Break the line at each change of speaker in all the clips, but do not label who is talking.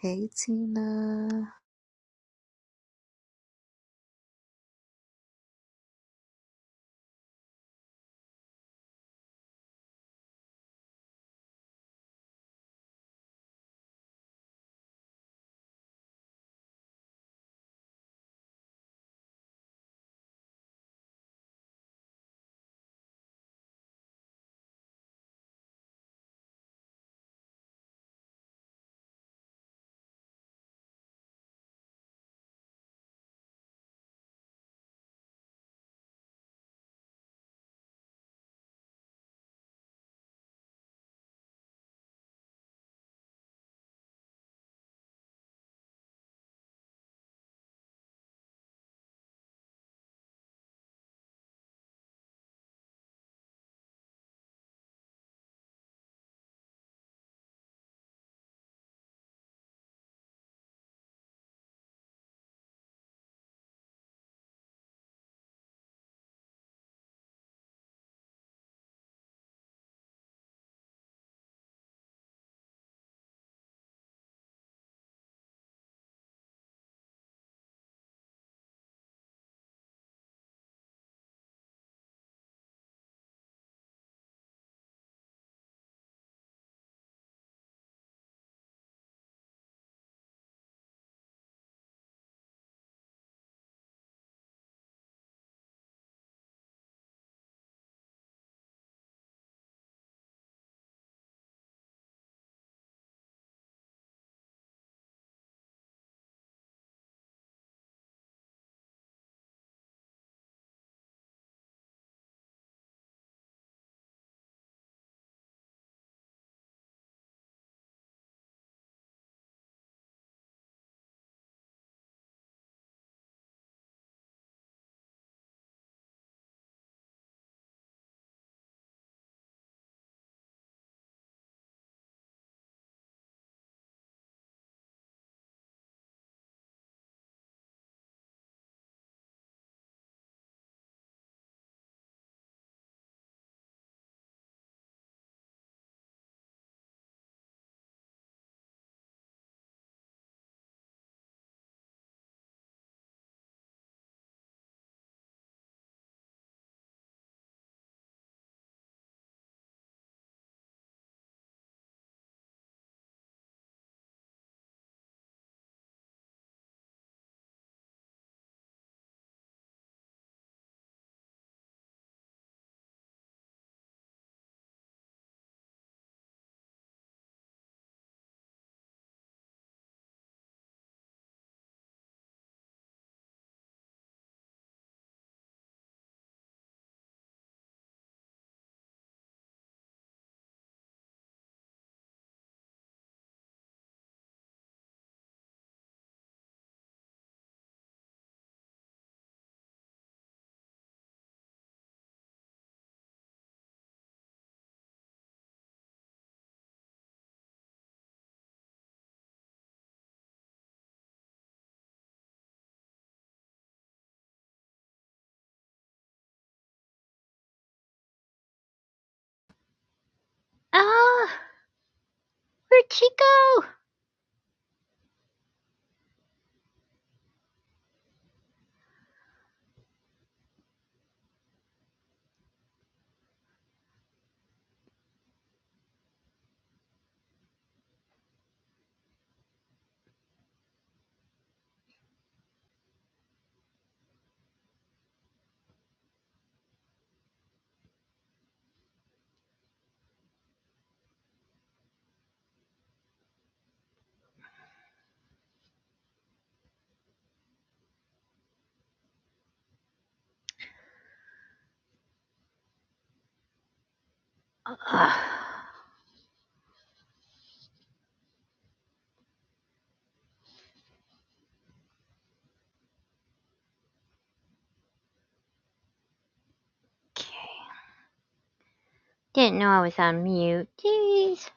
Hey Tina.
Oh, where'd she go? Ah, okay. Didn't know I was on mute. Jeez.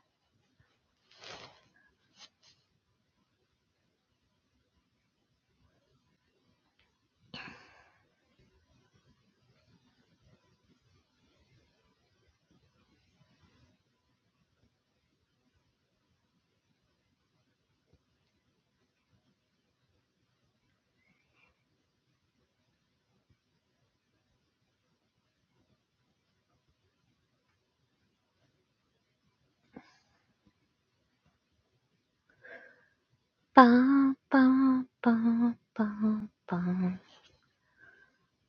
Bum, bum, bum, bum, bum,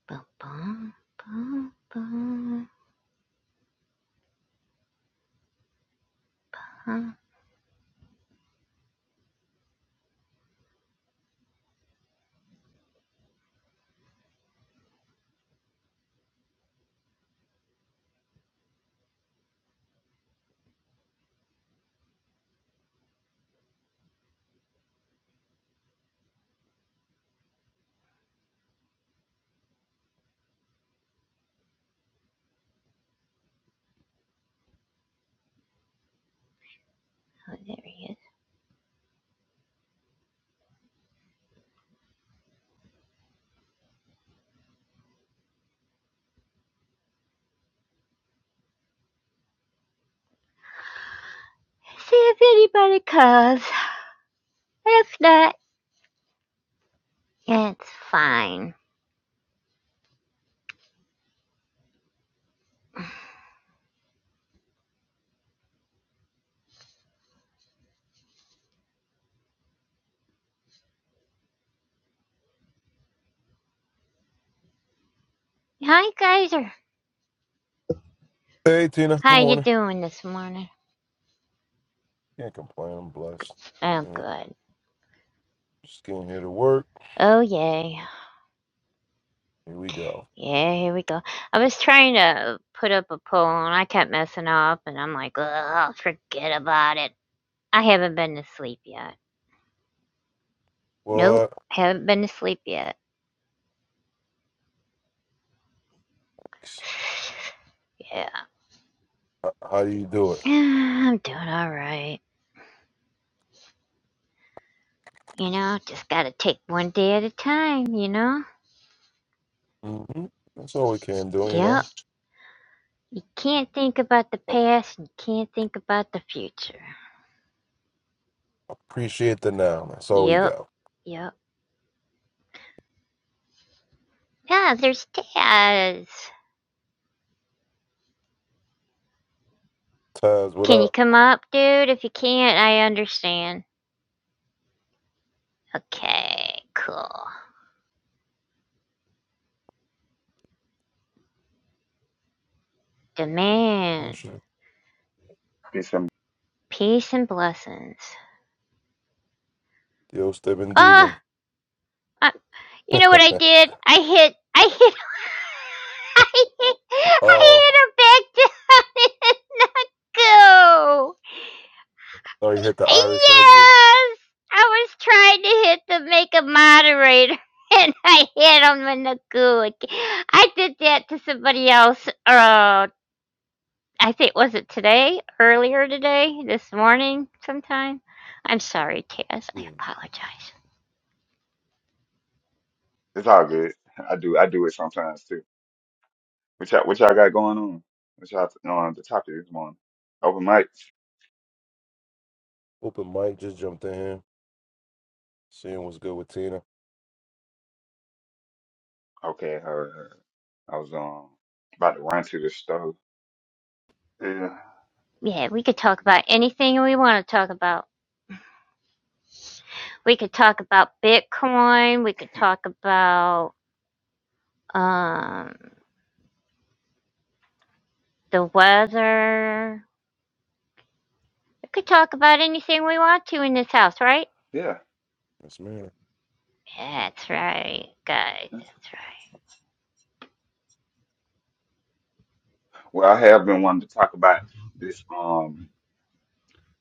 bum, bum, bum, bum. Huh? Oh, there he is. See if anybody calls. If not, it's fine. Hi, Kaiser.
Hey Tina, good
How you
morning.
doing this morning?
Can't complain. I'm blessed.
Oh,
You know,
good.
just getting here to work.
Oh, yay.
Here we go.
Yeah, here we go. I was trying to put up a poll and I kept messing up, and I'm like, ugh, forget about it. I haven't been to sleep yet. Nope,
What?
haven't been to sleep yet.
H-
Yeah.
How do you do it?
I'm doing alright. You know, just gotta take one day at a time, you know?
hmm That's all we can do. You know,
Yep. You can't think about the
A-
past and you can't think about the future.
appreciate the now. That's all we
Yep.
got.
Yep. Ah, there's Taz.
Taz, what
Can you
up?
come up, dude? If you can't, I understand. Okay, cool. Demand
Push it.
Peace and
peace and blessings.
Yo,
Ah,
Stevendiga.
I- you know what I did? I hit, I hit, I hit, I
oh,
hit her back down not go.
sorry, hit the Irish exit.
Yes, I was trying to hit the make a moderator. And I hit him in the goo. I did that to somebody else. Oh, I think was it today, earlier today, this morning, sometime. I'm sorry, Taz.
Yeah.
I apologize.
it's all good. I do I do it sometimes too. What y'all what y'all got going on? What y'all on the topic this morning? Open mics.
Open mic. Just jumped in here. Seeing what's good with Tina.
Okay, all right, all right. I was um about to run to the stove. Yeah,
Yeah, we could talk about anything we want to talk about. We could talk about Bitcoin. We could talk about um, the weather. We could talk about anything we want to in this house, right?
yeah.
Yes, man.
That's right, guys. That's
Well, I have been wanting to talk about this um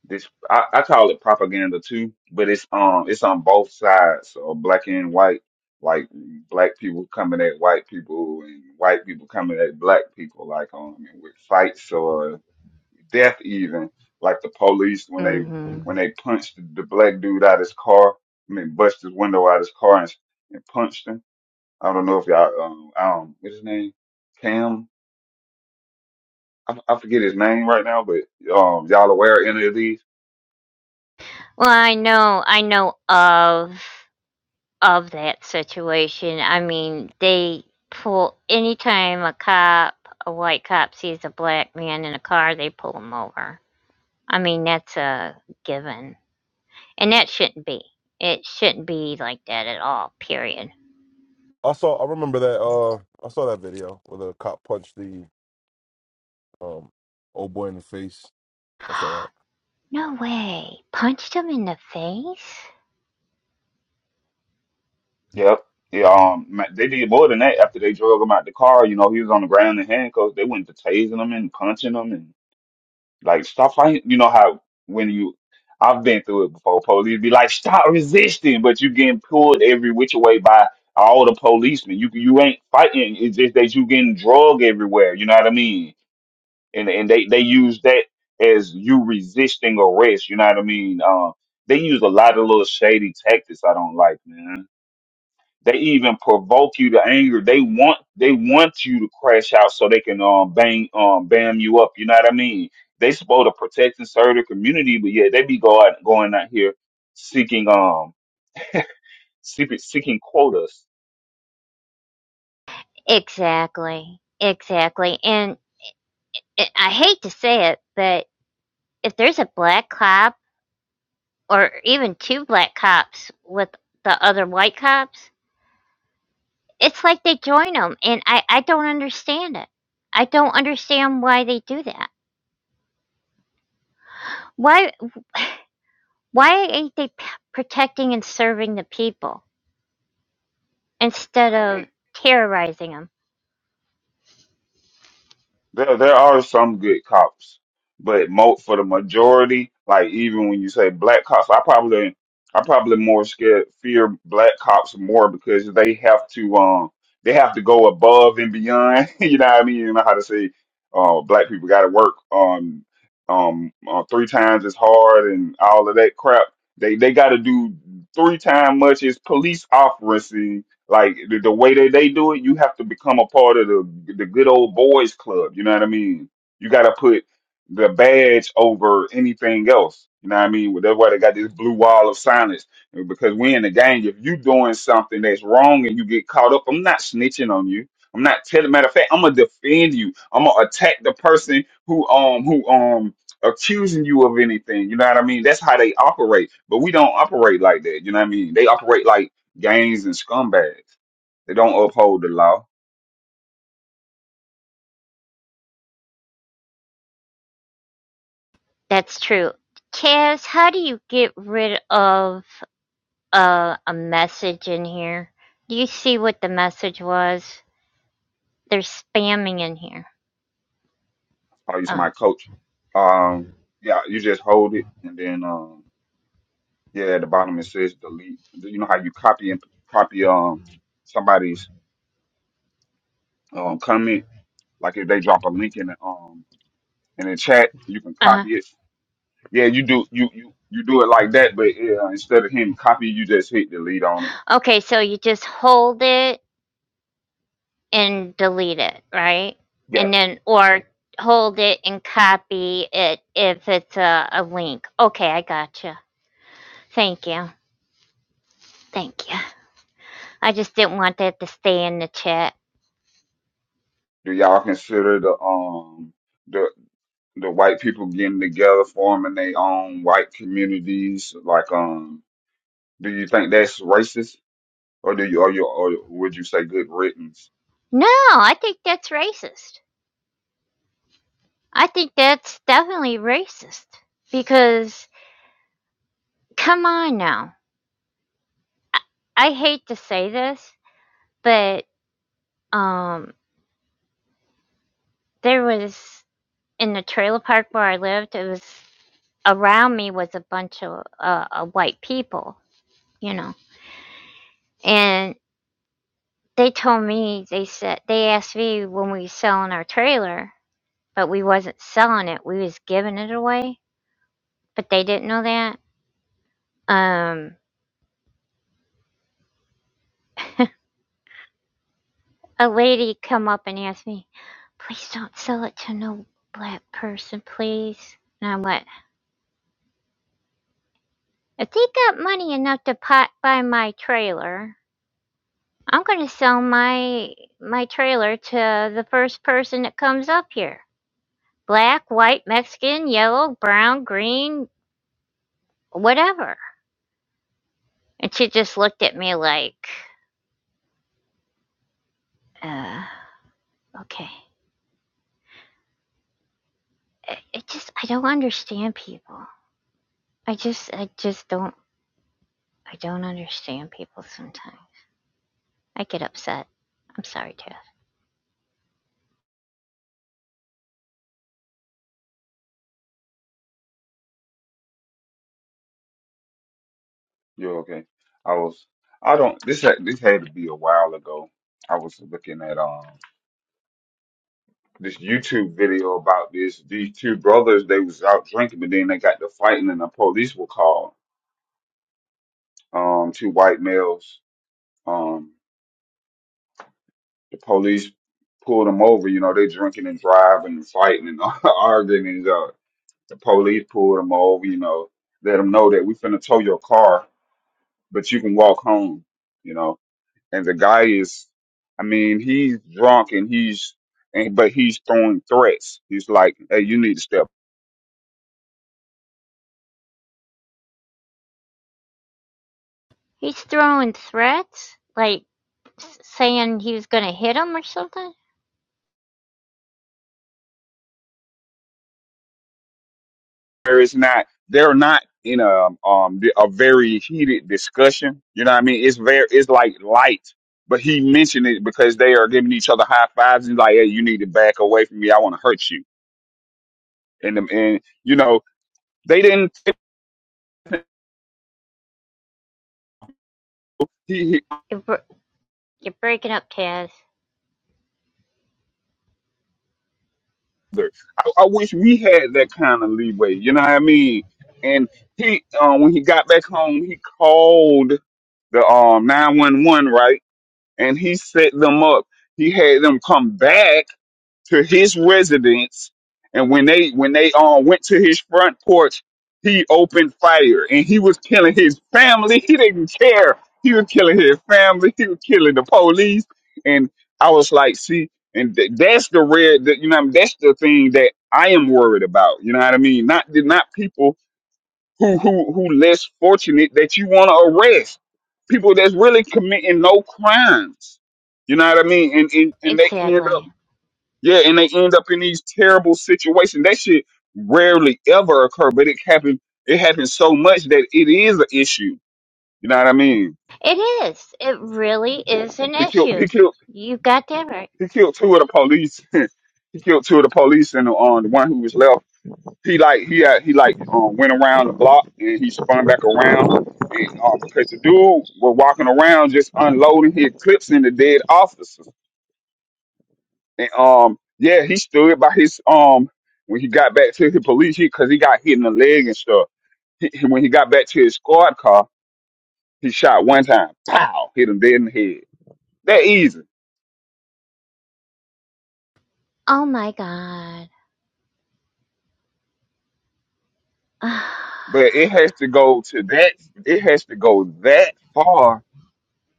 this I, I call it propaganda too, but it's um it's on both sides so black and white, like black people coming at white people and white people coming at black people, like um with fights death even like the police when
right.
they
hmm
when they punched the black dude out of his car i mean busted his window out of his car and, and punched him i don't know if y'all um um what's his name cam I, I forget his name right now but um y'all aware of any of these
Well, I know. I know of. of that situation. I mean, they pull anytime a cop, a white cop sees a black man in a car, they pull him over. I mean, that's a given. And that shouldn't be. It shouldn't be like that at all, period.
I saw. I remember that. Uh, I saw that video where the cop punched the um old boy in the face. I saw that.
No way. Punched him in the face?
yep yeah, um, ma- they did more than that after they drug him out the car. You know, he was on the ground in handcuffs. They went to tasing him and punching him Like stop fighting. You know how when you I've been through it before. Police be like, stop resisting, but you getting pulled every which way by all the policemen. You you ain't fighting. It's just that you getting drug everywhere. You know what I mean? And and they they use that as you resisting arrest. You know what I mean? Um, they use a lot of little shady tactics. I don't like, man. They even provoke you to anger. They want they want you to crash out so they can um bang um bam you up. You know what I mean? They supposed to protect and serve the community, but yeah, they be going going out here seeking um seeking seeking quotas.
Exactly. Exactly. And it, I hate to say it, but if there's a black cop or even two black cops with the other white cops, It's like they join them, and I I don't understand it. I don't understand why they do that. Why why ain't they p- protecting and serving the people instead
I mean,
of terrorizing them?
There, there are some good cops, but mo for the majority, like even when you say black cops, I probably, I probably more scared fear black cops more because they have to, um, they have to go above and beyond. You know what I mean? You know how to say, uh, black people got to work um, um, uh, three times as hard and all of that crap. They they got to do three times much as police officers like the, the way that they do it, you have to become a part of the the good old boys club. You know what I mean? You got to put the badge over anything else. You know what I mean? Well, That's why they got this blue wall of silence uh, because we in the gang. If you doing something that's wrong and you get caught up, I'm not snitching on you. I'm not telling. Matter of fact, I'm gonna defend you. I'm gonna attack the person who um who um accusing you of anything. You know what I mean? That's how they operate. But we don't operate like that. You know what I mean? They operate like gangs and scumbags. They don't uphold the law.
That's true. Kaz, how do you get rid of uh, a message in here? Do you see what the message was? They're spamming in here.
Are you to
Oh.
my coach? Um, yeah, you just hold it, and then um, yeah, at the bottom it says delete. You know how you copy and copy um somebody's um comment, like if they drop a link in the um in the chat, you can
Uh-huh.
copy it. Yeah, you do you you you do it like that, but yeah, instead of hitting copy, you just hit delete on it.
Okay, so you just hold it and delete it, right?
Yeah.
And then, or hold it and copy it if it's a, a link. Okay, I gotcha. Thank you. Thank you. I just didn't want that to stay in the chat.
Do y'all consider the um the. the white people getting together, forming their own white communities. Like, um, do you think that's racist, or do you, or you, or would you say good riddance?
No, I think that's racist. I think that's definitely racist. Because, come on now. I, I hate to say this, but um, there was, in the trailer park where I lived, it was around me was a bunch of uh, uh, white people you know. And they told me they said they asked me when we was selling our trailer, but we wasn't selling it. We was giving it away, but they didn't know that. Um, a lady come up and asked me, "Please don't sell it to no black person, please." And I went, "If they got money enough to pot buy my trailer." I'm gonna sell my my trailer to the first person that comes up here. Black, white, Mexican, yellow, brown, green, whatever. And she just looked at me like, uh, okay. It, it just, I don't understand people. I just, I just don't, I don't understand people sometimes. I get upset. I'm sorry, Jeff.
You're okay. I was, I don't. This had, this had to be a while ago. I was looking at um this YouTube video about this. These two brothers, they was out drinking, but then they got to fighting, and the police were called. Um, two white males. Um, the police pulled them over. You know, they drinking and driving and fighting and arguing. The police pulled him over, you know, let him know that we finna tow your car, but you can walk home, you know. And the guy is, I mean, he's drunk and he's, and but he's throwing threats. He's like, hey, you need to step.
He's throwing threats, like saying he was going to hit him or something.
There is not, they're not in a um a very heated discussion. You know what I mean? It's very, it's like light. But he mentioned it because they are giving each other high fives. He's like, hey, you need to back away from me. I want to hurt you. And, the- and you know, they didn't.
You're, you're breaking up, Taz.
I, I wish we had that kind of leeway. You know what I mean? And he, um, when he got back home, he called the um nine one one, right? And he set them up. He had them come back to his residence, and when they when they um went to his front porch, he opened fire and he was killing his family. He didn't care. He was killing his family. He was killing the police. And I was like, see, and th- that's the red. That, you know, what I mean? that's the thing that I am worried about. You know what I mean? Not not people who who who less fortunate that you want to arrest. People that's really committing no crimes. You know what I mean? And and, and they end up.
Exactly.
Yeah, and they end up in these terrible situations. That shit rarely ever occur, but it happened. It happens so much that it is an issue. You know what I mean?
It is. It really is an
He killed.
issue.
He killed.
You got that right.
He killed two of the police. he killed two of the police, and on the one who was left, he like he had, he like um, went around the block and he spun back around. And um, because the dude were walking around just unloading his clips into dead officers. And um, yeah, he stood by his um when he got back to the police because he 'cause he got hit in the leg and stuff. He, he- when he got back to his squad car, he shot one time. Pow! Hit him dead in the head. That easy.
Oh my God.
But it has to go to that. It has to go that far,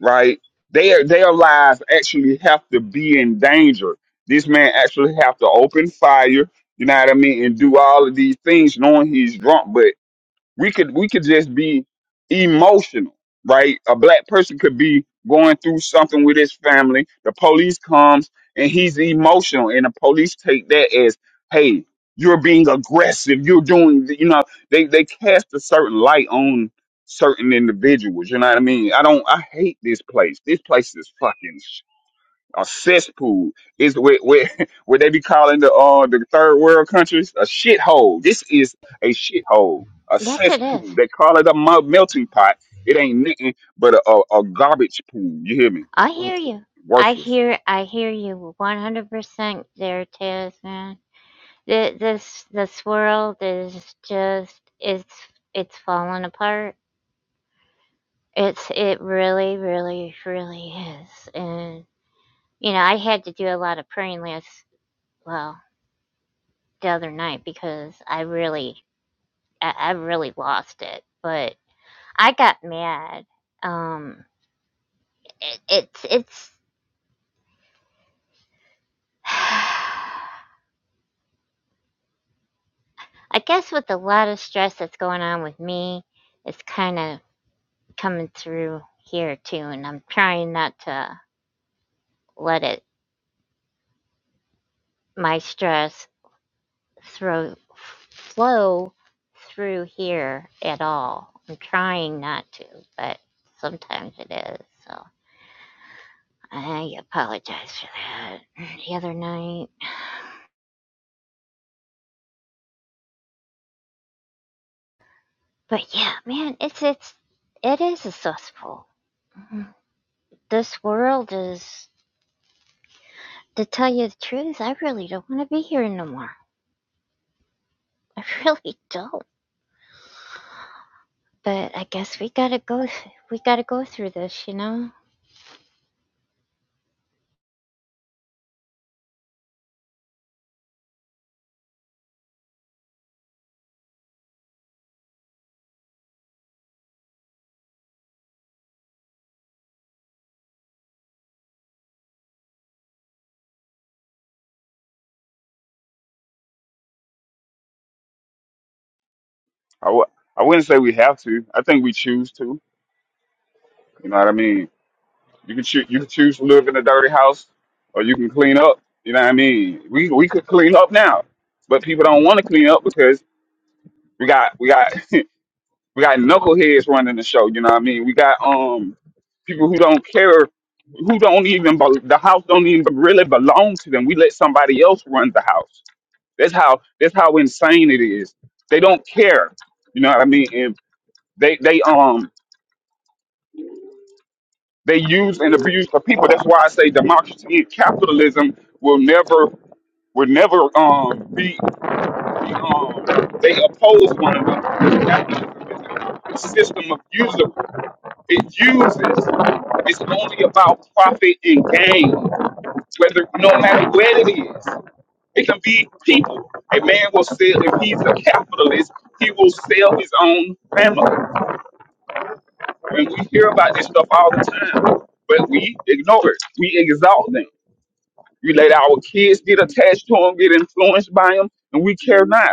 right? Their their lives actually have to be in danger. This man actually have to open fire. You know what I mean, and do all of these things, knowing he's drunk. we could we could just be emotional right a black person could be going through something with his family the police comes and he's emotional and the police take that as hey you're being aggressive you're doing th- you know they they cast a certain light on certain individuals you know what i mean i don't i hate this place this place is fucking a cesspool is where where, where they be calling the uh the third world countries a shithole. This is a shithole, a
Yes, it is.
cesspool. They call it a mel- melting pot. It ain't nothing but a, a, a garbage pool. You hear me?
I hear you. I
Worthless.
hear I hear you 100% there, Taz, man. Th- This this world is just it's it's falling apart. It's it really really really is. And you know, I had to do a lot of praying last well, the other night because I really I, I really lost it. But I got mad. Um it, it's it's I guess with a lot of stress that's going on with me, it's kind of coming through here too, and I'm trying not to let it my stress throw flow through here at all. I'm trying not to, but sometimes it is. So I apologize for that the other night. But yeah, man, it's it's it is a cesspool. This world is to tell you the truth, I really don't want to be here no more. I really don't. But I guess we gotta go. Th- we gotta go through this, you know.
I w- I wouldn't say we have to. I think we choose to. You know what I mean? You can choose. You can choose to live in a dirty house, or you can clean up. You know what I mean? We we could clean up now, but people don't want to clean up because we got we got. We got knuckleheads running the show. You know what I mean? We got um people who don't care, who don't even bel the house don't even really belong to them. We let somebody else run the house. That's how that's how insane it is. They don't care. You know what I mean? And they they um they use and abuse the people. That's why I say democracy and capitalism will never will never um be, be um they oppose one another. Capitalism is a system of usury. It uses. It's only about profit and gain. Whether no matter where it is, it can be people. A man will sell if he's a capitalist. He will sell his own family. And we hear about this stuff all the time, but we ignore it. We exalt them. We let our kids get attached to them, get influenced by them, and we care not.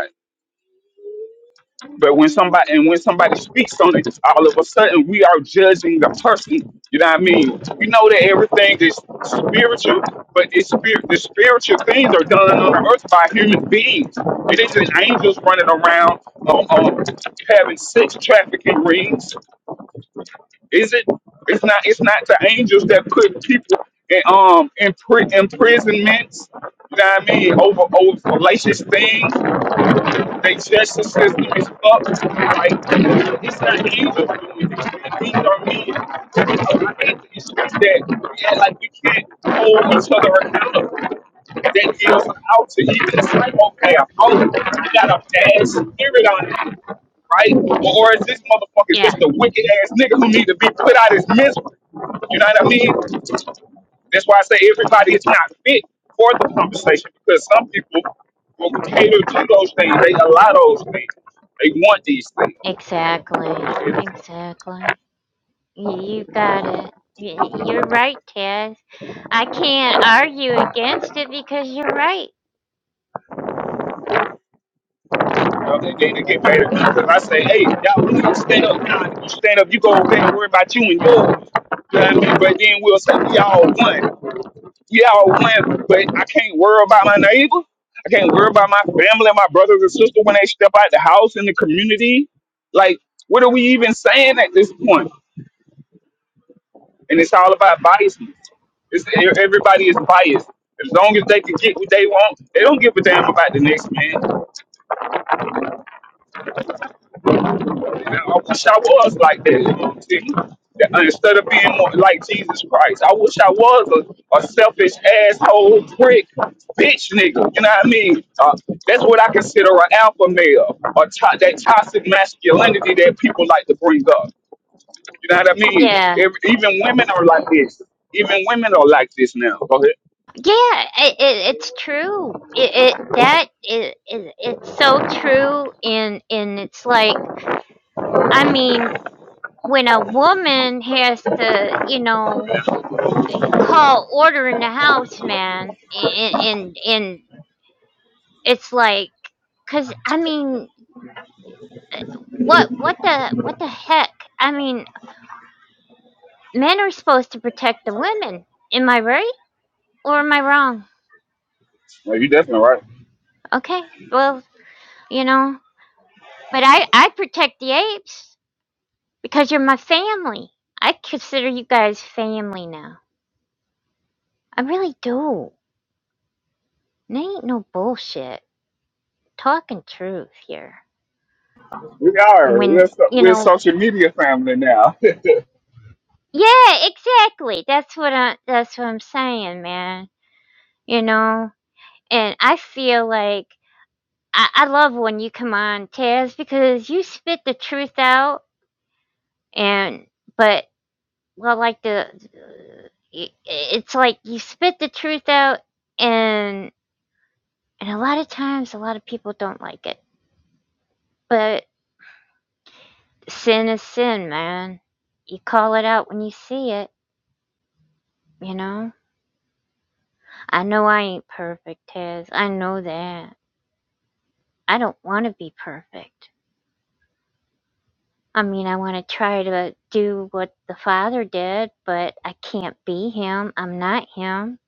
But when somebody and when somebody speaks on it, all of a sudden we are judging the person. You know what I mean? We know that everything is spiritual, but it's spirit. The spiritual things are done on the earth by human beings. It isn't angels running around um, um, having sex trafficking rings. Is it? It's not. It's not the angels that put people in um in pri- imprisonments. You know what I mean? Over over fallacious things. The justice system is fucked. Like, it's not evil. These are men. I hate the issues that we act like we can't hold each other accountable. That gives out to you. It's like, okay, I'm old. You got a bad spirit on you, right? Or is this motherfucker
Yeah.
just a wicked ass nigga who need to be put out his misery? You know what I mean? That's why I say everybody is not fit for the conversation because some people will cater to those things. They allow those things. They want these things.
Exactly. Exactly. You, you got it. Y- You're right, Taz. I can't argue against it because you're right.
You know, they, they, they get mad because I say, hey, y'all, we need to stand up now. You stand up, you go over there and worry about you and yours. You know what I mean? But then we'll say, we all one. We all one, but I can't worry about my neighbor. I can't worry about my family and my brothers and sisters when they step out the house in the community. Like, what are we even saying at this point? and it's all about biases. It's, everybody is biased. As long as they can get what they want, they don't give a damn about the next man. And I wish I was like that. You know what I'm saying? That- Instead of being more like Jesus Christ, I wish I was a, a selfish asshole prick bitch nigga. You know what I mean? Uh, that's what I consider an alpha male or to- that toxic masculinity that people like to bring up. You know what I mean?
Yeah.
Ev- even women are like this. Even women are like this now. Go ahead.
Yeah, it, it, it's true. It, it that is, is it's so true and and it's like I mean when a woman has to, you know, call order in the house man and and and it's like because i mean what what the what the heck i mean men are supposed to protect the women am i right or am i wrong
No, you definitely right.
okay well you know but i i protect the apes because you're my family i consider you guys family now i really do and ain't no bullshit talking truth here
We
and
are.
when
We're so-
you
we're a
know
social media family now.
Yeah, exactly. That's what I that's what I'm saying, man. You know? And I feel like I, I love when you come on, Taz, because you spit the truth out and but well like the i- it's like you spit the truth out and and a lot of times a lot of people don't like it. But sin is sin, man. You call it out when you see it, you know? I know I ain't perfect, Taz. I know that. I don't want to be perfect. I mean, I want to try to do what the Father did, but I can't be Him. I'm not Him.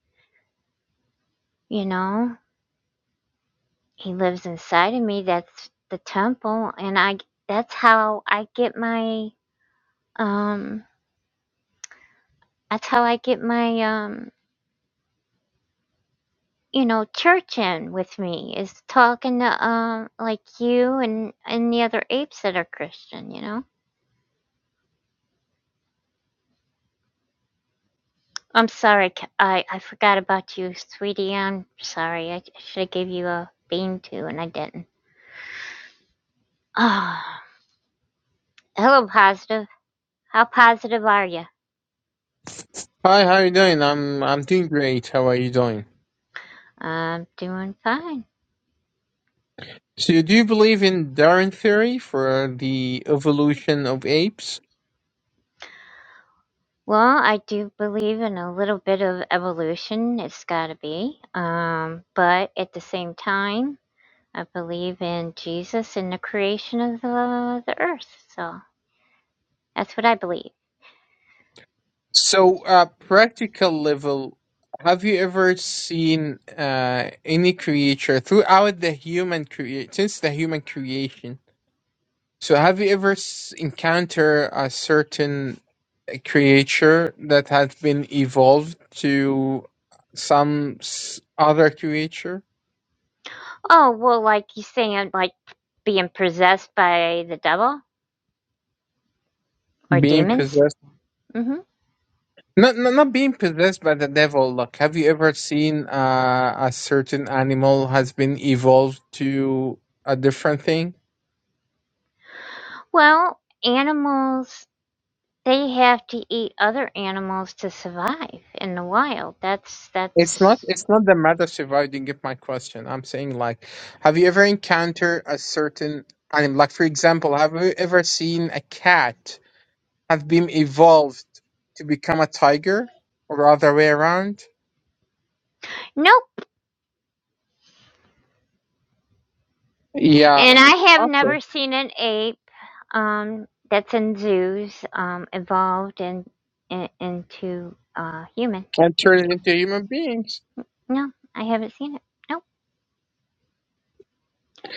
You know, He lives inside of me. That's the temple, and I. That's how I get my. Um. That's how I get my. Um. You know, church in with me is talking to um like you and and the other apes that are Christian. You know. I'm sorry, Ca- I, I forgot about you, sweetie. I'm sorry. I should have gave you a bean too, and I didn't. Ah, hello, positive. How positive are you?
Hi, how you doing? I'm I'm doing great. How are you doing?
I'm doing fine.
So, do you believe in Darwin theory for the evolution of apes?
Well, I do believe in a little bit of evolution. It's got to be. Um, but at the same time, I believe in Jesus and the creation of the, the earth. So that's what I believe.
So, uh, practical level, have you ever seen uh any creature throughout the human crea since the human creation? So, have you ever s encounter a certain creature that has been evolved to some s other creature
Oh, well, like you saying, like being possessed by the devil or
being possessed?
demons? Mhm.
Not, not not being possessed by the devil. Like, have you ever seen uh, a certain animal has been evolved to a different thing?
Well, animals they have to eat other animals to survive in the wild. That's
It's not.
that's
It's not the matter. If I didn't get my question, I'm saying like, have you ever encountered a certain animal? Like, for example, have you ever seen a cat have been evolved to become a tiger, or other way around?
nope.
Yeah.
And I have
Okay.
never seen an ape um, that's in zoos um, evolved in, in, into uh, human.
And turn it into human beings.
No, I haven't seen it. Nope.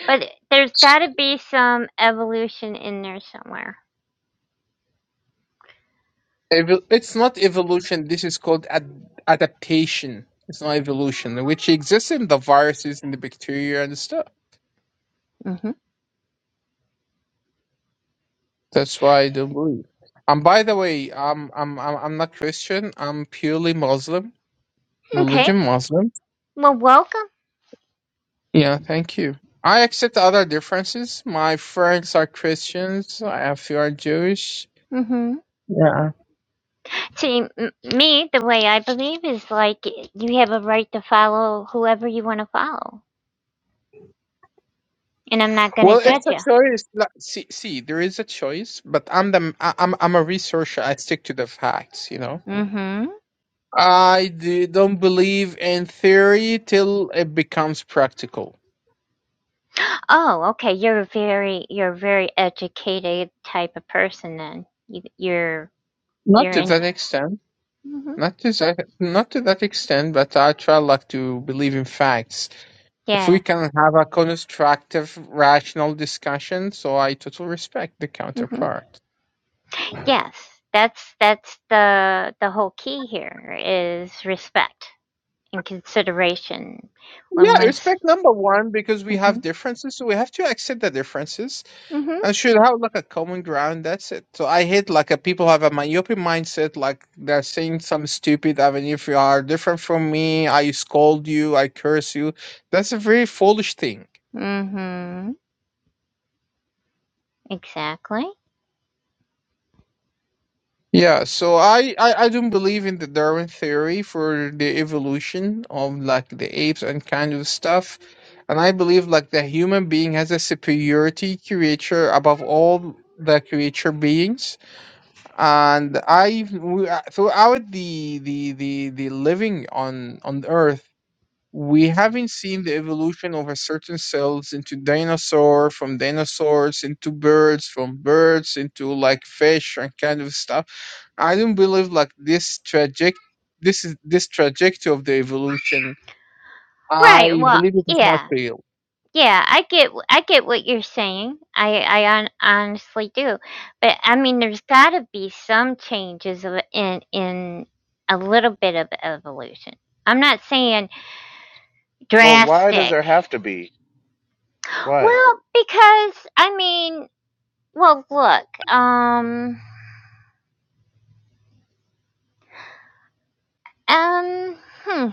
But there's got to be some evolution in there somewhere.
Evo- it's not evolution. This is called ad- adaptation. It's not evolution, which exists in the viruses and the bacteria and stuff.
Mhm.
That's why I don't believe. And by the way, I'm I'm I'm I'm not Christian. I'm purely Muslim, religion
Okay.
Muslim.
Well, welcome.
Yeah, thank you. I accept other differences. My friends are Christians. I have few are Jewish.
hmm
Yeah.
See, m- me, the way I believe is like you have a right to follow whoever you want to follow, and I'm not going to
Well, it's
judge
a
you.
choice. Like, see, see, there is a choice, but I'm the I- I'm I'm a researcher. I stick to the facts, you know.
Mm-hmm.
I d- don't believe in theory till it becomes practical.
Oh, okay. You're a very, you're a very educated type of person. Then you, you're,
Not
you're
to
in
that
there.
extent.
hmm
Not to that, not to that extent, but I try like to believe in facts. If we
Yeah.
can have a constructive, rational discussion, so I totally respect the
hmm
counterpart.
Yes. That's that's the the whole key here is respect and consideration
Yeah,
when one's.
respect number one because
hmm
we have differences, so we have to accept the differences.
mm hmm
I should have like a common ground. That's it. So I hate like a people have a myopic mindset, like they're saying some stupid. I mean, if you are different from me, I scold you, I curse you. That's a very foolish thing.
mm hmm Exactly.
Yeah. So I I, I don't believe in the Darwin theory for the evolution of like the apes and kind of stuff. And I believe like the human being has a superiority creature above all the creature beings and I we, uh, throughout the the the the living on on Earth, we haven't seen the evolution of a certain cells into dinosaur, from dinosaurs into birds, from birds into like fish and kind of stuff. I don't believe like this traject this is this trajectory of the evolution.
Right.
I
Well,
believe it is not
yeah.
real.
Yeah, I get wh I get what you're saying. I I hon honestly do. But, I mean, there's gotta be some changes of in in a little bit of evolution. I'm not saying
But why does
drastic.
there have to be? Why?
Well, because, I mean well, look, um um, hmm,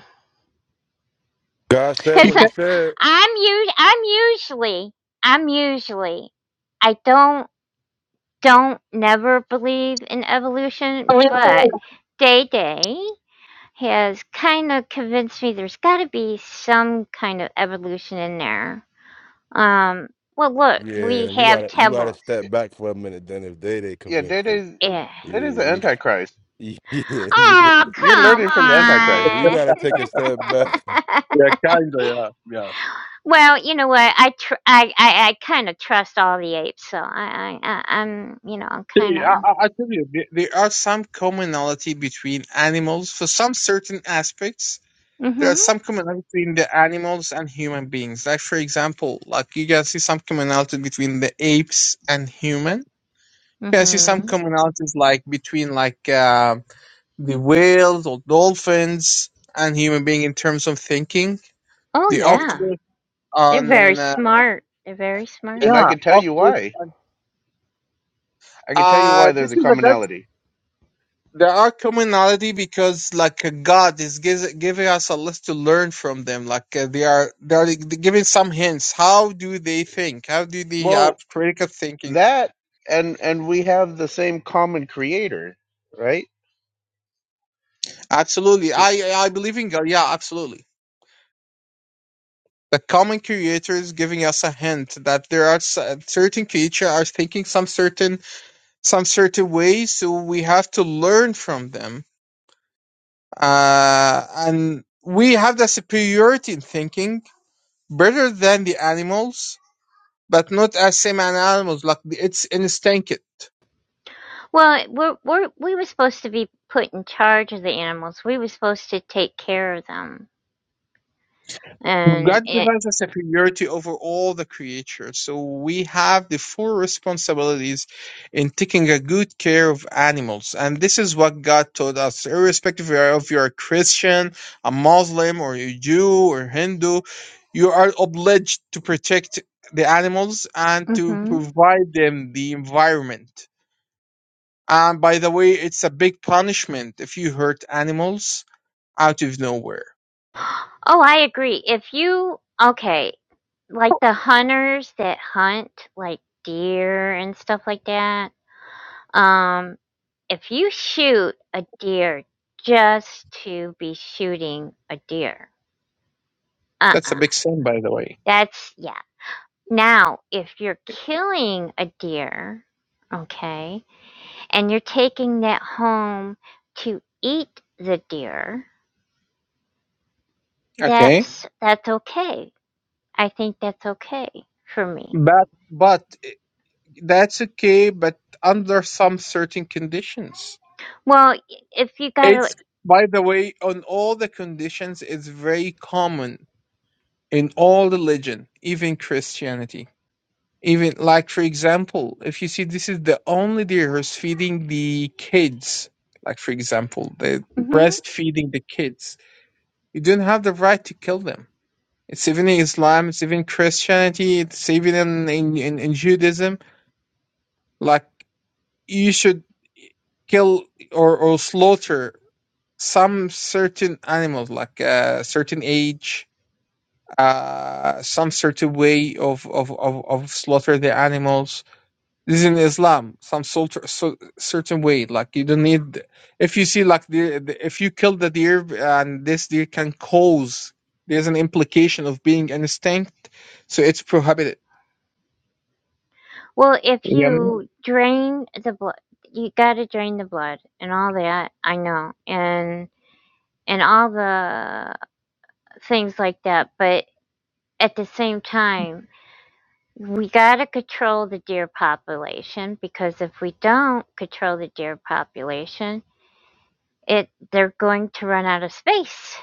God said
You
because
what
'cause
he
can,
said.
I'm u I'm usually I'm usually I don't don't never believe in evolution, but day, day has kind of convinced me there's got to be some kind of evolution in there. Um, well, look,
Yeah,
we
then you
have
gotta you gotta
temples.
step back for a minute. Then if they they
Yeah,
convince
that
you,
is
Yeah.
yeah,
that is the
you-
Antichrist.
yeah, you,
Oh,
You're
come
learning from the
yeah,
Antichrist,
you
on.
gotta take a step back.
yeah, kinda, yeah,
Well, you know what? I tr- I I, I kind of trust all the apes, so I I I- I'm you know I'm kind
See, I,
of
I I tell you, there, there are some commonality between animals for some certain aspects. There are
mhm
some commonality between the animals and human beings. Like for example, like you can see some commonality between the apes and human. You can see some
mhm.
commonalities like between like uh, the whales or dolphins and human being in terms of thinking.
Oh
The
yeah,
octopus
they're very
on uh,
smart. They're very smart.
and I
yeah,
can tell you
octopus
why.
on
I can tell you
uh,
why there's
this
a
is a that
commonality.
There are commonality because like uh, God is gives, giving us a list to learn from them. Like uh, they are they are giving some hints. How do they think? How do they
Well,
have critical thinking?
that and and we have the same common creator, right?
Absolutely, I I believe in God. Yeah, absolutely. The common creator is giving us a hint that there are cer- certain creatures are thinking some certain some certain ways, so we have to learn from them. Uh, and we have the superiority in thinking better than the animals but not as same an animals, like it's instinct.
Well, we're, we're we were supposed to be put in charge of the animals. We were supposed to take care of them and
God gives
it
us a superiority over all the creatures, so we have the full responsibilities in taking a good care of animals, and this is what God taught us. Irrespective of you're if you're a Christian, a Muslim, or a Jew, or Hindu, you are obliged to protect the animals and to
hmm
provide them the environment. And by the way, it's a big punishment if you hurt animals out of nowhere.
oh i agree if you okay like the hunters that hunt like deer and stuff like that um if you shoot a deer just to be shooting a deer
That's a
uh-uh
big sin, by the way.
that's yeah now if you're killing a deer okay and you're taking that home to eat the deer
Okay,
that's that's okay I think that's okay for me.
but but eh, that's okay, but under some certain conditions.
Well, y- if you gotta,
It's by the way, on all the conditions, it's very common in all religion, even Christianity. Even like for example, if you see this is the only day who's feeding the kids, like for example, the
hmm
breastfeeding the kids. You don't have the right to kill them. It's even in Islam, it's even Christianity, it's even in, in, in, in Judaism. Like, you should kill or, or slaughter some certain animals, like a certain age, uh, some certain way of, of, of, of slaughter the animals This is in Islam, some sort so, certain way. Like you don't need if you see like the, the if you kill the deer and this deer can cause there's an implication of being an extinct, so it's prohibited.
well, if
You get me?
you drain the blood, you gotta drain the blood and all that. I know, and and all the things like that. But at the same time, we gotta control the deer population because if we don't control the deer population, it they're going to run out of space.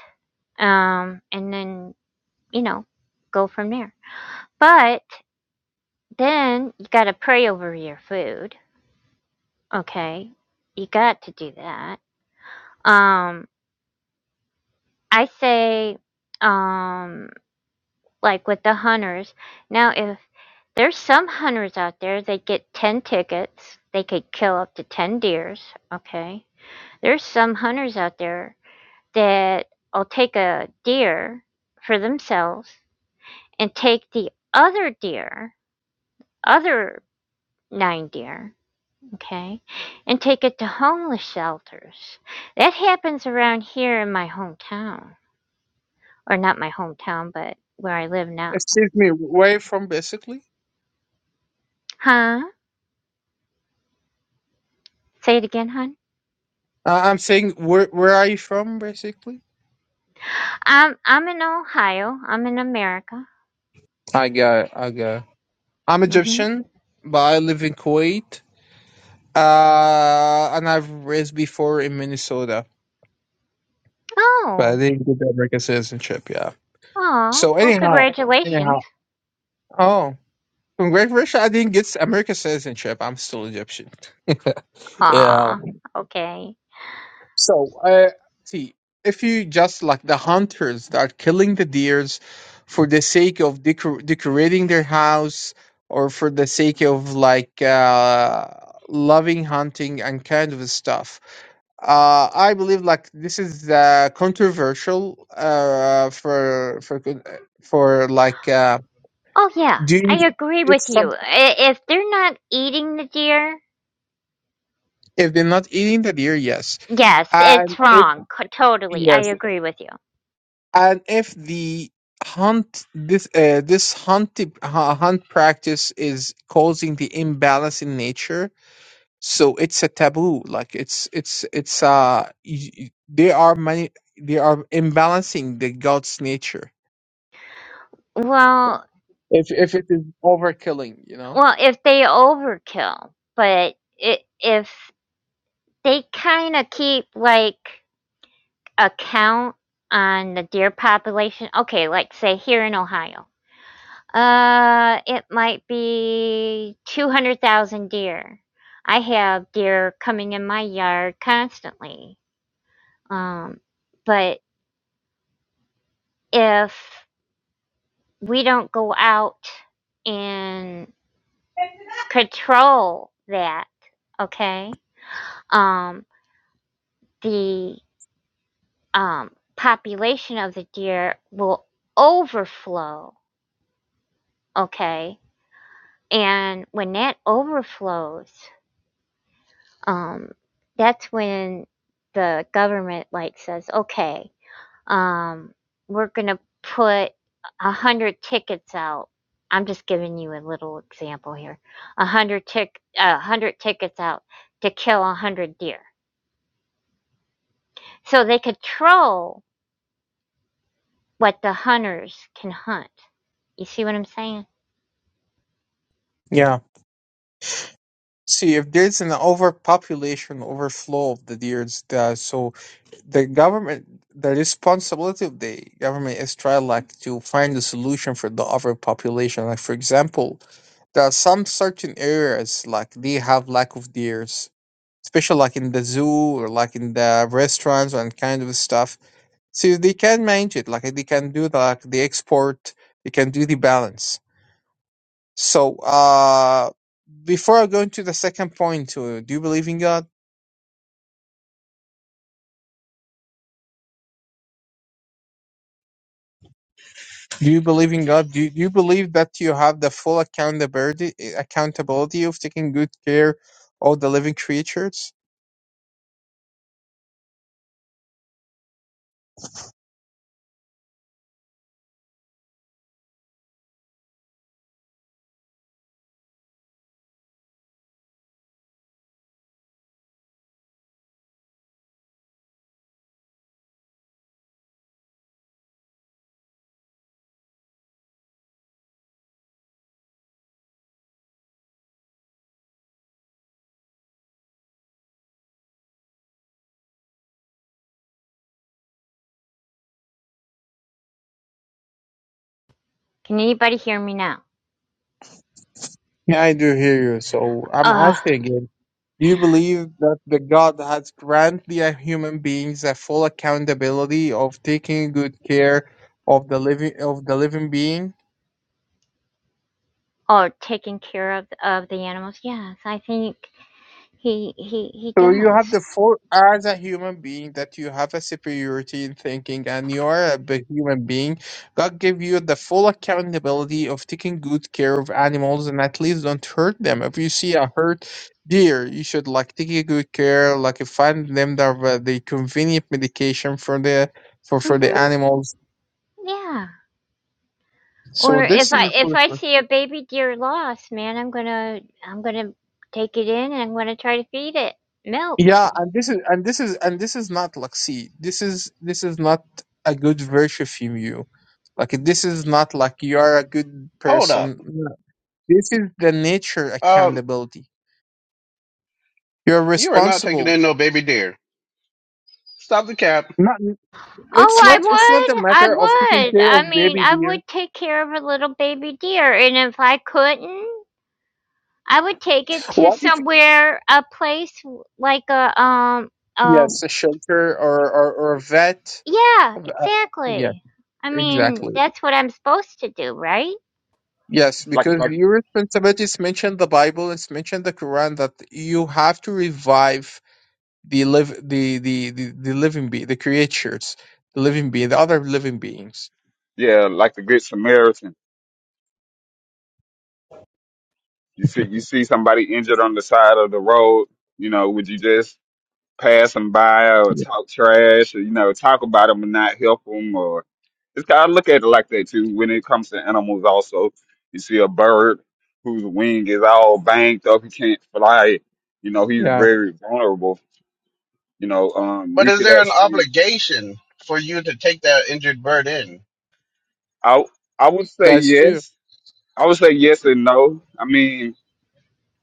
Um, and then you know, go from there. But Then you got to pray over your food. Okay. You got to do that. Um, I say, um, like with the hunters. Now, if there's some hunters out there, they get 10 tickets. They could kill up to 10 deers. Okay. There's some hunters out there that will take a deer for themselves and take the other deer, other nine deer, okay, and take it to homeless shelters. That happens around here in my hometown, or not my hometown, but where I live now.
Excuse me, where you from basically?
Huh? Say it again, hon.
Uh, I'm saying where where are you from basically?
I'm I'm in Ohio. I'm in America.
I got it, I got. it. I'm
Mhm.
Egyptian, but I live in Kuwait. Uh, and I've raised before in Minnesota, but I
Oh,
didn't get the American citizenship. Yeah.
oh.
So
Well,
anyhow.
congratulations.
Anyhow. Oh, from Great Russia, I didn't get American citizenship. I'm still Egyptian. yeah.
Aw. Okay.
So, uh, see, if you just like the hunters that are killing the deers for the sake of decor- decorating their house or for the sake of like uh, loving hunting and kind of stuff, uh, I believe like this is uh, controversial uh, for for con- for like uh,
Oh yeah,
doing.
I agree with
It's something.
you. I- If they're not eating the deer,
If they're not eating the deer, yes.
yes,
And
it's
if
wrong. Co- Totally, I
yes,
agree with you.
and if the hunt this uh, this hunt tip- hu- hunt practice is causing the imbalance in nature, so it's a taboo. Like it's it's it's uh y- y- they are many they are imbalancing the god's nature.
Well,
If if it is overkilling, you know.
Well, if they overkill, but i if they kind of keep like a count on the deer population, okay, like say here in Ohio, uh, it might be 200,000 deer. I have deer coming in my yard constantly. Um, but if we don't go out and control that, okay, um, the um, population of the deer will overflow. Okay. And when that overflows, um, that's when the government like says, okay, um, we're going to put a hundred tickets out. I'm just giving you a little example here. A hundred tick, a hundred tickets out to kill a hundred deer. So they control what the hunters can hunt. You see what I'm saying?
Yeah. See, if there's an overpopulation, overflow of the deers, uh, so the government the responsibility of the government is try like to find a solution for the overpopulation like for example there are some certain areas like they have lack of deers especially like in the zoo or like in the restaurants and kind of stuff so they can manage it like they can do the, like the export they can do the balance so uh before i go into the second point uh, do you believe in god Do you believe in God? Do you, do you believe that you have the full accountability accountability of taking good care of the living creatures?
Can anybody hear me now?
Yeah, I do hear you. So I'm
Uh,
asking again. Do you believe that the God has granted the human beings a full accountability of taking good care of the living of the living being?
oh, taking care of of the animals. Yes, I think he he he
So you have the
does.
four as a human being that you have a superiority in thinking and you are a big human being. God give you the full accountability of taking good care of animals and at least don't hurt them. If you see a hurt deer, you should like take a good care, like uh, find them the uh, the convenient medication for the for
mm
for the
Mhm.
animals.
Yeah.
So
Or if
this is
I
the
if I
first.
see a baby deer lost, man, I'm gonna I'm gonna take it in and I'm gonna try to feed it milk.
Yeah, and this is and this is and this is not Luxi. This is this is not a good virtue of you. Like this is not like you are a good
Hold up.
person. No. This is the nature
Um,
accountability. You're
you are not taking
responsible.
in no baby deer. Stop the cap.
Not it's
Oh, I
not it's not a
would, I
matter of taking
would.
care
I
of
mean,
baby
I
deer.
would take care of a little baby deer, and if I couldn't, I would take it to
What if
somewhere, a place like a um, uh
yes, a shelter or or, or a vet?
Yeah,
Yes,
exactly. I mean,
exactly.
that's what I'm supposed to do, right?
Yes,
like
because
like
your responsibility is mentioned in the Bible, it's mentioned in the Quran that you have to revive the live the the the, the living being the creatures the living being the other living beings
yeah, like the Good Samaritan. You see you see somebody injured on the side of the road. You know, would you just pass them by or
yeah
talk trash or you know talk about them and not help them or it's kind of look at it like that too when it comes to animals. Also, you see a bird whose wing is all banged up, he can't fly. You know, he's
Yeah,
very vulnerable. You know, um,
But
we
is
could
there an
actually.
obligation for you to take that injured bird in?
I I would say
that's true
yes I would say yes and no. I mean,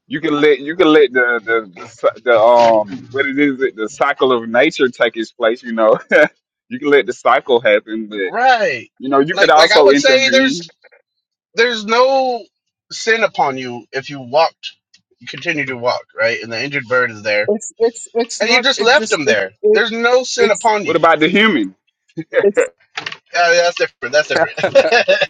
you can let you can let the the the, cy- the um what it is it the cycle of nature take its place. You know, you can let the cycle happen, but
Right.
you know you could
Like like I
also
would say there's
intervene.
there's no sin upon you if you walked, you continue to walk, right? And the injured bird is there,
it's it's it's
and you
not
just
it
left
just
him
it,
there.
it
There's no sin
it's
upon
What
you.
about the human?
it's
Uh, that's different. That's different.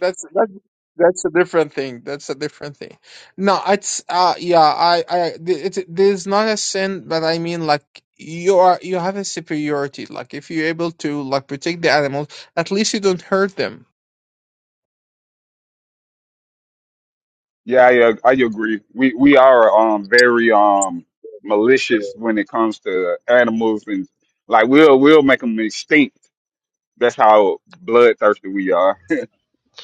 that's that's that's a different thing that's a different thing no it's uh yeah i i th- it there's not a sin but i mean like you are you have a superiority like if you're able to like protect the animals at least you don't hurt them
Yeah, I, uh, I agree. We we are um very um malicious when it comes to animals and like we'll we'll make them extinct. That's how bloodthirsty we are.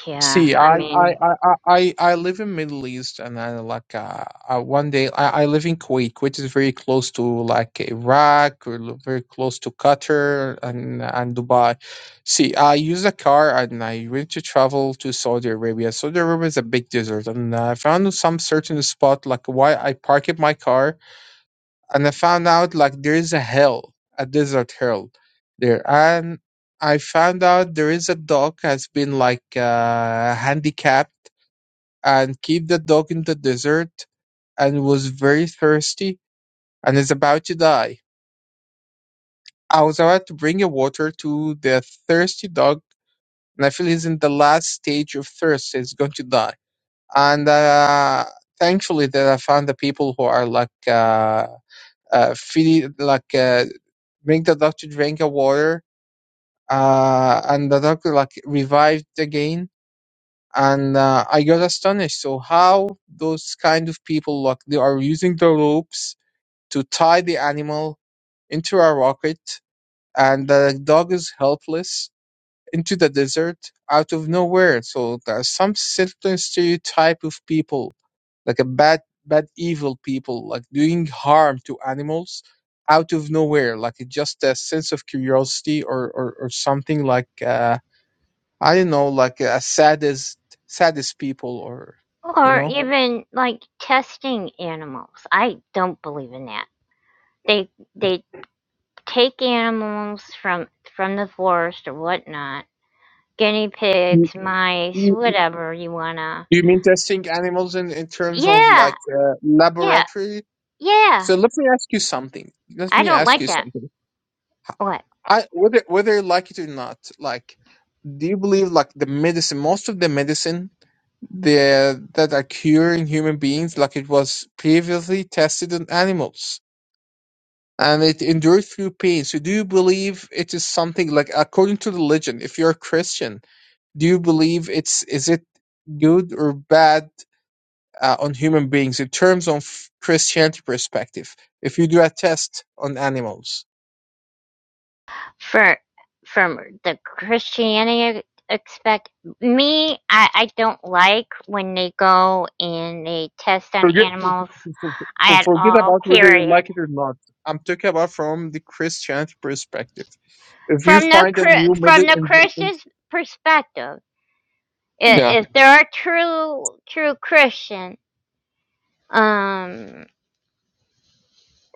Yeah,
See,
I Yeah.
I I
mean,
I I I I live in Middle East, and I like uh, uh one day I, I live in Kuwait, Kuwait is very close to like Iraq, or lo- very close to Qatar and and Dubai. See, I use a car, and I went to travel to Saudi Arabia. Saudi Arabia is a big desert, and I found some certain spot like why I parked my car and I found out like there is a hell, a desert hell there, and I found out there is a dog has been like uh, handicapped and keep the dog in the desert and was very thirsty and is about to die. I was about to bring a water to the thirsty dog, and I feel he's in the last stage of thirst. He's going to die, and uh, thankfully that I found the people who are like. Uh, uh, feeding like uh, make the dog to drink a water, uh, and the dog like revived again. And uh, I got astonished. So how those kind of people like they are using the ropes to tie the animal into a rocket, and the dog is helpless into the desert out of nowhere. So there's some certain stereotype of people, like a bad, bad, evil people, like doing harm to animals out of nowhere, like it just a sense of curiosity or or, or something like uh, I don't know, like a saddest saddest people or you
Or
know.
even like testing animals. I don't believe in that. They they take animals from from the forest or whatnot, guinea
You,
pigs, mice,
you
whatever you wanna.
you mean testing animals in, in terms of
Yeah,
like uh,
yeah,
laboratory?
yeah.
So let me ask you something. Let
I
me
don't
ask
like
you
that.
something
What?
I whether whether you like it or not, like do you believe like the medicine, most of the medicine the that are curing human beings, like it was previously tested on animals and it endured through pain. So do you believe it is something like according to religion, if you're a Christian, do you believe it's is it good or bad uh, on human beings in terms of Christianity perspective, if you do a test on animals?
for from the Christianity expect me I, I don't like when they go and they test on
Forget, for, for,
animals
for- for-
at
forget
all
about whether you
period
like it or not. I'm talking about from the Christianity perspective. If you
from the
find a new
Chri-
method,
from the
in, in,
Christian's perspective i-
yeah,
if there are true true Christian um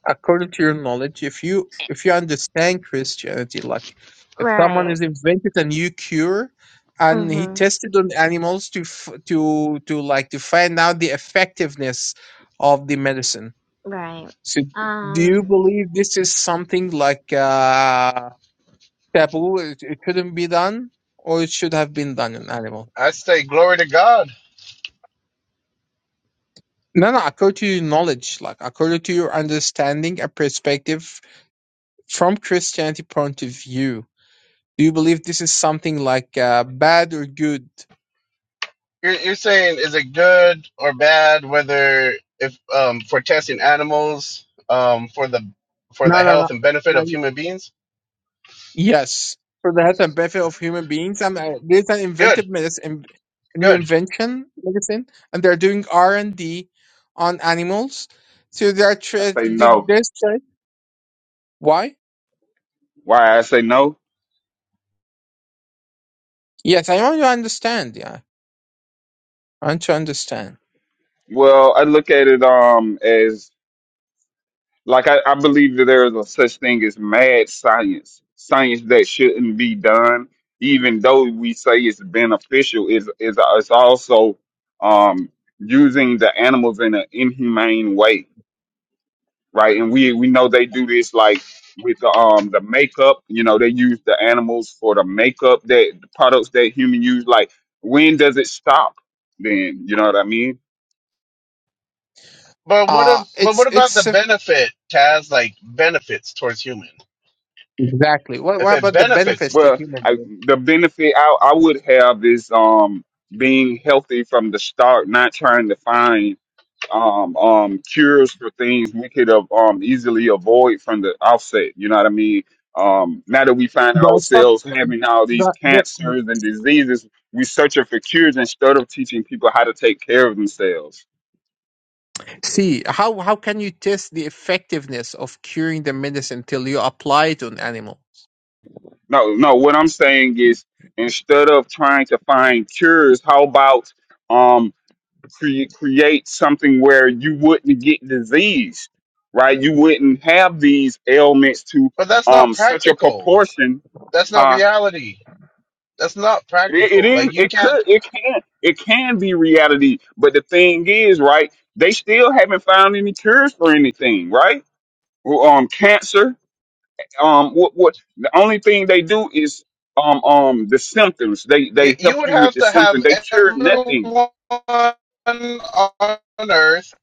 according to your knowledge, if you if you understand Christianity, like if someone
right
has invented a new cure and he
hmm
tested on animals to f- to to like to find out the effectiveness of the medicine.
right
So, do you
um
believe this is something like? uh taboo. It, it couldn't be done, or it should have been done in animal.
I say glory to God.
No, no. According to your knowledge, like according to your understanding and perspective from Christianity point of view, do you believe this is something like uh, bad or good?
You're, you're saying is it good or bad? Whether if um, for testing animals um, for the for the
No, no, no.
health and benefit
no
of
y-
human beings,
yes, for the health and benefit of human beings. I'm, uh, there's an
good,
inventive medicine, a new
good.
invention medicine, and they're doing R and D on animals. So they're
I
tra-
say no.
this. Why?
Why I say no?
Yes, I want to understand. Yeah. Trying to understand.
Well, I look at it um as Like I, I believe that there is a such thing as mad science, science that shouldn't be done, even though we say it's beneficial. Is is it's also um, using the animals in an inhumane way, right? And we we know they do this like with the, um the makeup. You know they use the animals for the makeup that the products that human use. Like when does it stop? Then you know what I mean.
But what
Uh
if? But
it's
what about the
it's a-
benefit, Taz? Like benefits towards human.
exactly. What
If
what
it
about the
benefits
benefits
you.
to
Well,
human
I,
beings?
the benefit I, I would have is um being healthy from the start, not trying to find um um cures for things we could have um easily avoid from the outset. You know what I mean? Um, now that we find
The
ourselves having all these
not the, the,
cancers and diseases, we searching for cures instead of teaching people how to take care of themselves.
see how how can you test the effectiveness of curing the medicine till you apply it on animal?
No, no. What I'm saying is, instead of trying to find cures, how about um, cre- create something where you wouldn't get diseased, right? You wouldn't have these ailments to
But that's not
um such a
practical.
proportion.
That's not
Uh,
reality. That's not
it, it
practical. Like
is.
you
It
can't.
could. It can. It can be reality. But the thing is, right? They still haven't found any cures for anything, right? Well, Um, cancer. Um, what? What? The only thing they do is um um the symptoms. They
You
they
you
help
would
you with
have
the
to have
symptoms. They cure nothing
everyone on Earth.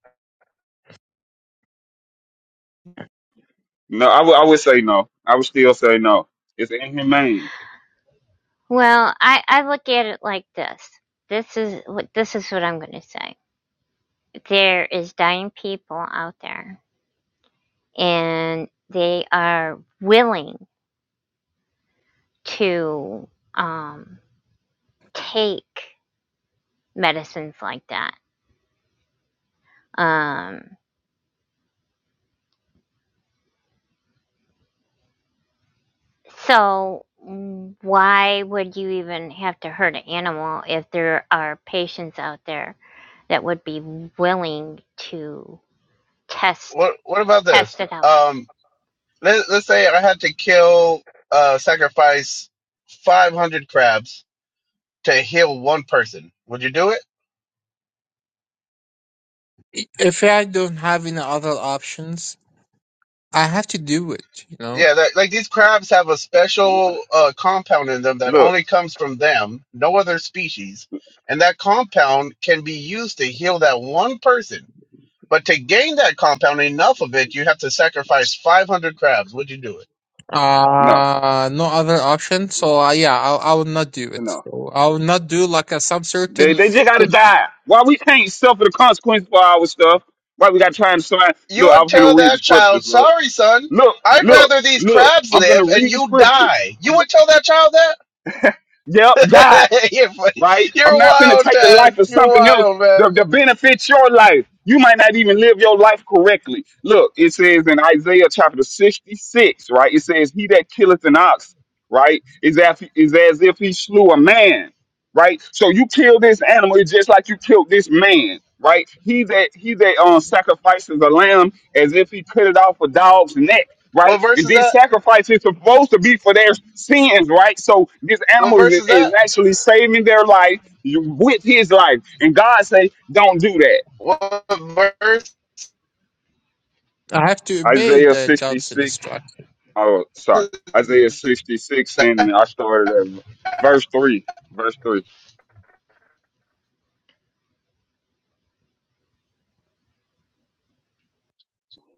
No, I would I would say no. I would still say no. It's inhumane.
well I I look at it like this this is what this is what I'm gonna say there is dying people out there and they are willing to um, take medicines like that. Um, so why would you even have to hurt an animal if there are patients out there that would be willing to test
What what about this?
test it out?
Um, let, let's say I had to kill, uh, sacrifice five hundred crabs to heal one person. Would you do it?
I- If I don't have any other options, I have to do it. You know,
Yeah, that, like these crabs have a special uh, compound in them that
Look,
only comes from them, no other species. And that compound can be used to heal that one person. But to gain that compound, enough of it, you have to sacrifice 500 crabs. Would you do it?
no,
uh, no other option. So uh, yeah, I, I will not do it.
no.
So I will not do like a, some
They
certain.
they just gotta die. Why we can't suffer the consequence for our stuff? Why we gotta try and sign?
You
Look, I
would
was gonna
tell
read the
that child,
scriptures. Look,
sorry, son,
look,
I'd
look,
rather these
look.
crabs
I'm gonna
live and
read the
you
scriptures.
die.
I'm
You
gonna,
would tell that child
yep, die.
that? you're, funny.
right? I'm
you're
not gonna
wild,
take the
Taz.
life of
You're
something else
wild, man.
to, to benefit your life. You might not even live your life correctly. Look, it says in Isaiah chapter 66, right? It says, He that killeth an ox, right, is as, is as if he slew a man, right? So you kill this animal it's just like you killed this man, right? He that he that um, sacrifices a lamb as if he cut it off a dog's neck
What
right?
verse
And
is
this
that?
sacrifice is supposed to be for their sins, right? So this
What
animal
verse
is,
is that?
is actually saving their life with his life. And God say, don't do that.
What verse?
I have to obey
Isaiah
the God's
66,
instruction.
oh, sorry. Isaiah 66, and I started at verse 3. Verse 3.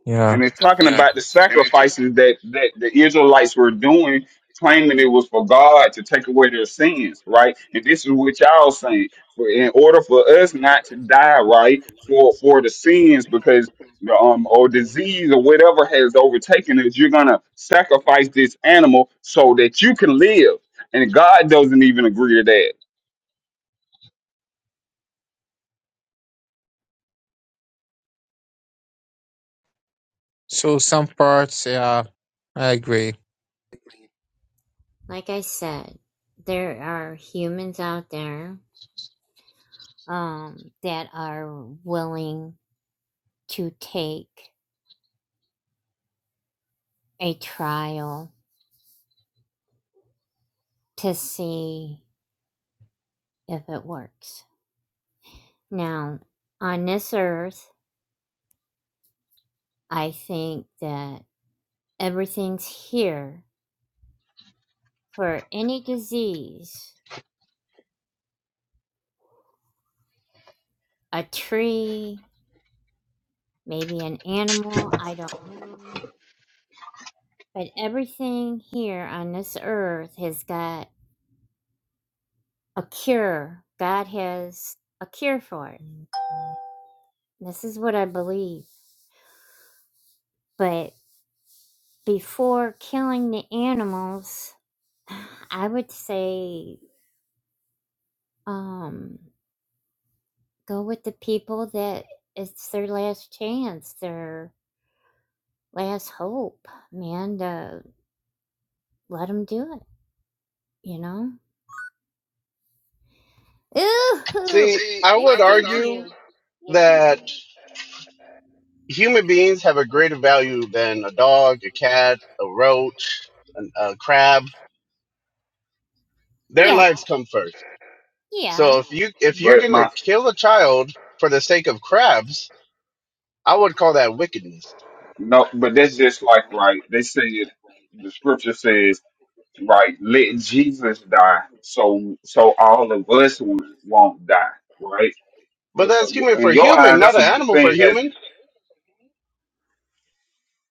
Yeah.
and it's talking about the sacrifices that that the Israelites were doing, claiming it was for God to take away their sins, right? And this is what y'all saying: for in order for us not to die, right, for for the sins, because the um or disease or whatever has overtaken us, you're gonna sacrifice this animal so that you can live. And God doesn't even agree to that.
So some parts, yeah, I agree.
Like I said, there are humans out there um, that are willing to take a trial to see if it works. Now, on this earth, I think that everything's here for any disease a tree, maybe an animal, I don't know. But everything here on this earth has got a cure. God has a cure for it. This is what I believe. But before killing the animals, I would say um go with the people that it's their last chance, their last hope, man. To let them do it, you know. Ooh,
See, I
you
would
do
argue
you, you do that
that human beings have a greater value than a dog, a cat, a roach, an, a crab. Their
Yeah,
lives come first.
yeah.
So if you if you're
But
gonna
my
kill a child for the sake of crabs, I would call that wickedness.
no, but that's just like right. They say it. The scripture says. right? Let Jesus die, so so all of us won't won't die, right?
But that's human
In
for
your eye,
human, not
that's
an
a good
animal for
thing,
human.
isn't it?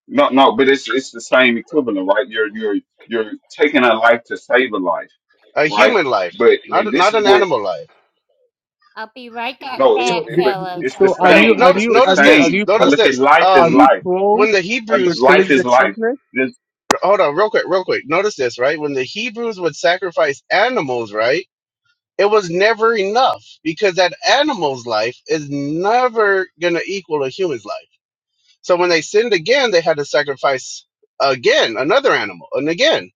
No, no, but it's it's the same equivalent, right? You're you're you're taking a life to save a life,
A
right?
human life,
But
not
then this
not
is
an
what
animal life.
I'll be right back,
no, it,
So,
back,
d-
it- but
d-
fellas.
it's the
so
I'll
are
be
Okay,
right
you
same.
are
not,
back.
It's
you
the
are
notice
you are
this.
same.
you
I
Notice
pro
look at
this.
life is
are
Um,
you
life,
pro
when the
and
for
Hebrews,
life
killing the
is life.
children?
This,
hold on, real quick, real quick. Notice this, right? When the Hebrews would sacrifice animals, right? It was never enough because that animal's life is never going to equal a human's life. So when they sinned again, they had to sacrifice again another animal and again.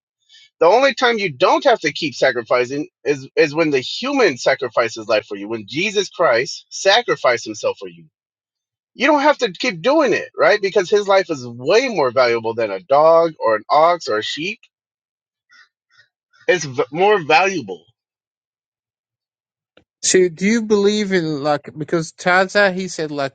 The only time you don't have to keep sacrificing is, is when the human sacrifices life for you, when Jesus Christ sacrificed himself for you. You don't have to keep doing it, right? Because his life is way more valuable than a dog or an ox or a sheep. It's v- more valuable.
So do you believe in like because Taza he said like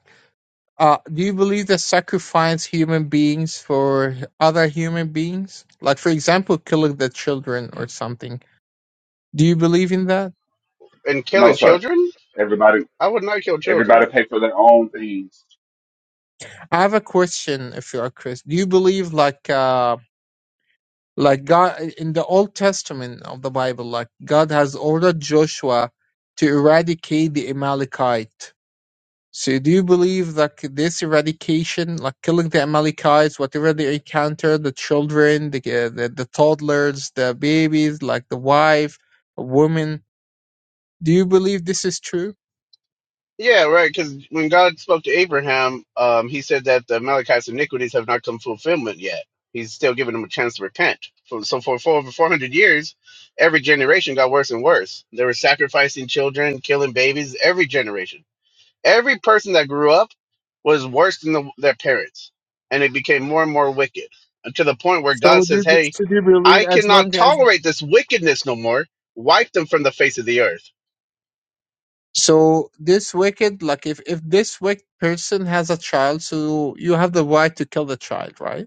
uh do you believe that sacrifice human beings for other human beings? Like for example, killing the children or something. Do you believe in that?
And
no,
killing
sir.
children?
Everybody,
I would not kill children.
everybody pay for their own things.
I have a question if you are Chris. Do you believe like um Like God in the Old Testament of the Bible, like God has ordered Joshua to eradicate the Amalekite. So do you believe that this eradication, like killing the Amalekites, whatever they encounter, the children, the, uh, the the toddlers, the babies, like the wife, a woman, do you believe this is true?
Yeah, right. Because when God spoke to Abraham, um, he said that the Amalekites' iniquities have not come to fulfillment yet. He's still giving them a chance to repent. For, so for, for over 400 years, every generation got worse and worse. They were sacrificing children, killing babies, every generation. Every person that grew up was worse than the, their parents. And it became more and more wicked. And to the point where God
So do
says,
you,
hey,
so do you believe
I
as
cannot
long as
tolerate this wickedness no more. Wipe them from the face of the earth
so this wicked like if if this wicked person has a child, so you have the right to kill the child, right?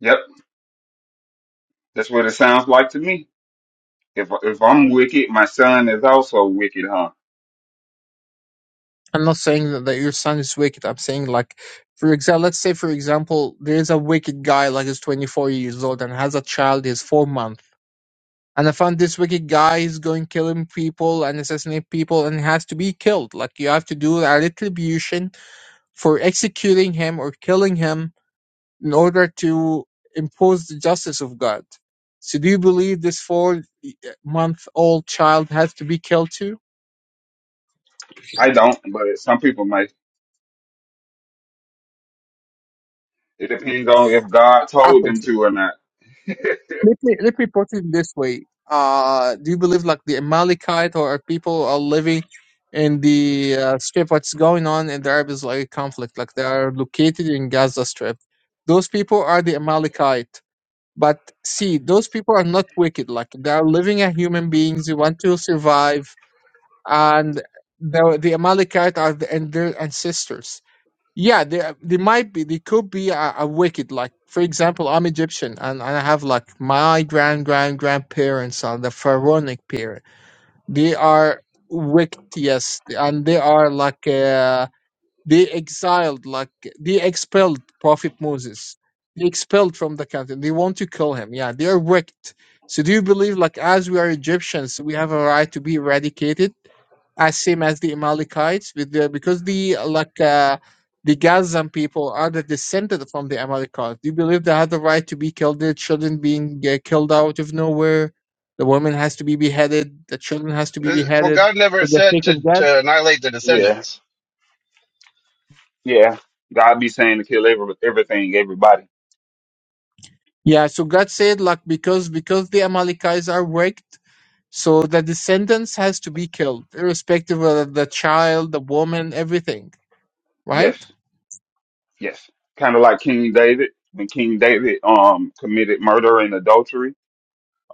Yep, that's what it sounds like to me. If if I'm wicked, my son is also wicked, huh?
I'm not saying that, that your son is wicked. I'm saying like, for example, let's say for example, there is a wicked guy like is 24 years old and has a child is four months, and I found this wicked guy is going killing people and assassinate people and has to be killed. Like you have to do a retribution for executing him or killing him in order to impose the justice of God. So do you believe this four month old child has to be killed too?
I don't, but some people might. It depends on if God told them to or not.
Let me let me put it this way. Uh, do you believe like the Amalekite or people are living in the uh, strip? What's going on in the Arab-Israeli conflict? Like they are located in Gaza Strip. Those people are the Amalekite. But see, those people are not wicked. Like they are living as human beings. they want to survive, and the the Amalekite are the, and their ancestors. Yeah, they they might be they could be a, a wicked like for example I'm Egyptian and, and I have like my grand grand grandparents are the pharaonic period. They are wicked yes and they are like uh, they exiled like they expelled Prophet Moses. They expelled from the country. They want to kill him. Yeah, they are wicked. So do you believe like as we are Egyptians we have a right to be eradicated? as same as the Amalekites, with the, because the like uh, the Gazan people are the descendant from the Amalekites. Do you believe they have the right to be killed? The children being uh, killed out of nowhere, the woman has to be beheaded, the children has to be
This- Well,
beheaded
God never
for the
said
sake
to,
of God.
to annihilate the
Yeah,
descendants.
yeah. God be saying to kill every, everything, everybody.
Yeah, so God said like because because the Amalekites are wicked, so the descendants has to be killed, irrespective of the child, the woman, everything. Right?
Yes, yes. Kind of like King David. When King David um committed murder and adultery,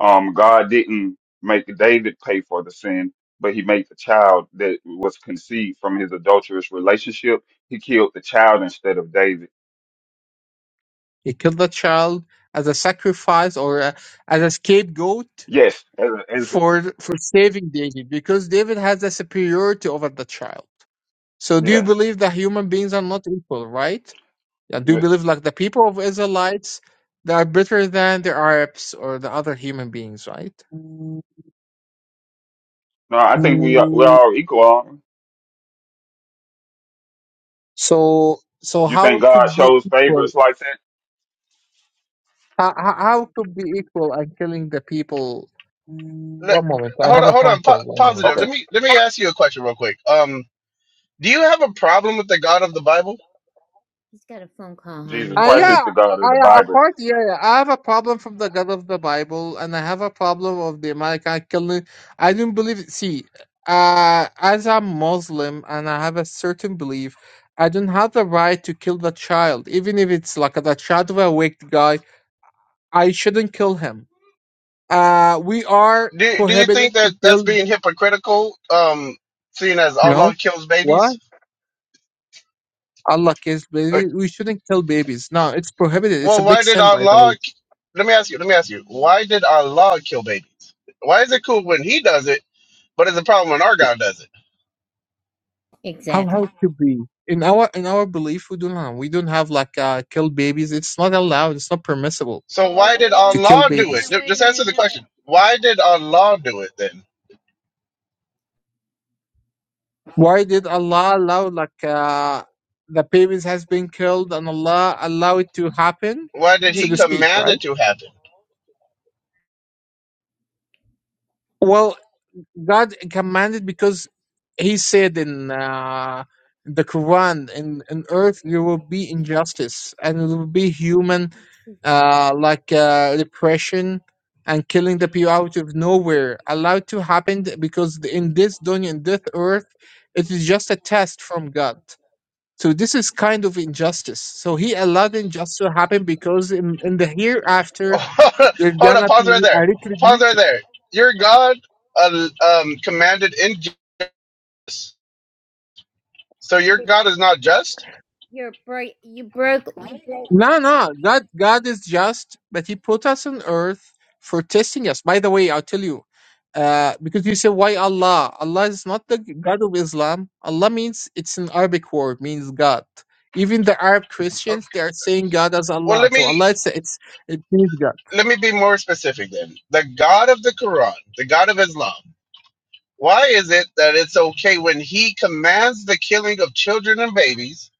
um God didn't make David pay for the sin, but he made the child that was conceived from his adulterous relationship. He killed the child instead of David.
He killed the child as a sacrifice or a, as a scapegoat
Yes, as, a- as a-
for for saving David because David has the superiority over the child. So do you
yeah.
believe that human beings are not equal, right? Yeah, do you
Yeah.
believe like the people of Israelites they are better than the Arabs or the other human beings, right?
No, I think we are, we're all equal. aren't we?
So so
You
how
think
it
God
could be
shows
equal?
favorites like that?
How, how how it could be equal and killing the people?
Let,
One moment, I
hold
have
on,
a
hold
phone
on. Po-
call. One moment.
positive.
Okay.
Let me let me ask you a question real quick. Um, do you have a problem with the God of the Bible?
He's got a phone call,
Jesus
honey. He
I
Christ
yeah,
said
is the God of the
I uh,
Bible.
apart yeah, yeah, I have a problem from the God of the Bible, and I have a problem of the American killing. I don't believe. See, uh, as a Muslim, and I have a certain belief, I don't have the right to kill the child, even if it's like the child of a wicked guy. I shouldn't kill him. Uh, we are
Do Do you
prohibited
think
to
that that's
kill.
being hypocritical? Um, seeing as
No,
Allah kills
what?
babies.
Allah kids,
Uh,
baby. We shouldn't kill babies. No, it's prohibited. It's a
Well,
big
why did
sin, by the way.
Allah? k- Let me ask you. Let me ask you. Why did Allah kill babies? Why is it cool when He does it, but it's a problem when our God does it?
How
exactly.
how to be in our in our belief we don't have we don't have like uh, kill babies. It's not allowed. It's not permissible
So why
Oh,
did
wait a
to
minute.
kill
Allah
Wait
do
a
it?
babies.
minute.
Ju-
Wait a
Just answer
minute.
the
Wait
question. Why did Allah do it then?
Why did Allah allow like uh, the babies has been killed and Allah allow it to happen,
What
a
did
so
he
to
minute.
speak,
command it
right?
to happen?
Well, God commanded because He said in uh, the Quran, in, in earth there will be injustice and it will be human
Mm-hmm.
uh, like uh, repression and killing the people out of nowhere allowed to happen because the- in this dunya, in this earth, it is just a test from God. So this is kind of injustice. So He allowed injustice to happen because in, in the hereafter, there
Hold on,
gonna
pause right
be a
there. Pause
retribution
right there. Your God uh, um, commanded injustice, so your God is not just.
You're break. You broke. You broke
No, no, God, God is just, but He put us on earth for testing us. By the way, I'll tell you, uh, because you say why Allah? Allah is not the God of Islam. Allah means it's an Arabic word, means God. Even the Arab Christians, they are saying God as
Well,
Allah.
let
So
me
Allah, it's it's it means God.
let me be more specific then. The God of the Quran, the God of Islam. Why is it that it's okay when He commands the killing of children and babies,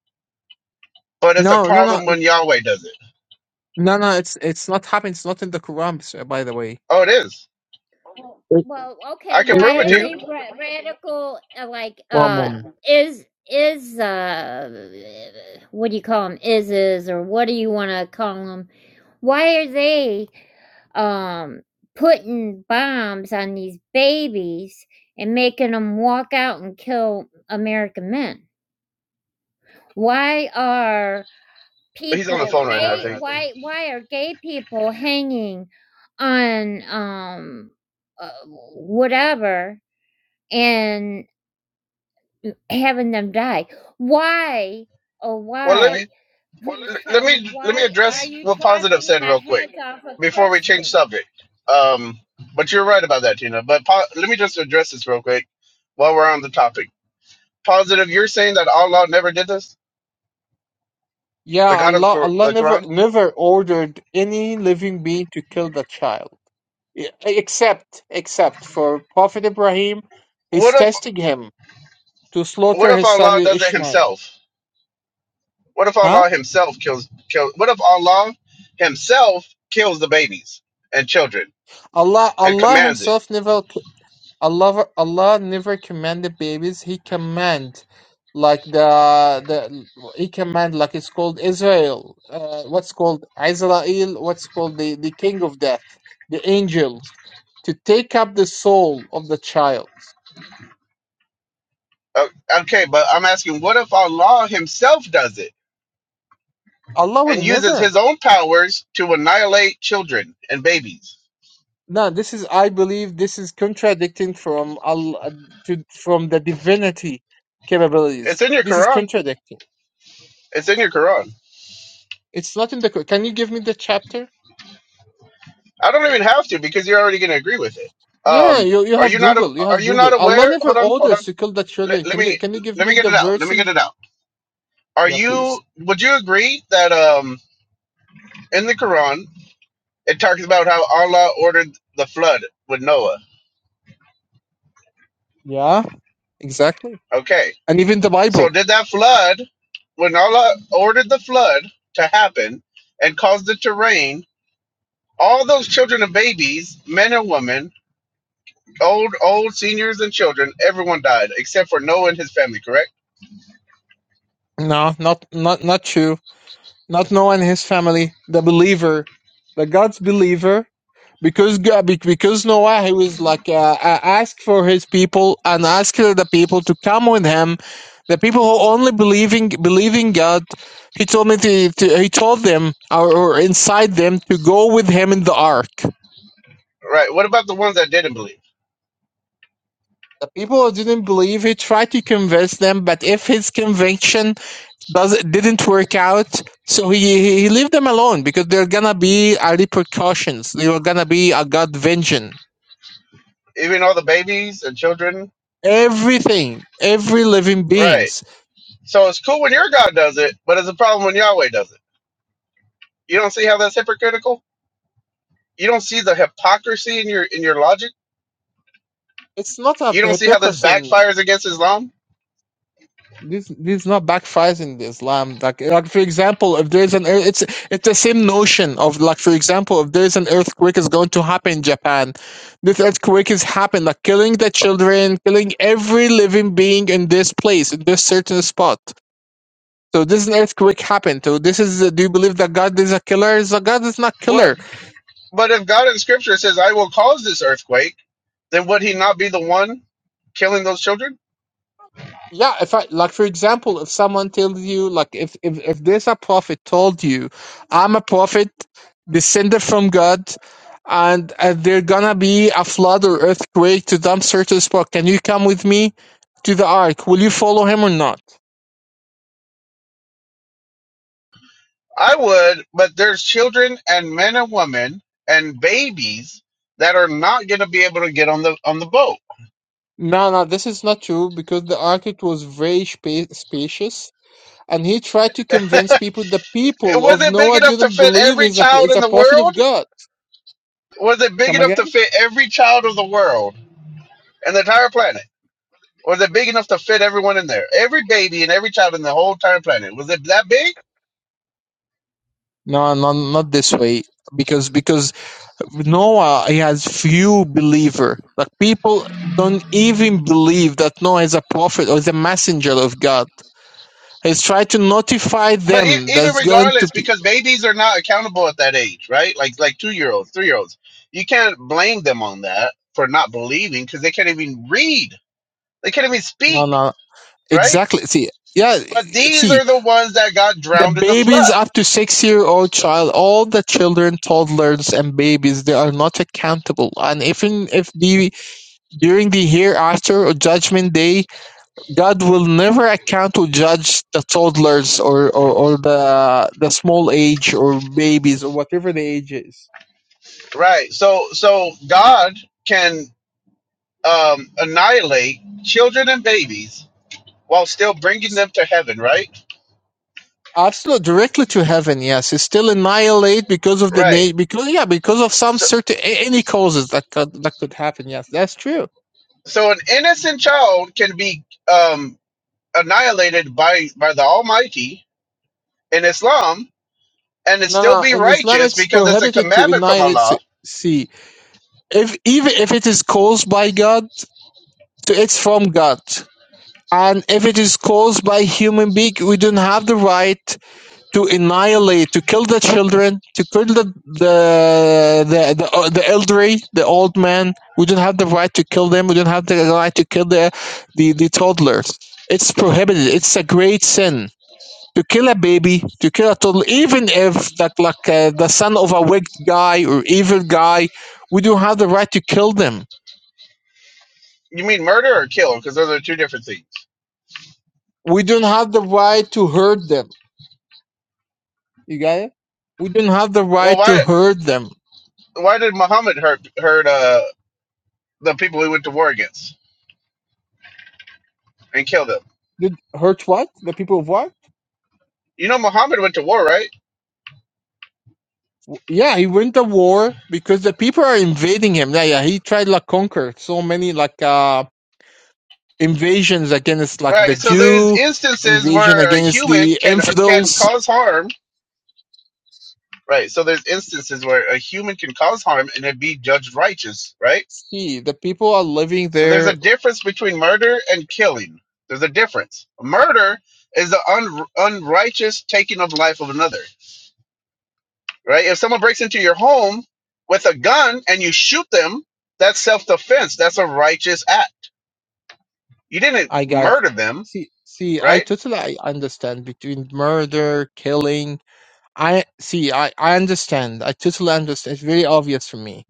but it's a
No, no, no,
problem when Yahweh does it?
no, no. It's it's not happening. It's not in the Quran, sir, by the way.
Oh, it is.
It,
Well, okay.
I can
it,
prove
Why
it
are
to
it,
you.
they ra- radical? Uh, like,
one
uh,
moment.
is is uh, what do you call them? Is is or what do you want to call them? Why are they um putting bombs on these babies and making them walk out and kill American men? Why are
But he's on
people
the phone right now, I
gay?
think.
Why why are gay people hanging on um uh, whatever? and having them die. Why, oh,
Well, let me.
why, please
l- let
tell me,
me let
why
me
let are
address
you let me-
what positive
chopping
said
the
real quick
heads off of
before we change
Christians?
subject. Um, but you're right about that, Tina. But po- let me just address this real quick while we're on the topic. Positive, you're saying that Allah never did this,
Yeah,
the God of the
Allah,
Qur-
Allah
the
never
Quran.
never ordered any living being to kill the child. Yeah, Except, except for Prophet Ibrahim is
What if
testing him to
what
slaughter
if
his
Allah
son
does it
Ishmael.
himself? What if
Huh?
Allah himself kills kill? What if Allah himself kills the babies and children
Allah,
and
Allah
commands it?
Himself never, Allah, Allah never commanded babies. He command, like the the He command like it's called Israel. Uh, what's called Israel? What's called the the King of Death, the angels, to take up the soul of the child.
Uh, okay, but I'm asking, what if Allah himself does it?
Allah will
and uses
never.
his own powers to annihilate children and babies.
No, this is, I believe, this is contradicting from Allah to from the divinity
It's
capabilities.
in your
This is
Quran.
contradicting.
It's in your Quran.
It's not in the. Qur- Can you give me the chapter?
I don't even have to because you're already going to agree with it.
Yeah,
Um,
you you
are
have
you not? a-
Google. You
Are
have
you
Google.
not
Allah
aware?
never
Hold on, hold on.
orders to kill the
Let,
children.
let
Can you
me
can you give
let me
me
get
the
it out. Let
verse
me get
and?
it out. Are
Yeah, please.
you? Would you agree that um in the Quran it talks about how Allah ordered the flood with Noah?
Yeah, exactly.
Okay,
And even the
so
Bible.
did that flood when Allah ordered the flood to happen and caused it to rain? all those children and babies, men and women, old, old seniors and children, everyone died except for Noah and his family, correct?
No, not not not you. Not Noah and his family. The believer, the God's believer. because Ga- be- because Noah he was like uh, uh, asked for his people and asked the people to come with him. The people who only believing believing God, he told me to, to he told them or, or inside them to go with him in the ark.
Right. What about the ones that didn't believe?
The people who didn't believe, he tried to convince them, but if his conviction does didn't work out, so he he he leave them alone because there are gonna be a repercussions. There are gonna be a God vengeance.
Even all the babies and children?
Everything, every living
Right.
beings.
So it's cool when your God does it, but it's a problem when Yahweh does it. You don't see how that's hypocritical? You don't see the hypocrisy in your in your logic?
it's not a
You don't see how this
hypocrisy in
backfires against Islam?
this this not backfires in the Islam. Like like for example, if there's an ear- it's it's the same notion of like for example, if there's an earthquake is going to happen in Japan, this earthquake is happened, like killing the children, killing every living being in this place, in this certain spot. So this an earthquake happened. So this is do you believe that God is a killer? Is a God is not
What
killer.
but if God in scripture says, I will cause this earthquake, then would he not be the one killing those children?
Yeah, if I like for example, if someone tells you like if if, if there's a prophet told you, I'm a prophet, descended from God, and uh, there gonna be a flood or earthquake to some certain spot. Can you come with me to the ark? Will you follow him or not?
I would, but there's children and men and women and babies that are not going to be able to get on the on the boat.
No, no, this is not true because the ark it was very spa- spacious, and he tried to convince people. The people
Was
of
it big
Noah
enough to
didn't
fit
believe
every
he's a
child
he's
in
a
the
prophet of
world?
God.
Was it big
Come
enough to
again?
fit every child of the world and the entire planet? Was it big enough to fit everyone in there? Every baby and every child in the whole entire planet. Was it that big?
No, no, not this way because because Noah he has few believer. Like people don't even believe that Noah is a prophet or is a messenger of God. He's trying to notify
But e-
them
even
that's going to
regardless,
be
because babies are not accountable at that age, right? Like like two year olds, three year olds. You can't blame them on that for not believing because they can't even read They can't even
no
speak,
no
right?
exactly see yeah
But these
see
are the ones that got
the
drowned in the
babies
flood,
up to six year old child all the children toddlers and babies they are not accountable and even if the during the hereafter or judgment day God will never account to judge the toddlers or, or, or the the small age or babies or whatever the age is.
right? So, so God can um, annihilate children and babies while still bringing them to heaven, right?
Absolutely, directly to heaven. Yes, it's still annihilate because of the
Right.
na- because yeah because of some
So,
certain a- any causes that could that could happen. Yes, that's true.
so an innocent child can be um, annihilated by by the Almighty in Islam, and it
No,
still
no.
be
In Islam,
righteous
it's
because it's a
prohibited to
commandment from
annihilate.
Allah.
s- See, if even if it is caused by God, it's from God. And if it is caused by human being, we don't have the right to annihilate, to kill the children, to kill the the the the, uh, the elderly, the old man. We don't have the right to kill them. We don't have the right to kill the the, the toddlers. It's prohibited. It's a great sin to kill a baby, to kill a toddler, even if that like uh, the son of a wicked guy or evil guy. We don't have the right to kill them.
You mean murder or kill? Because those are two different things.
We don't have the right to hurt them. You got it? We don't have the
Well,
right to
why
hurt them.
why did Muhammad hurt hurt uh the people he went to war against and kill them.
Did hurt what? The people of what?
You know, Muhammad went to war, right?
Yeah, he went to war because the people are invading him. Yeah, yeah. He tried like conquer so many like uh invasions against like the
Right. So there's
Jew,
instances
invasion
where a
against
human
the
can can
infidels.
cause harm. Right. So there's instances where a human can cause harm and it be judged righteous. Right.
See, the people are living
So there's a
there.
difference between murder and killing. There's a difference. Murder is the un, unrighteous taking of life of another. Right. If someone breaks into your home with a gun and you shoot them, that's self defense. That's a righteous act. You didn't
I got
murder them.
see see I
Right
totally I understand between murder, killing. I see I, I understand. I totally understand. It's very obvious for me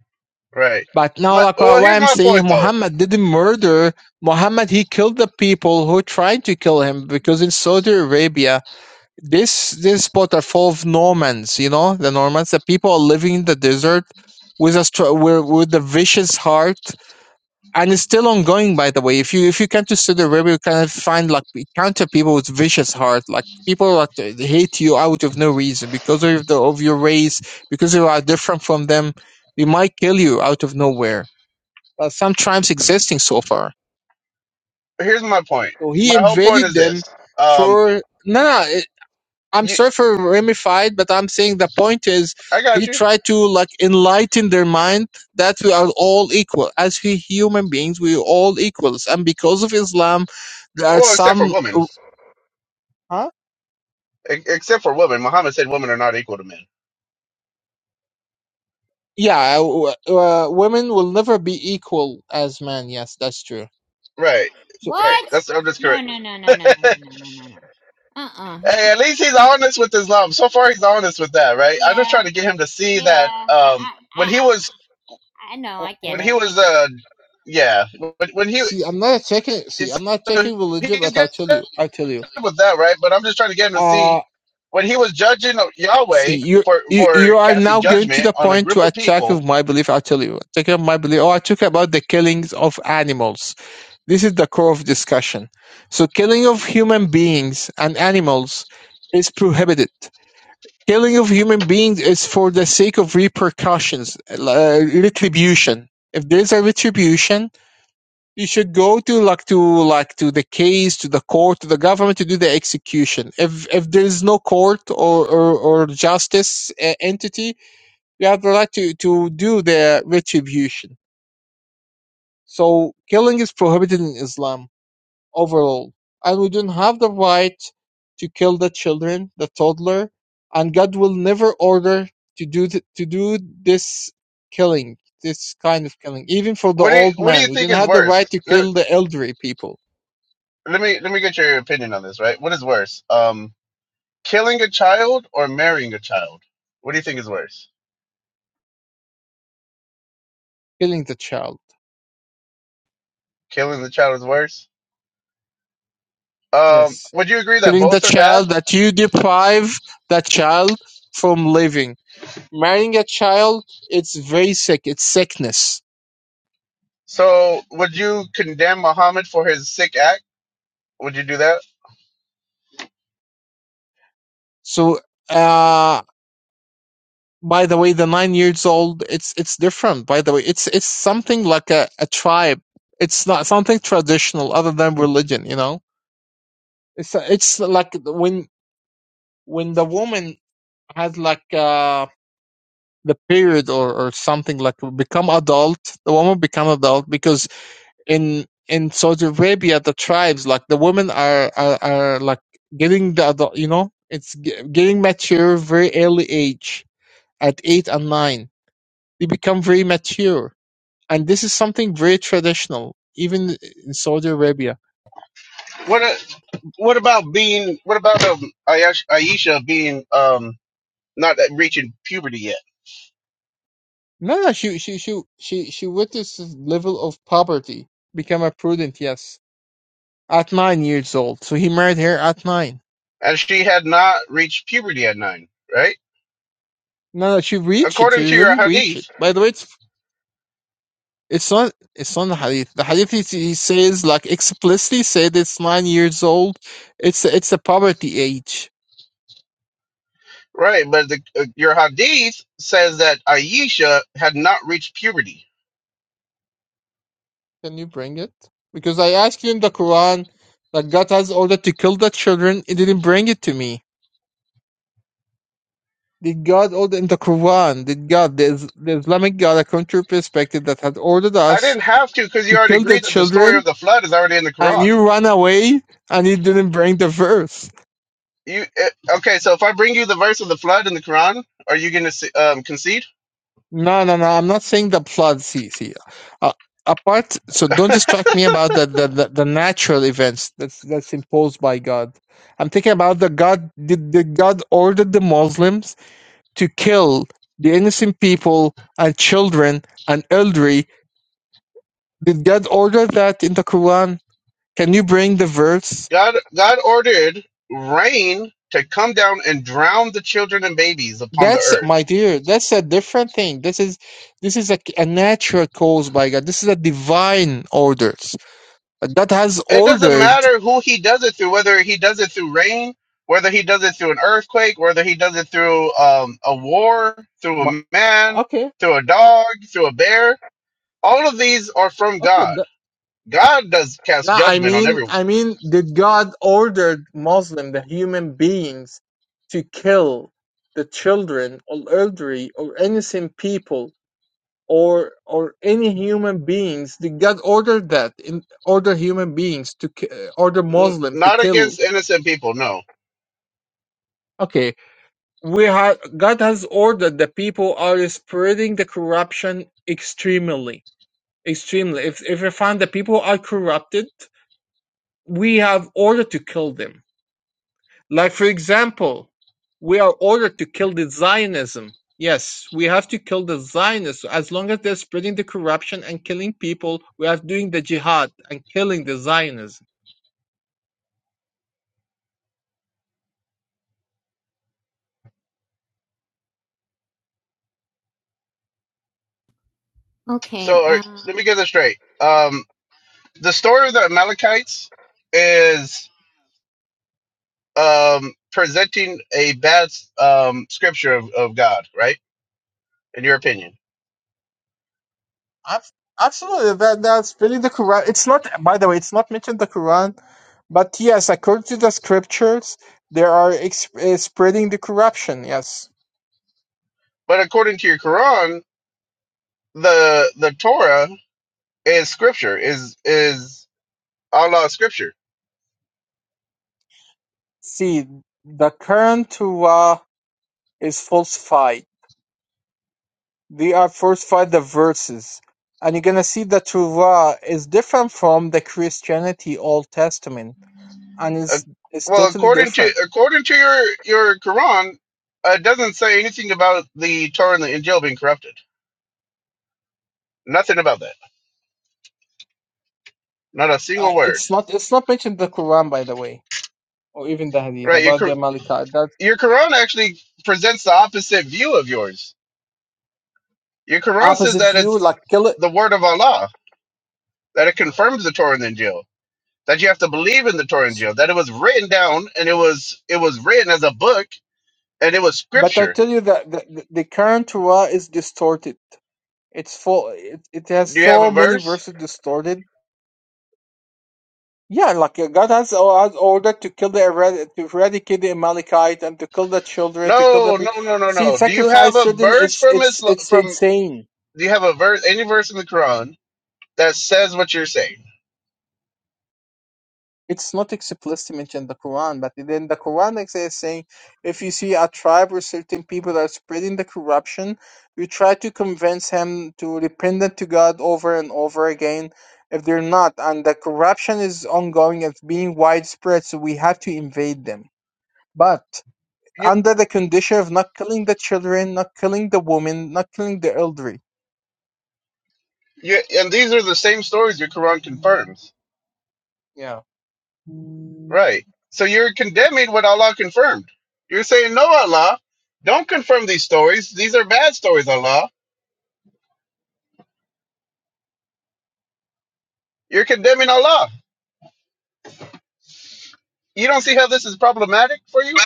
Right.
But now,
My
like what
well,
what
here's
I'm
my
saying,
point though.
Muhammad didn't murder. Muhammad he killed the people who tried to kill him because in Saudi Arabia, this this spot are full of Normans. You know, the Normans, the people are living in the desert with a str- with, with a vicious heart, and it's still ongoing. By the way, if you if you come to Saudi Arabia, you can find like counter people with vicious heart, like people that hate you out of no reason because of the of your race, because you are different from them. They might kill you out of nowhere uh, some tribes existing so far.
Here's my point.
So he
My whole point
invaded
is
them
this. Um,
for no. no it, I'm
you,
sorry for ramified, but I'm saying the point is
I got
he
you.
tried to like enlighten their mind that we are all equal as we human beings. We are all equals, and because of Islam, there are
Well, except for
some.
women.
Huh?
E- except for women. Muhammad said women are not equal to men.
Yeah, uh, uh, women will never be equal as men. Yes, that's true.
Right.
So
Right.
What?
That's I'm just
No,
correct.
no, no, no, no, no,
hey,
no, no, no, no, no. Uh-uh.
at least he's honest with Islam. So far, he's honest with that. Right. I'm just
Yeah,
trying to get him to see
yeah.
that.
I,
Um,
I, I,
when he
I
was,
I know. I get
when he
it. I
was,
get.
uh, yeah, when, when he,
see, I'm not attacking. See,
so
I'm not attacking religion,
he's
but I'll tell
good.
you. I'll tell you.
with that, right? But I'm just trying to get him to
Uh
see when he was judging
See,
Yahweh
you
for
you
for
you are
casting
now going to
judgment
the
on a
point to
group of
attack
people.
of my belief. I'll tell you, attack of my belief. Oh, I talk about the killings of animals. This is the core of discussion. So, killing of human beings and animals is prohibited. Killing of human beings is for the sake of repercussions, uh, retribution. If there's a retribution, you should go to like to like to the case, to the court, to the government to do the execution. If if there is no court or or, or justice uh, entity, you have the right to to do the retribution. So killing is prohibited in Islam overall, and we don't have the right to kill the children, the toddler, and God will never order to do th- to do this killing, this kind of killing, even for the
What do you
old
what do
man.
you
We
think
don't
is
have the right
worse?
to
Let
kill the elderly people
let me let me get your opinion on this, right? What is worse, um, killing a child or marrying a child? What do you think is worse?
killing the child
Killing the child is worse. Um,
yes
would you agree that
killing the
both are bad?
child that you deprive that child from living marrying a child it's very sick it's sickness
So would you condemn Muhammad for his sick act? Would you do that?
so uh by the way the nine years old it's it's different by the way it's it's something like a, a tribe it's not something traditional other than religion you know it's it's like when when the woman has like uh the period or, or something like become adult the woman become adult because in in Saudi Arabia, the tribes, like the women are are, are like getting the adult, you know, it's ge- getting mature very early age at eight and nine. They become very mature, and this is something very traditional, even in Saudi Arabia.
What a- what about being? What about um, Ayesha Aisha being um not reaching puberty yet.
No, no, she she she she she witnessed this level of poverty, become a prudent, yes, at nine years old. So he married her at nine.
And she had not reached puberty at nine, right?
No, no, she reached it.
According to
She
your
really reached it.
hadith,
By the way, it's It's not. It's not the hadith. The hadith is, he says like explicitly said it's nine years old. It's it's a poverty age.
right? But the, uh, your hadith says that Aisha had not reached puberty.
Can you bring it? Because I asked you in the Quran that God has ordered to kill the children. It didn't bring it to me. Did God order in the Quran? Did God, the, Is- the Islamic God, according to your perspective, that had ordered
I
us
didn't have to because you
to
already
kill the
agreed that the story
children,
of the flood is already in the
and
Quran.
you run away and you didn't bring the verse?
You uh, okay? So if I bring you the verse of the flood in the Quran, are you going to um, concede?
No, no, no. I'm not saying the plot. See, see. Uh, apart, so don't distract me about the, the, the, the natural events that's that's imposed by God. I'm thinking about the God. Did, did God ordered the Muslims to kill the innocent people and children and elderly? Did God order that in the Quran? Can you bring the verse?
God, God ordered rain to come down and drown the children and babies upon the earth
That's my dear. That's a different thing. This is this is a, a natural cause by God. This is a divine orders. God has
it doesn't
ordered
matter who he does it through, whether he does it through rain, whether he does it through an earthquake, whether he does it through um, a war, through
Mo-
a man,
Okay,
through a dog, through a bear. All of these are from
okay.
God.
th-
God does cast
no, I
judgment on
mean,
everyone,
I mean, did God ordered Muslim, the human beings, to kill the children or elderly or innocent people or or any human beings? Did God order that? In order human beings to ki- uh, order
N-
Muslim to
not
kill?
against innocent people. No.
Okay, we have God has ordered that people are spreading the corruption extremely, extremely. If if we find that people are corrupted we have order to kill them. Like, for example, we are ordered to kill the Zionism. Yes, we have to kill the Zionists. So As long as they're spreading the corruption and killing people, we are doing the jihad and killing the Zionism.
It.
So
Okay.
all right,
Um,
let me get this straight. Um, the story of the Amalekites is um, presenting a bad um, scripture of, of God, right? In your opinion.
Abs- Absolutely, that that's really the Quran. It's not, by the way, it's not mentioned in the Quran, but yes, according to the scriptures, they are ex- uh, spreading the corruption. Yes,
But according to your Quran, the the Torah is scripture is is Allah scripture.
see, the current Torah is falsified. There are first five the verses, and you are gonna see the Torah is different from the Christianity Old Testament, and
Uh,
it's it's
well,
totally
according to
different.
according to your your Quran, uh, it doesn't say anything about the Torah and the Injil being corrupted. Nothing about that. Not a
Uh,
single word.
it's not it's not mentioned in the Quran, by the way, or even the Hadith
Right? Your
about
Qu-
the Malika. That
your Quran actually presents the opposite view of yours. Your Quran says
opposite
that it's
view, like kill it.
the word of Allah, that it confirms the Torah and the Injil, that you have to believe in the Torah and Injil, that it was written down and it was it was written as a book and it was
But I
scripture
tell you that the, the, the current Torah is distorted. It's full. It, it has
Do you have
so
a
many
verse?
verses distorted Yeah, like uh, God has, o- has ordered to kill the erad to eradicate the Amalekite and to kill the children, to kill the
No,
pre
no, no, no,
See,
no. Do you have
sacrifice
a
children.
verse
It's
from
it's
Islam,
it's
from
insane.
do you have a verse any verse in the Quran that says what you're saying?
It's not explicitly mentioned in the Quran, but then the Quran is is saying if you see a tribe or certain people that are spreading the corruption, you try to convince him to repent to God over and over again. If they're not, and the corruption is ongoing, it's being widespread, so we have to invade them. But
You,
under the condition of not killing the children, not killing the women, not killing the elderly.
you and these are the same stories your Quran confirms.
Yeah. Now
Right. So you're condemning what Allah confirmed. You're saying, No, Allah, don't confirm these stories. These are bad stories, Allah. You're condemning Allah. You don't see how this is problematic for you?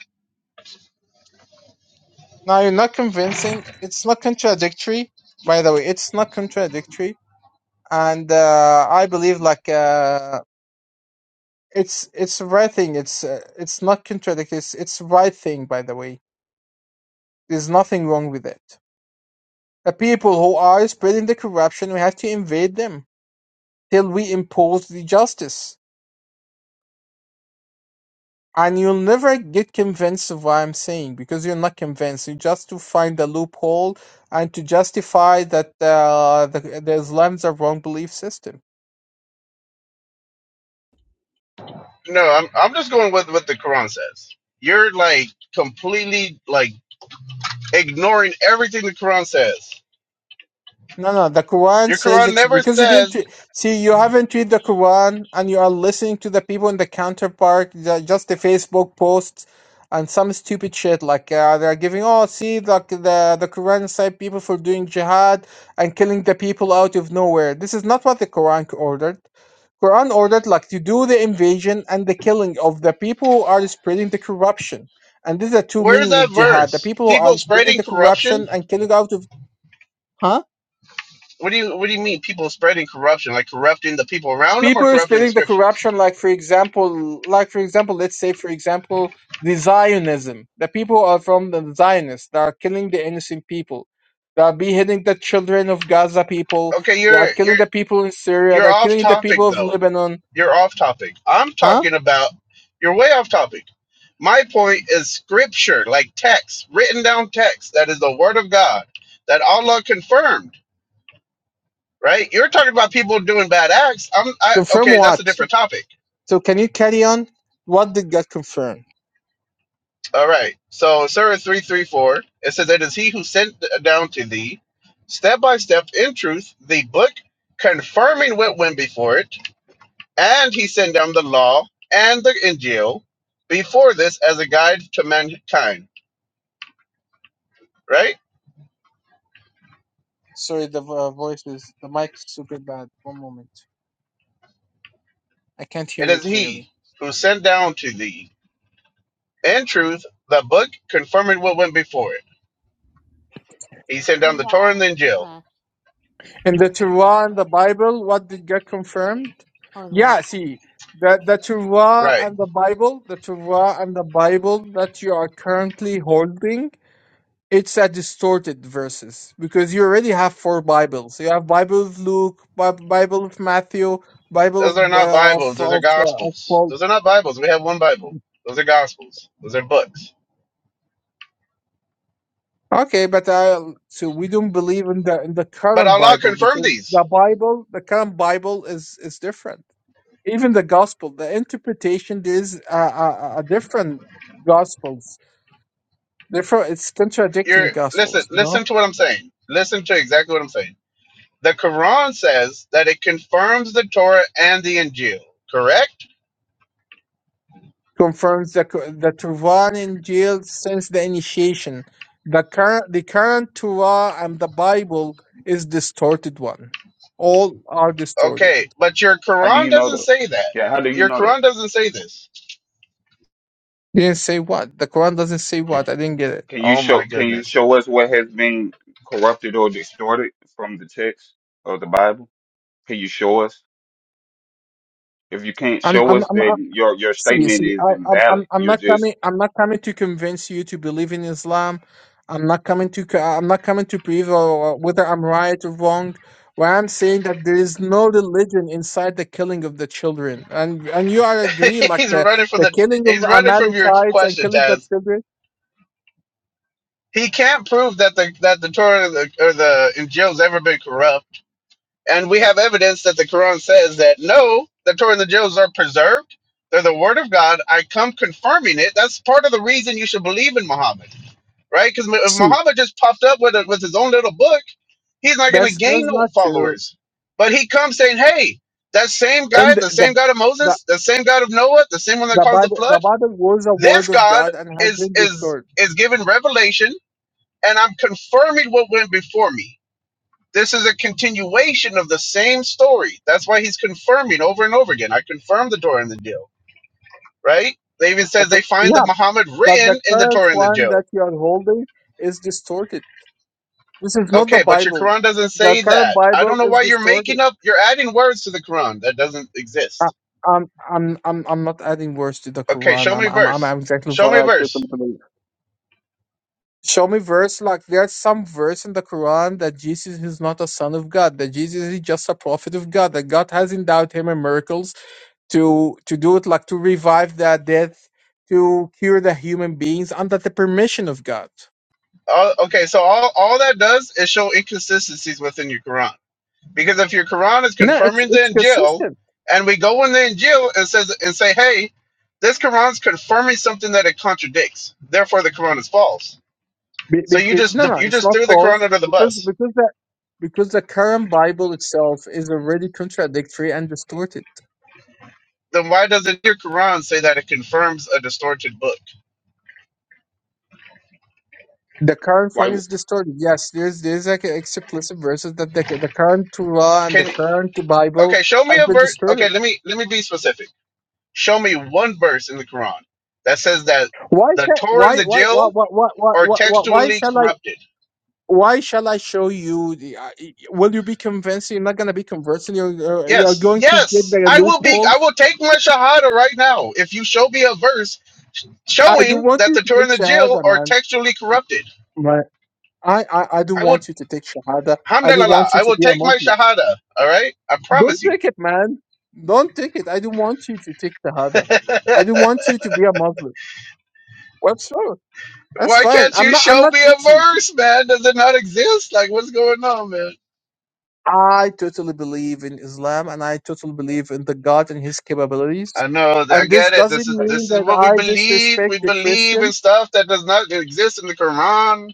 you're not convincing. It's not contradictory. By the way, it's not contradictory, and uh, I believe like uh, it's it's the right thing. It's uh, it's not contradictory. It's it's the right thing. By the way, there's nothing wrong with it. The people who are spreading the corruption, we have to invade them till we impose the justice. And you'll never get convinced of what I'm saying because you're not convinced. You just to find a loophole and to justify that uh, the, the Islam's a wrong belief system.
No, I'm I'm just going with what the Quran says. You're like completely like ignoring everything the Quran says.
No, no, the Quran
Your
says
Quran
ex-
never
because you didn't
says
re- see you haven't read the Quran and you are listening to the people in the counterpart, ju- just the Facebook posts and some stupid shit like uh, they're giving oh see like the the Quran incites people for doing jihad and killing the people out of nowhere. This is not what the Quran ordered. Quran ordered like to do the invasion and the killing of the people who are spreading the corruption. And these are two
where's
meaning of
that
jihad: the
verse?
people who are
People
spreading
spreading
the corruption
corruption?
and killing out of huh?
What do you what do you mean people spreading corruption? Like corrupting the people around them or
people is
corrupting the
spreading the
scriptures?
corruption like for example like for example let's say for example the zionism the people are from the zionists they are killing the innocent people they are beheading the children of gaza people
Okay,
they are
you're you're
killing the people in syria
you're
they're
off
killing the
topic
people of
though.
lebanon
You're off topic. I'm
huh
talking about you're way off topic. My point is scripture, like text, written down text that is the word of God that Allah confirmed, right? You're talking about people doing bad acts. I'm I
confirm
okay, that's a
what
different topic
so can you carry on what did god confirm
All right. So in Surah 334, it says, It is he who sent down to thee, step by step in truth, the book, confirming what went before it, and he sent down the law and the Injil before this as a guide to mankind. Right?
sorry the uh, voice is the mic is super bad one moment i can't hear
It
you
is
clearly
he who sent down to thee, in truth, the book, confirming what went before it. He sent down the Torah and the
he
Injil.
left.
In the Torah and the Bible, what did get confirmed?
Hold on.
Yeah, see, the, the Torah
Right.
and the Bible, the Torah and the Bible that you are currently holding, it's a distorted verses because you already have four Bibles. You have Bible of Luke, Bi- Bible of Matthew, Bible
Those
of
are not
uh, of,
Bibles. Those are
of, uh, of
Gospels.
Paul.
Those are not Bibles. We have one Bible. Those are Gospels. Those are books
Okay, but I, so we don't believe in the in the
But
current
Allah
Bible
confirmed
because
these.
the Bible, the current Bible is is different. even the gospel the interpretation is uh, uh, uh, different gospels Therefore, it's
You're
contradicting
listen,
gospels you
listen
know
to what I'm saying. Listen to exactly what I'm saying. The Quran says that it confirms the Torah and the Injil, correct?
confirms the the Tuvan Injil since the initiation the current the current Torah and the Bible is distorted one all are distorted
Okay, but your
How do
Quran
you know
doesn't
that?
say that.
Yeah, how do you
Your
know that?
Quran doesn't say this.
didn't say what the Quran doesn't say what I didn't get it
Can you
Oh
show
my
can you
goodness.
show us what has been corrupted or distorted from the text of the Bible? Can you show us? If you can't
I'm
show
I'm
us
I'm,
that your your
See,
statement
see, I,
is
I'm, I'm
invalid,
I'm
you're
not
just
coming. I'm not coming to convince you to believe in Islam. I'm not coming to. co- I'm not coming to prove uh, whether I'm right or wrong. What I'm saying that there is no religion inside the killing of the children, and and you are agree like
he's
uh,
running from
the
the
killing of
he's running from your
Amalekites and
question,
killing the
Taz.
children.
He can't prove that the that the Torah or the, or the Injil's ever been corrupt And we have evidence that the Quran says that no, the Torah and the Jews are preserved. They're the word of God. I come confirming it. That's part of the reason you should believe in Muhammad, right? Because if
See,
Muhammad just popped up with, a, with his own little book. He's not going to
that's
gain
that's
no
not true.
followers. But he comes saying, hey, that same guy,
And the
the
the
same God of
the,
Moses, the same God of Noah, the same one that
the
caused the
Bible
flood,
the Bible was a
this
word of
God
God and has
is
been
is
destroyed.
is given revelation, and I'm confirming what went before me this is a continuation of the same story. That's why he's confirming over and over again. I confirmed the Torah and the deal, right? They even says they
Okay,
find the
Yeah,
Muhammad
but the
written in the
current
Torah and the
one that
deal.
you are holding is distorted. This is not the
Okay, but your
Bible.
Quran doesn't
The
say
current
that. I
Bible
don't know
is
why you're
distorted.
making up. You're adding words to the Quran that doesn't
I,
exist.
I'm, I'm, I'm, I'm not adding words to the
Okay,
Quran.
show
I'm,
me
I'm, I'm
verse.
I'm exactly
Show
what
me
I said. from
verse.
the beginning. Show me verse like there's some verse in the Quran that Jesus is not a son of God. That Jesus is just a prophet of God. That God has endowed him in miracles to to do it, like to revive the dead, to cure the human beings under the permission of God.
Uh, okay, so all, all that does is show inconsistencies within your Quran Because if your Quran is
No, it's
confirming the
it's
Injil,
consistent.
and we go in the Injil and says and say, hey, this Quran's confirming something that it contradicts. Therefore, the Quran is false.
Be, be,
So you
be,
just
no, no,
you
it's
just
not
threw the
false
Quran under the
because
bus.
because the because the current Bible itself is already contradictory and distorted.
Then why doesn't your Quran say that it confirms a distorted book?
The current one
like
is distorted. Yes, there's there's like an explicit verses that the the current Torah and the
Can you,
current Bible
okay, show me
has
a
been
verse. Okay,
distorted.
let me let me be specific. Show me one verse in the Quran that says that
Why
the
can
Torah and
why
the
why why
Injil
why why
are
why why, why why
textually
shall I?
corrupted.
Why shall I show you? The, uh, will you be convinced? You're not gonna be convinced. You're you're you're
Yes,
going to get
yes,
the
I will be.
loophole.
I will take my shahada right now if you show me a verse
I do
showing
want
that
you
the
to
Torah
take
and the Jill
shahada,
are
man.
textually corrupted.
I, I, I do
I will,
want you to take Shahada. I do
alhamdulillah,
want you
I
to
will
be a
take my
Muslim.
shahada. All right, I
Don't
promise you.
take it, man. Don't take it. I do want you to take Shahada. I do want you to be a Muslim. Well, sure. That's
Why
fine.
can't
I'm
you
not, I'm
show
not,
me a
see, see.
verse, man? Does it not exist? Like, what's going on, man?
I totally believe in Islam and I totally believe in the God and his capabilities.
I know. I
And this
get it.
doesn't
This is
like,
mean
this is
that
what we
I
believe.
disrespect
We
the
believe in
Christians.
stuff that does not exist in the Quran.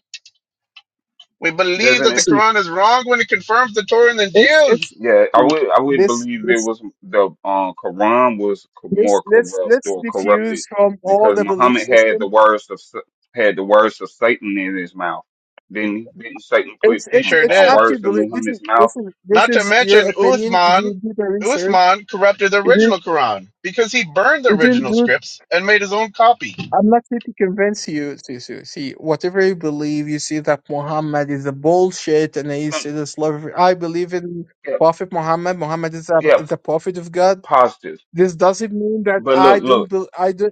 We believe
doesn't
that
it?
the
See,
Quran is wrong when it confirms the Torah and the
it's,
Jill.
it's,
Yeah, I
see,
would I would
this,
believe it
this,
was the um Quran was co-
this,
more
let's,
corrupt
let's
or corrupted
diffuse from all
because
the belief
Muhammad had
systems
the words of Sa- had the words of Satan in his mouth. Didn't he? didn't Satan put
It's
He
it's
mm,
sure
it's
uh,
did.
up to you.
words in
Believe this is
Muhammad's mouth?
this is this
Not to
is your
mention
opinion. You
Uthman,
didn't do the research.
Uthman corrupted the
You did
original Quran because he burned the
you didn't
original
do.
scripts and made his own copy.
I'm not here to convince you, Sisu. See, whatever you believe, you see that Muhammad is a bullshit, and then you
Mm,
see this love. I believe in
Yeah,
Prophet Muhammad. Muhammad is a
yeah,
is a
p-
prophet of God.
positive.
This doesn't mean that
But
I
look,
don't.
look,
bel I do.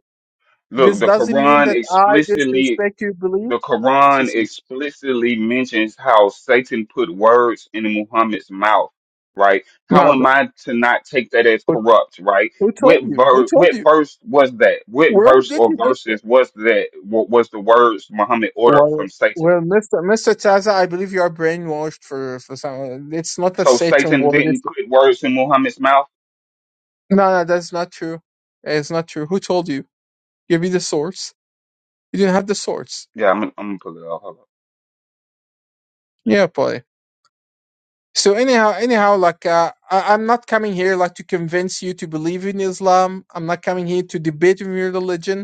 look.
This
The
doesn't mean
Quran
that I
explicitly
disrespect your belief,
The Quran
Sisi.
explicitly mentions how Satan put words in Muhammad's mouth, right? How
No,
am I to not take that as
who,
corrupt, right?
who told
What
you? Who
verse?
told
What
you?
verse was that? What
Where
verse
did
or
you get this?
verses was that? wa- Was the words Muhammad ordered
Well,
from Satan?
well, Mister Mister Taza, I believe you are brainwashed for for some. It's not a
So
Satan
Satan
word. It's
didn't put words in Muhammad's mouth.
no, no, that's not true. It's not true. Who told you? Give me the source. You didn't have the source.
Yeah, I'm, gonna- I'm gonna pull it off. Hold up.
Yeah, boy. So anyhow, anyhow, like uh, I, I'm not coming here like to convince you to believe in Islam. I'm not coming here to debate with your religion.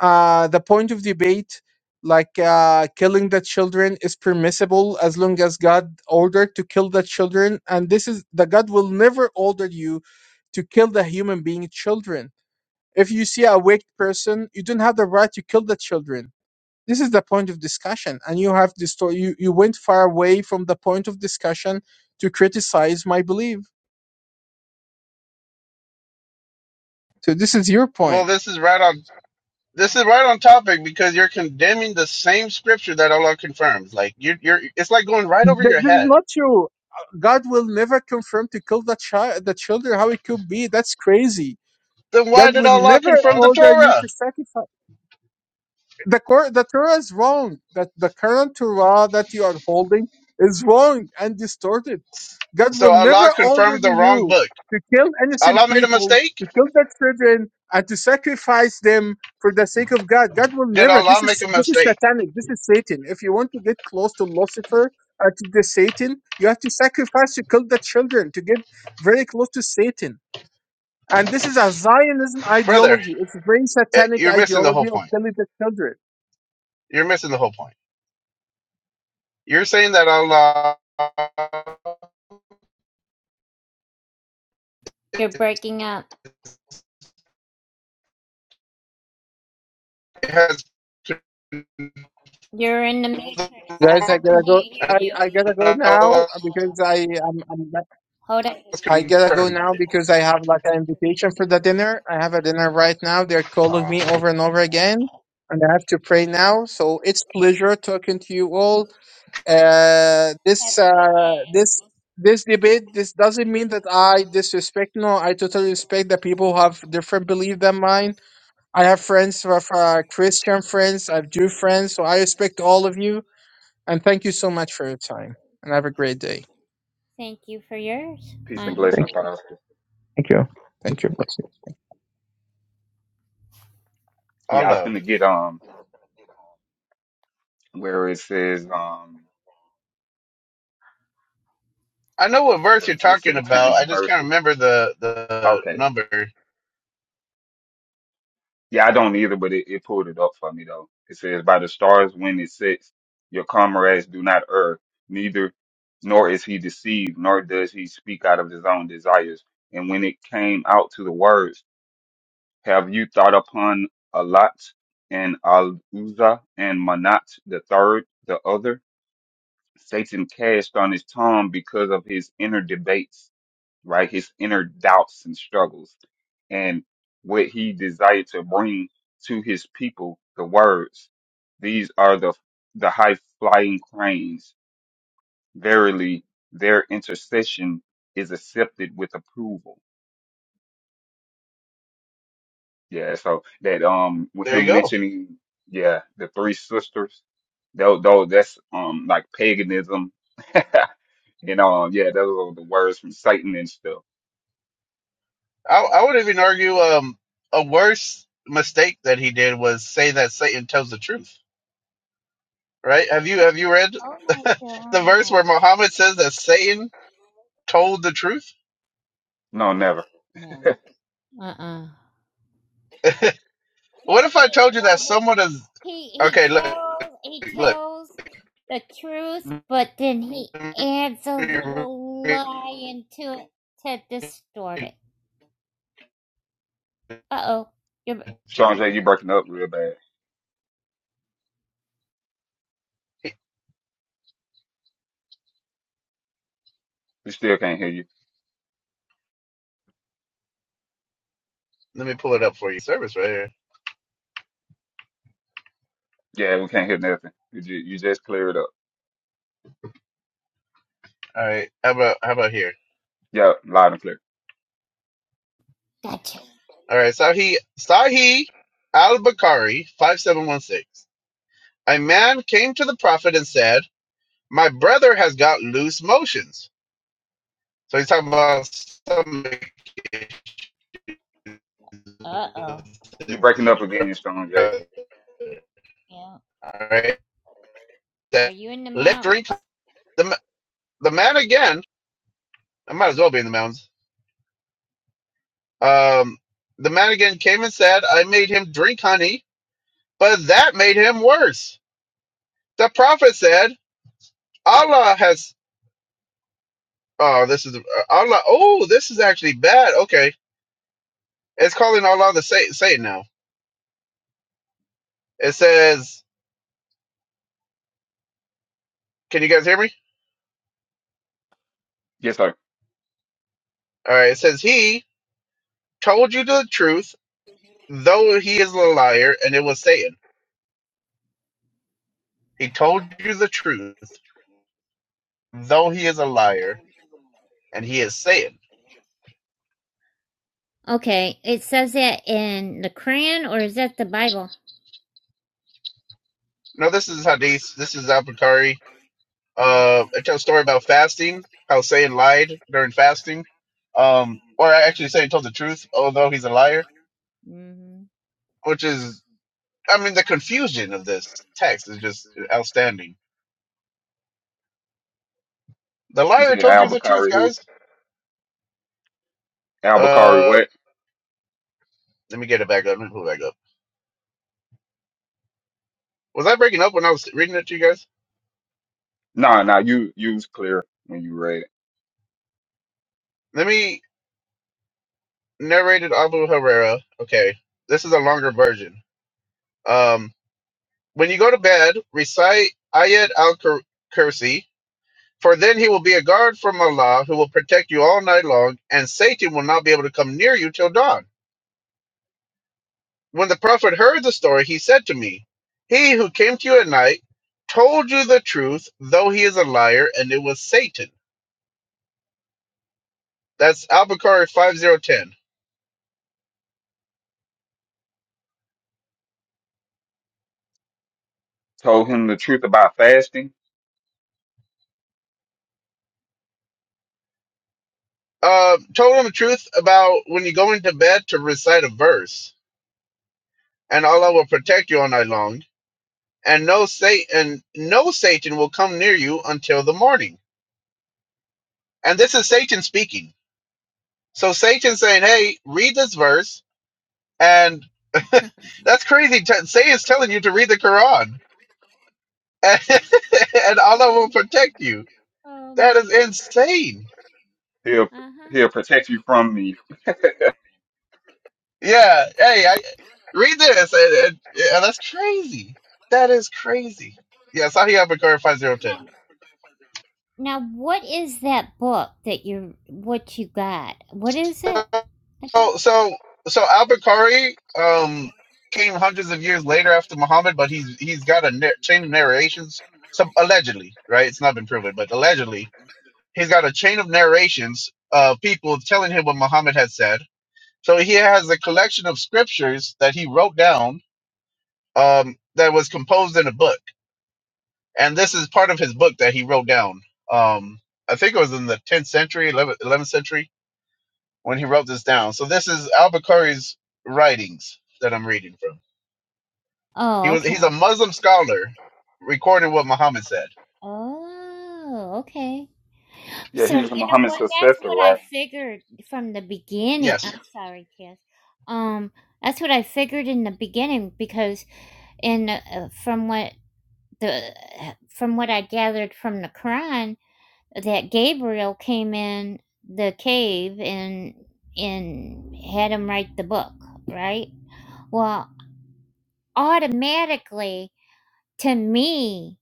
uh, the point of debate, like uh, killing the children, is permissible as long as God ordered to kill the children, and this is the God will never order you to kill the human being children. If you see a weak person, you don't have the right to kill the children. This is the point of discussion, and you have this. You you went far away from the point of discussion to criticize my belief. So this is your
Well,
point.
this is right on. This is right on topic because you're condemning the same scripture that Allah confirms. Like you, you're, it's like going right
Th-
over
This
your
is
head.
not true. God will never confirm to kill the child, the children. How it could be? That's crazy.
Then
God
why did
will
Allah
never
confirm the
order you
Torah?
to sacrifice the cor- the Torah is wrong. That the current Torah that you are holding is wrong and distorted. God
So
will never
Allah
order
confirmed the wrong
you
book.
to kill innocent
Allah made a
people,
mistake.
to kill their children, and to sacrifice them for the sake of God. God will
Did
never. This
Allah make
is
a
this is
mistake,
satanic. This is Satan. If you want to get close to Lucifer or to the Satan, you have to sacrifice to kill the children to get very close to Satan. And this is a Zionism
brother?
ideology. It's a very
eh,
satanic
You're missing the whole
ideology of
point.
killing the children
You're missing the whole point. You're saying that Allah
You're breaking up.
has been
You're in the matrix.
Guys, I
I
gotta
wrong,
go.
can't hear
I,
and
you.
I gotta go now
Allah
uh, because I I'm, I'm
Hold it.
has
I gotta go
confirmed it.
now because I have like an invitation for the dinner. I have a dinner right now. They're calling
Ah,
me over and over again, and I have to pray now. So it's pleasure talking to you all. Uh,
Have
this
a good
uh this
day.
this debate this doesn't mean that I disrespect. No, I totally respect that people who have different belief than mine. I have friends who are uh, Christian friends. I have Jew friends, so I respect all of you and thank you so much for your time. And have a great day.
Thank you for yours,
peace and
honey.
Thank
blessings,
you.
Pastor.
Thank you. Thank you.
Yeah,
All
I was
of.
gonna get um where it says um
I know what verse you're
the, the
talking about.
satanic
I just can't
verses.
remember the the
Okay.
number.
Yeah, I don't either, but it, it pulled it up for me though. It says, "By the stars when it sets, your comrades do not err, neither nor is he deceived, nor does he speak out of his own desires." And when it came out to the words, "Have you thought upon Alat and Al Uzza and Manat the third, the other?" Satan cast on his tongue because of his inner debates right? His inner doubts and struggles and what he desired to bring to his people, the words. These are the, the high flying cranes. Verily, their intercession is accepted with approval. Yeah. So that, um, with
There you
him
go.
mentioning, yeah, the three sisters, though, though that's, um, like paganism. You know, um, yeah, those are the words from Satan and stuff.
I, I would even argue um a worse mistake that he did was say that Satan tells the truth. Right? Have you have you read
Oh my
the verse
god.
where Muhammad says that Satan told the truth?
No, never.
No. Uh uh
What
He,
if I
he,
told you that
well, well,
someone is
he he
okay? Look,
tells he
look.
tells the truth, but then he adds a
Let
little
me
lie into it to distort it.
read
Uh oh. You're
Strong
Jeez.
J, you breaking up real bad. We still can't hear you.
Let me pull it up for you. Service right here.
Yeah, we can't hear nothing. You just, you just clear it up.
All right. How about how about here?
Yeah, loud and clear.
gotcha.
All right. Sahih Sahih Al Bukhari five seven one six. A man came to the prophet and said, "My brother has got loose motions." So he's talking about stomach issues
Uh oh.
You
with
breaking
his
up again, Strong J.
brother.
Yeah.
All right.
Are
That
you in the
let drink
mountains?
the the man again. I might as well be in the mountains. Um, the man again came and said, "I made him drink honey." but that made him worse. The prophet said, Allah has, oh, this is, uh, Allah, oh, this is actually bad. Okay. It's calling Allah the Satan, Satan now. It says, can you guys hear me?
Yes, sir.
All right. It says, He told you the truth, though he is a liar, and it was Satan. He told you the truth, though he is a liar, and he is Satan.
Okay, it says that in the Quran, or is that the Bible?
No, this is Hadith. This is Al Bukhari."
Okay.
Uh, I tell a story about fasting, how Satan lied during fasting. Um, or actually, Satan told the truth, although he's a liar,
hmm
which is, I mean, the confusion of this text is just outstanding. The
You
liar
said
told you
Al
the truth,
Bakari who?
guys.
Al Bakari
Uh,
what?
let me get it back up. Let me pull it back up. Was I breaking up when I was reading it to you guys?
Nah, nah, you, you was clear when you read it.
Let me narrate it, Abu Herrera. Okay, this is a longer version. Um, when you go to bed, recite Ayat al Kursi For then he will be a guard from Allah who will protect you all night long, and Satan will not be able to come near you till dawn. When the Prophet heard the story, he said to me, He who came to you at night told you the truth, though he is a liar, and it was Satan. That's Al Bukhari 5010.
Told him the truth about fasting.
Uh, told him the truth about when you go into bed to recite a verse, and Allah will protect you all night long, and no Satan, no Satan will come near you until the morning. And this is Satan speaking. So Satan's saying, "Hey, read this verse," and that's crazy. T- Satan's telling you to read the Quran, and, and Allah
Oh
will protect you.
oh
That
my
is
God.
insane.
He'll,
Uh huh.
he'll protect you from me.
Yeah. Hey, I read this, and, and, and that's crazy. That is crazy. Yeah. Sahih Al Bukhari five zero ten.
Now, now, what is that book that you what you got? What is it
So
again?
so so Al Bukhari um came hundreds of years later after Muhammad, but he's he's got a nar- chain of narrations. Some allegedly, right? It's not been proven, but allegedly He's got a chain of narrations of people telling him what Muhammad had said. So he has a collection of scriptures that he wrote down um, that was composed in a book. And this is part of his book that he wrote down. Um, I think it was in the 10th century, 11th, century, when he wrote this down. So this is al-Bukhari's writings that I'm reading from. He
Oh,
was he's
okay.
a Muslim scholar recording what Muhammad said.
Oh, okay.
Yeah,
So
he was
you know
Muhammad's
what? That's
successor,
what I
right?
figured from the beginning.
Yes.
I'm sorry, Cass. Um, that's what I figured in the beginning because in uh, from what the from what I gathered from the Quran that Gabriel came in the cave and and had him write the book, right? Well, automatically to me,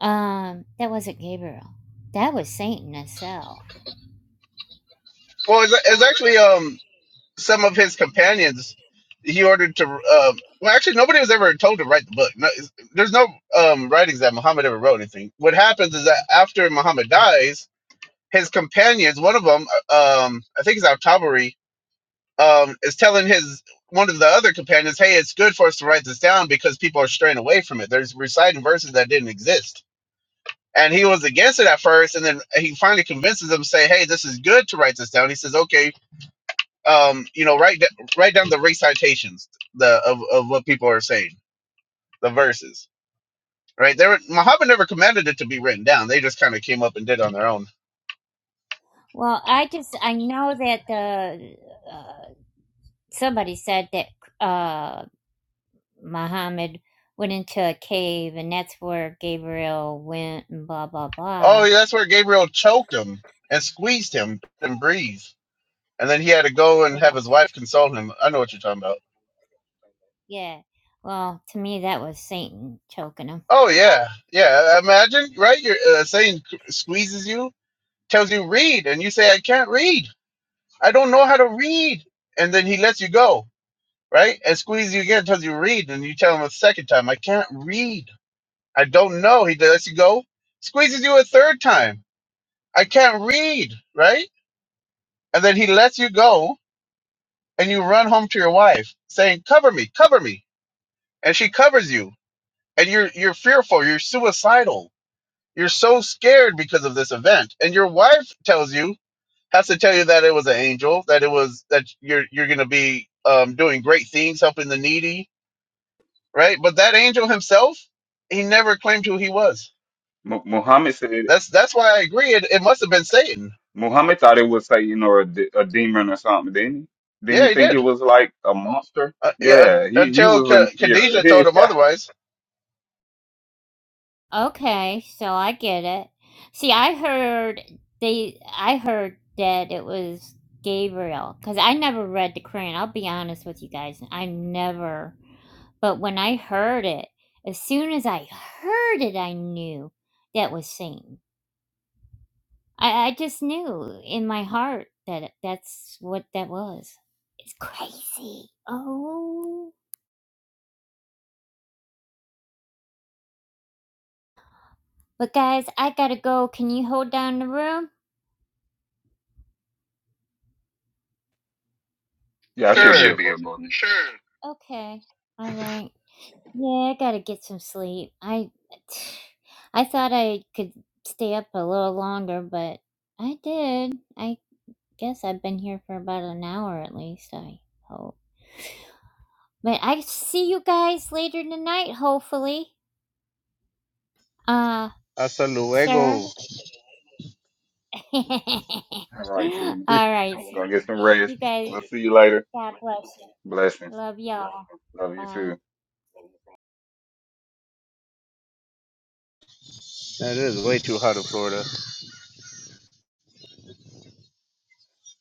um, that wasn't Gabriel. That was Satan himself.
Well, it's, it's actually um some of his companions he ordered to um well actually nobody was ever told to write the book no, it's- there's no um writings that muhammad ever wrote anything what happens is that after muhammad dies his companions one of them um i think it's al-tabari um is telling his one of the other companions hey it's good for us to write this down because people are straying away from it there's reciting verses that didn't exist and he was against it at first and then he finally convinces them say hey this is good to write this down he says okay um, you know, write da- write down the recitations the of, of what people are saying, the verses. Right? There Muhammad never commanded it to be written down. They just kind of came up and did it on their own.
Well, I just I know that the uh, somebody said that uh, Muhammad went into a cave and that's where Gabriel went and blah blah
Oh,
blah.
yeah, that's where Gabriel choked him and squeezed him and breathe. And then he had to go and
Well,
have his wife console him. I know what you're talking about.
Yeah. Well, to me, that was Satan choking him.
Oh yeah. Yeah, imagine, right? You're uh, saying squeezes you, tells you read and you say I can't read. I don't know how to read. And then he lets you go right? And squeeze you again until you read, and you tell him a second time, I can't read. I don't know. He lets you go, squeezes you a third time, I can't read, right? And then he lets you go, and you run home to your wife saying, Cover me, cover me. And she covers you, and you're you're fearful, you're suicidal, you're so scared because of this event. And your wife tells you, has to tell you that it was an angel, that it was that you're you're gonna be um, doing great things, helping the needy, right? But that angel himself, he never claimed who he was.
Mu Muhammad said,
That's that's why I agree. It, it must have been Satan.
Muhammad thought it was Satan or a, de- a demon or something, didn't he? Didn't
Yeah,
he
he
think it
did.
was like a monster?
Uh, yeah, un-
Yeah, he, he
until
was in
K-
fear.
Khadijah told him otherwise.
Okay, so I get it. See, I heard they, I heard that it was Gabriel because I never read the Quran. I'll be honest with you guys, I never. But when I heard it, as soon as I heard it, I knew that was Satan. I, I just knew in my heart that it- that's what that was. It's crazy. Oh. But guys, I gotta go. Can you hold down the room?
yeah, I should be
Sure.
here for a minute.
Okay. All right. Yeah, I gotta get some sleep. I, I thought I could stay up a little longer, but I did. I guess I've been here for about an hour at least. I hope. But I see you guys later tonight, hopefully. Uh,
Hasta
sir.
luego.
All
All right, Tina.
right. sweetie.
Go get some rest.
You guys.
We'll see you later.
God bless you.
Blessings.
Love y'all.
Love you
Bye.
too.
That is way too hot in Florida.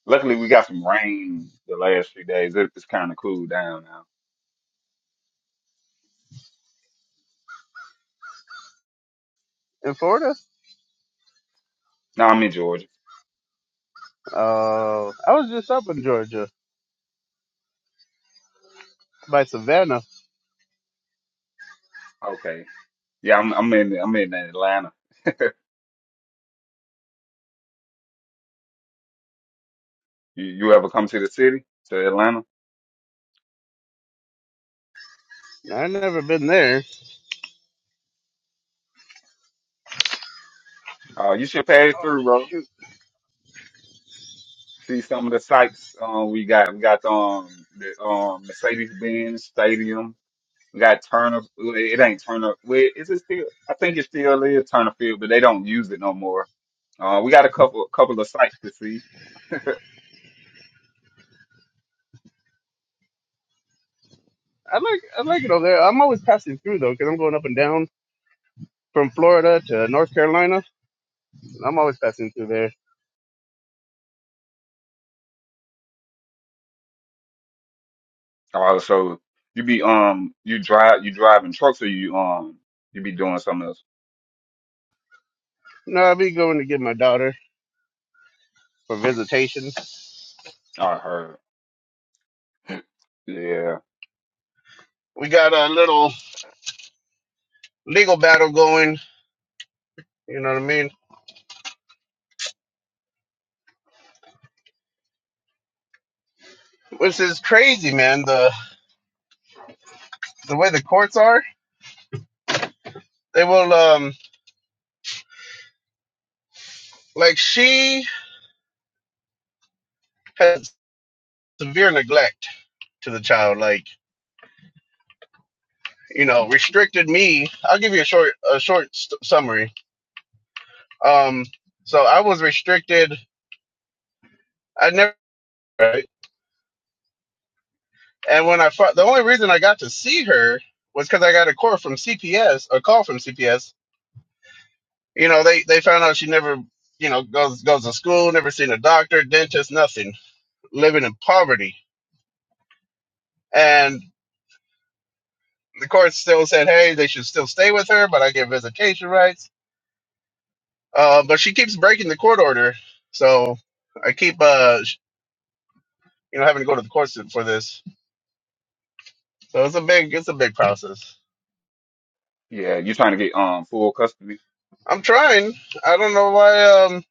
Luckily, we got some rain the last few days. It- It's kind of cooled down now.
In Florida?
No, I'm in Georgia.
Uh, I was just up in Georgia by Savannah.
Okay. Yeah, I'm, I'm in I'm in Atlanta. you, you ever come to the city, to Atlanta?
i never been there.
Uh, you should pass
Oh
through, bro.
shoot!
See some of the sights um, we got. We got um, the um, Mercedes-Benz Stadium. We got Turner. It ain't Turner. Wait, is it still? I think it still is Turner Field, but they don't use it no more Uh, we got a couple couple of sites to see.
I like I like it over there. I'm always passing through though, because I'm going up and down from Florida to North Carolina. I'm always passing through there.
Uh, so you be um you drive you driving trucks or you um you be doing something else.
No, I'll be going to get my daughter. for visitation.
I heard. Yeah,
We got a little legal battle going. You know what I mean? Which is crazy, man. The the way the courts are, they will um like she has severe neglect to the child. Like you know, restricted me. I'll give you a short a short st- summary. Um, so I was restricted. I never. Right? And when I fought, the only reason I got to see her was because I got a call from CPS, a call from CPS You know, they they found out she never, you know, goes goes to school, never seen a doctor, dentist, nothing, living in poverty. And the court still said, hey, they should still stay with her, but I get visitation rights. Uh, but she keeps breaking the court order, so I keep, uh, sh- you know, having to go to the courts for this. So it's a big it's a big process.
yeah. You trying to get um full custody?
I'm trying. I don't know why. Um,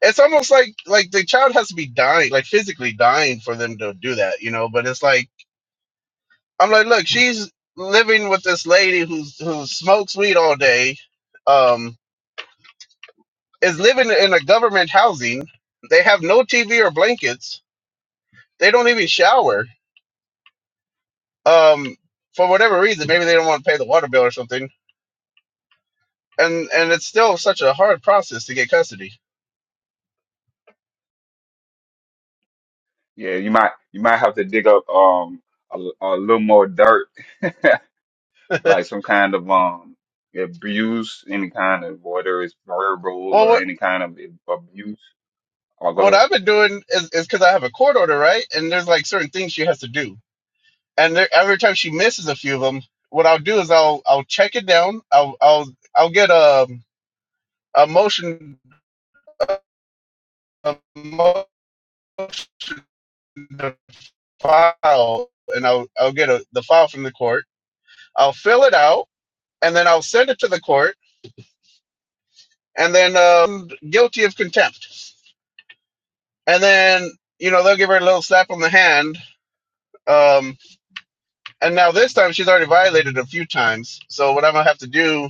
it's almost like like the child has to be dying, like physically dying, for them to do that, you know. But it's like I'm like, look, she's living with this lady who's who smokes weed all day, um, is living in a government housing. They have no TV or blankets. They don't even shower. Um, for whatever reason, maybe they don't want to pay the water bill or something. And and it's still such a hard process to get custody.
Yeah, you might you might have to dig up um a, a little more dirt, like some kind of um abuse, any kind of whether it's verbal
Well,
or
what
any kind of abuse. Oh, go
what
ahead.
I've been doing is is because I have a court order, right? And there's like certain things she has to do, and there, every time she misses a few of them, what I'll do is I'll I'll check it down. I'll I'll I'll get um a motion a motion to file and I'll I'll get a, the file from the court. I'll fill it out and then I'll send it to the court and then um, guilty of contempt. And then you know they'll give her a little slap on the hand. Um, and now this time she's already violated a few times. So what I'm gonna have to do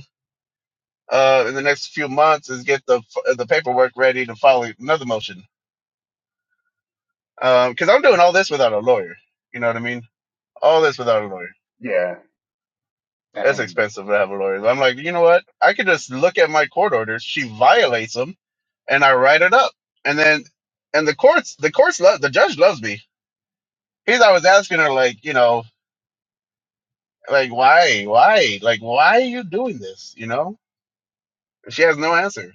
uh, in the next few months is get the the paperwork ready to file another motion because um, I'm doing all this without a lawyer. You know what I mean? All this without a lawyer.
Yeah.
That's
Dang.
expensive to have a lawyer. I'm like, you know what? I could just look at my court orders. She violates them, and I write it up. And then, and the courts, the courts love the judge loves me. He's always asking her, like, you know, like why, why, like why are you doing this? You know, she has no answer.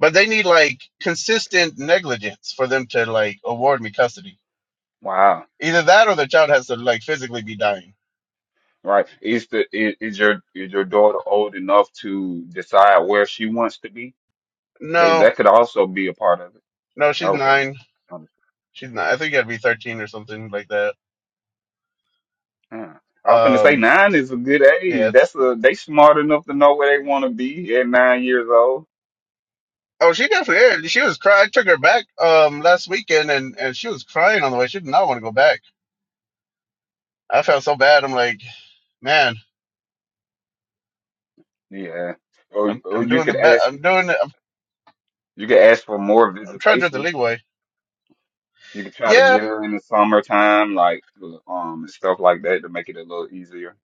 But they need like consistent negligence for them to like award me custody.
Wow.
Either that, or the child has to like physically be dying.
Right. Is the is, is your is your daughter old enough to decide where she wants to be? They
No,
that could also be a part of it.
no, she's
Okay.
nine.
Understand.
She's nine. I think it would be thirteen or something like that.
Huh. I was gonna say
Um,
nine is a good
yeah,
age.
it's
That's a they smart enough to know where they want to be at nine years old.
Oh, she definitely is. She was crying. I took her back um last weekend, and and she was crying on the way. She did not want to go back. I felt so bad. I'm like, man,
Yeah. Or
I'm
or
I'm
you
doing the
could
best.
ask
I'm doing. the- I'm,
you could ask for more
I'm trying to do it the
visitation.
legal way.
You could try to
Yeah.
get her in the summertime, like um and stuff like that, to make it a little easier.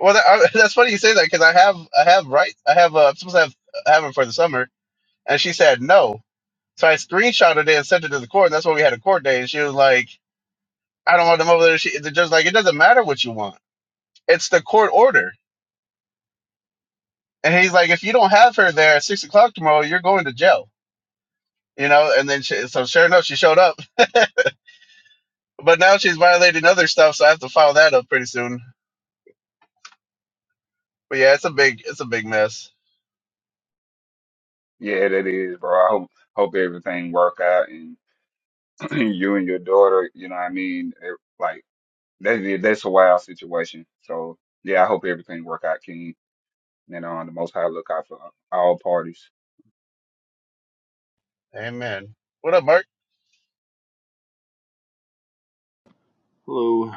Well, that, I, that's funny you say that because I have I have right I have uh, I'm supposed to have have it for the summer, and she said no. So I screenshotted it and sent it to the court. And that's why we had a court day, and she was like, I don't want them over there. She, the judge like, it doesn't matter what you want. It's the court order. And he's like, if you don't have her there at six o'clock tomorrow, you're going to jail. you know. And then she, so sure enough, she showed up, but now she's violating other stuff, so I have to file that up pretty soon. But yeah, it's a big it's a big mess.
Yeah, that is, bro. I hope hope everything work out you and your daughter, you know what I mean? It, like that, yeah, that's a wild situation. So yeah, I hope everything work out, King. You know, on the Most High look out for all parties.
Amen. What up, Mark?
Hello.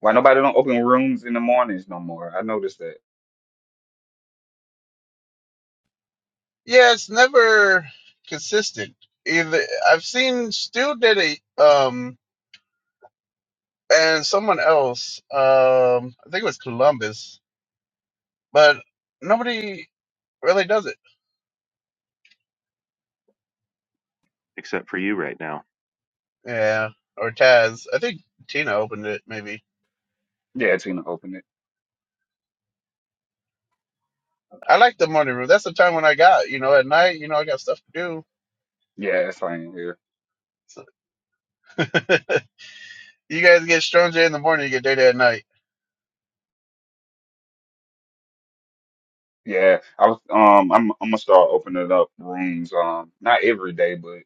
Why nobody don't open rooms in the mornings no more? I noticed that.
Yeah, it's never consistent. Either I've seen Stu did a um and someone else um I think it was Columbus, but nobody really does it.
except for you right now.
Yeah, or Taz. I think Tina opened it maybe.
Yeah, Tina opened it.
I like the morning room. That's the time when I got, you know, at night, you know, I got stuff to
Yeah, that's why I ain't here.
do. You guys get stronger in the morning, you get dirty at night.
Yeah, I was. Um, I'm I'm gonna start opening up rooms. Um, not every day, but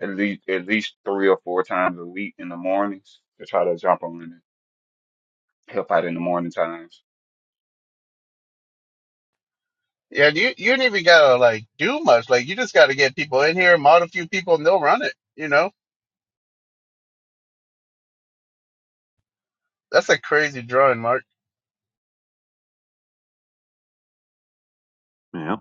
at least at least three or four times a week in the mornings to try to jump on and help out in the morning times.
Yeah, you you ain't even gotta like do much. Like you just gotta get people in here, mod a few people, and they'll run it. You know, that's a crazy drawing, Mark.
Yeah,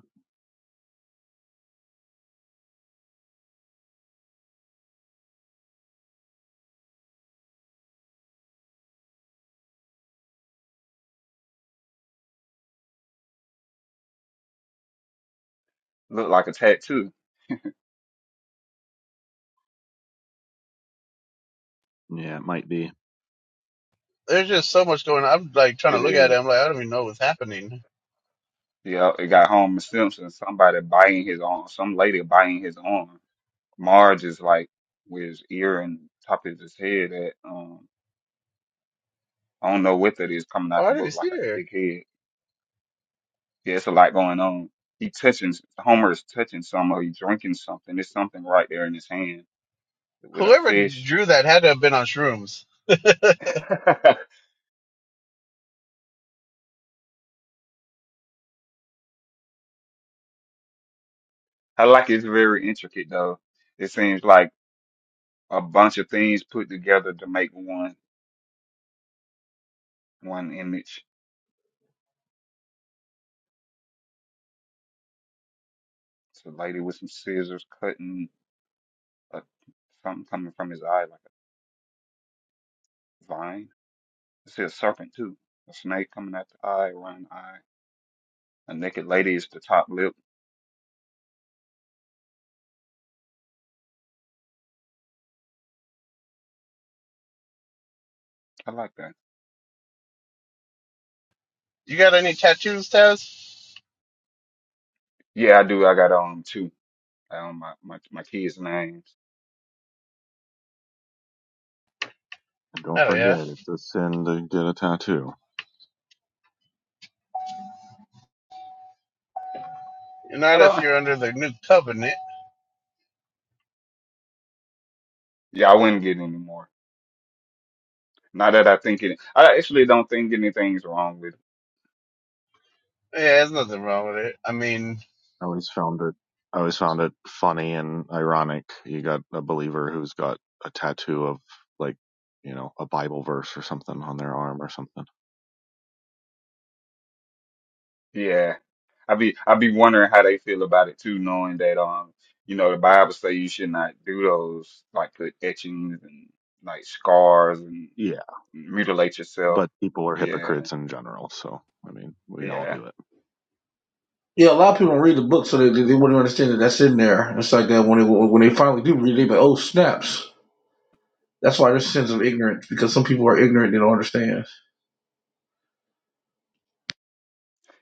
Look like a tattoo.
yeah, it might be.
There's just so much going on. I'm like trying to
It
look at
is.
it. I'm like, I don't even know what's happening.
Yeah, it got Homer Simpson, somebody biting his arm, some lady biting his arm. Marge is like with his ear and top of his head at um I don't know what that is coming
Oh,
out
I
the
didn't even
book like
see
a
there.
big head. Yeah, it's a lot going on. He touching Homer is touching something or he's drinking something. There's something right there in his hand with a
Whoever
fish.
drew that had to have been on shrooms.
I like it's very intricate though. It seems like a bunch of things put together to make one one image. It's a lady with some scissors cutting a, something coming from his eye like a vine. I see a serpent too, a snake coming at the eye, around the eye. A naked lady is the top lip. I like that.
You got any tattoos, Taz?
Yeah, I do. I got um two. Um, my my my kids' names.
And don't
Oh yeah.
forget, it's a sin to get a tattoo.
I
Not if
don't.
you're under the new covenant.
Yeah, I wouldn't get any more. Not that I think it. I actually don't think anything's wrong with it.
Yeah, there's nothing wrong with it. I mean,
I always found it. I always found it funny and ironic. You got a believer who's got a tattoo of like, you know, a Bible verse or something on their arm or something.
Yeah. I be I be wondering how they feel about it too, knowing that um, you know, the Bible say you should not do those like put etchings and like scars and
Yeah,
mutilate yourself.
but people are
Yeah,
hypocrites in general. So I mean, we all
yeah,
do it.
Yeah, a lot of people don't read the book, so they, they wouldn't understand that that's in there. It's like that when they when they finally do read, it, they be like, "Oh snaps!" That's why there's sins of ignorance because some people are ignorant; they don't understand.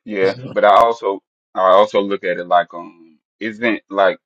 yeah.
No,
But I also I also look at it like um, isn't like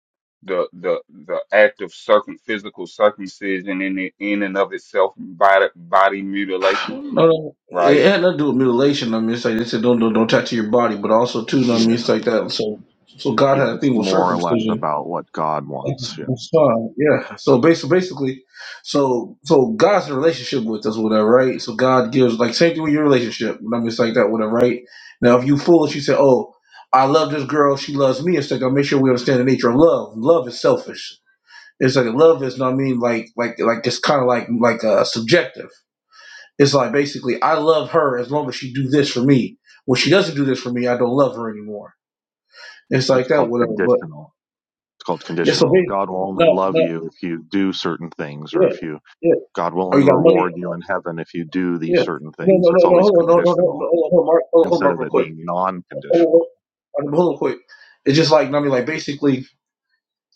the the the act of circum physical circumcision in it in and of itself body body mutilation,
no,
right?
it had nothing to do with mutilation. I mean, it's like they said, "Don't don't don't tattoo your body," but also too, no, I mean, it's
Yeah,
like that. So so God
yeah.
had a
It's
thing with
more or less
circumcision.
about what God wants.
That's-
Yeah,
that's fine. Yeah. So basically, basically, so so God's in a relationship with us, whatever, right? So God gives like same thing with your relationship. I mean, it's like that, whatever, right? Now, if you foolish, you say, "Oh, I love this girl; she loves me." It's like I make sure we understand the nature of love. Love is selfish. It's like love is, what I mean, like like like it's kind of like like uh, subjective. It's like basically, I love her as long as she do this for me. When she doesn't do this for me, I don't love her anymore. It's
it's
like that,
called
whatever. But
conditional. It's called
yeah, so
conditional.
ba-
God will
no,
only love
no,
you if you do certain things
yeah.
or if you
yeah.
God will
Oh, you
only
got money?
reward you in heaven if you do
Yeah.
these certain things.
No, no, no,
It's
no.
always
Hold on, no, no, no, no.
conditional
Hold on, hold on, Mark. Hold on, hold on,
instead
Mark,
of
real
it
quick.
being non
Hold
conditional.
on, hold on, hold on, quick. It's just like, I mean, like basically,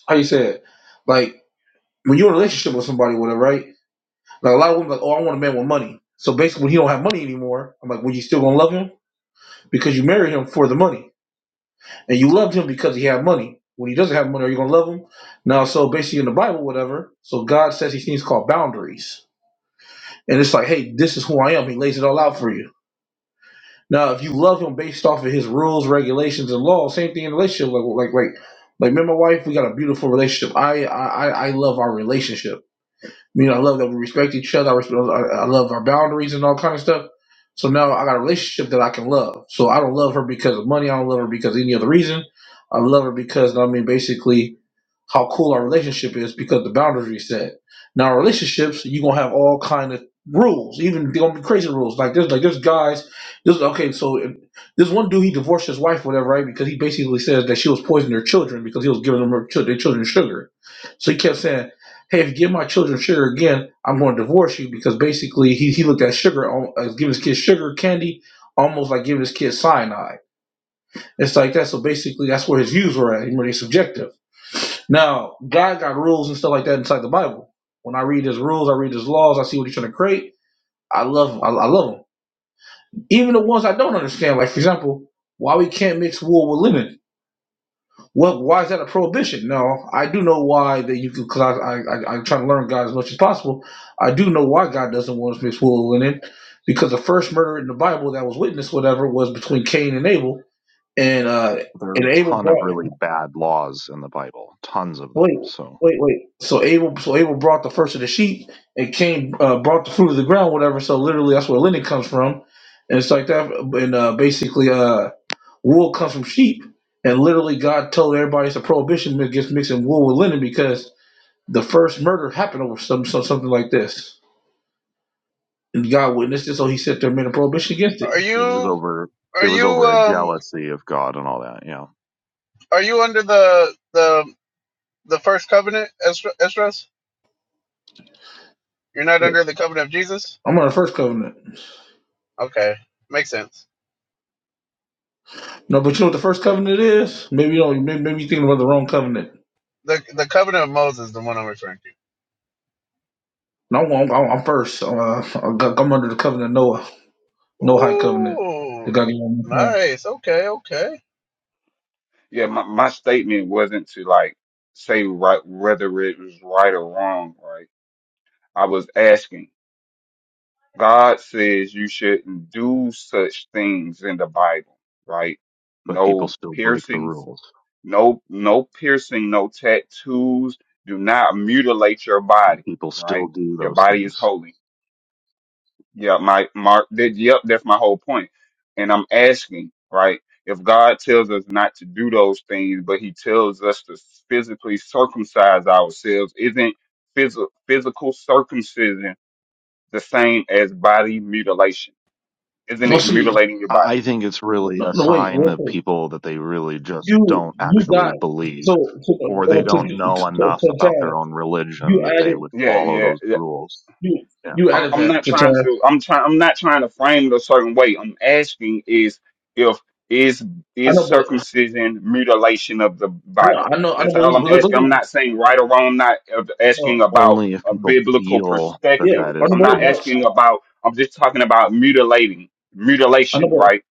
how you said, like when you're in a relationship with somebody, whatever, right? Like a lot of women, like, oh, I want a man with money. So basically, when he don't have money anymore, I'm like, well, you still gonna love him because you married him for the money, and you loved him because he had money. When he doesn't have money, are you gonna love him? Now, so basically, in the Bible, whatever. So God says these things called boundaries, and it's like, hey, this is who I am. He lays it all out for you. Now, if you love him based off of his rules, regulations, and laws, same thing in a relationship. Like, like, like, like me and my wife, we got a beautiful relationship. I, I, I love our relationship. You know, I love that we respect each other. I, respect, I I love our boundaries and all kind of stuff. So now I got a relationship that I can love. So I don't love her because of money. I don't love her because of any other reason. I love her because I mean, basically, how cool our relationship is because the boundaries we set. Now relationships, you're gonna have all kind of rules, even they're gonna be crazy rules. Like there's like there's guys, this okay, so if- this one dude he divorced his wife, whatever, right? Because he basically says that she was poisoning their children because he was giving them her, chil- their children sugar. So he kept saying, Hey, if you give my children sugar again, I'm gonna divorce you because basically he, he looked at sugar al- as giving his kids sugar candy almost like giving his kids cyanide. It's like that. So basically that's where his views were at, He really subjective. Now, God got rules and stuff like that inside the Bible. When I read his rules, I read his laws, I see what he's trying to create. I love them. I, I love them. Even the ones I don't understand, like for example, why we can't mix wool with linen. What? Why is that a prohibition? No, I do know why that you can. Cause I, I, I I'm trying to learn God as much as possible. I do know why God doesn't want us to mix wool with linen, because the first murder in the Bible that was witnessed, whatever, was between Cain and Abel, and uh,
There are
and
a
Abel
ton
brought
of really bad laws in the Bible, tons of them.
Wait,
So
wait, wait. So Abel, so Abel brought the first of the sheep, and Cain uh, brought the fruit of the ground, whatever. So literally, that's where linen comes from, and it's like that. And uh, basically, uh, wool comes from sheep, and literally, God told everybody it's a prohibition against mixing wool with linen because the first murder happened over some, some something like this, and God witnessed it. So He said there and made a prohibition against
are
it.
it was
you
over
are
it was
you
over a
um
jealousy of God and all that, you know.
are you under the the the first covenant, Esdra- Esdras? You're not under the covenant of Jesus?
I'm on the first covenant.
Okay, makes sense.
No, but you know what the first covenant is? Maybe you don't. Maybe, maybe you're thinking about the wrong covenant.
The the covenant of Moses, the one I'm referring
No, I'm, I'm, I'm first. I'm, uh, I'm I'm under the covenant of Noah,
to.
Noahide covenant. They
Ooh,
got to get on the phone.
nice. Okay, okay.
Yeah, my, my statement wasn't to like say right whether it was right or wrong, right? I was asking. God says you shouldn't do such things in the Bible, right?
But people
No
still break the
piercings,
rules
no no piercing, no tattoos. Do not mutilate your
and
body,
people still
right?
do
Your
those
body is
things.
holy. Yeah, my Mark did. Yep, that's my whole point. And I'm asking, right? If God tells us not to do those things, but He tells us to physically circumcise ourselves, isn't phys- physical circumcision the same as body mutilation? Isn't
No,
it
see,
mutilating your
I
body?
think it's really
no,
a
no wait,
sign
real
of
quick.
people that they really just
You,
don't
you
actually
got
believe
so so
or they
to, to,
don't
to,
know enough
to
about
Taz,
their own religion
you
that they
added
would
Yeah,
follow those
yeah,
rules
you
Yeah.
you
I'm
added
I'm
that
not
to
trying
Taz.
to I'm trying I'm not trying to frame it a certain way. I'm asking is if is
I
is
know, but
circumcision mutilation of the
I know,
body.
I know, I
That's all
know,
I'm
but, but, but,
asking. I'm not saying right or wrong. I'm not uh,
but, uh,
asking about
Only if
a
people
biblical
feel
yeah,
that
perspective.
that
I know,
is
I'm
the
not
but,
case.
but,
asking about. I'm just talking about mutilating
I know,
mutilation.
but
Right.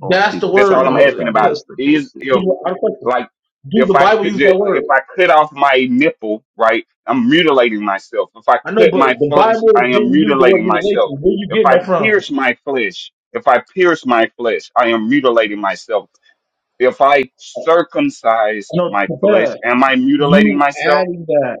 Only
that's the
people
That's all
word.
I'm
feel that
man.
asking
that
about.
So,
is the
Is
case. You
if
know,
Do the, I have a question.
like
Do
if
the
I
Bible
could
use that word?
if I cut off my nipple, right, I'm mutilating myself. If I
I know,
cut
but
my
the
flesh, I
Bible
am
didn't use the word
mutilating myself.
mutilation. Where you
If
getting
I
that from?
pierce my flesh, if I pierce my flesh, I am mutilating myself. If I circumcise
I know,
my flesh, am I mutilating
You
myself?
adding that.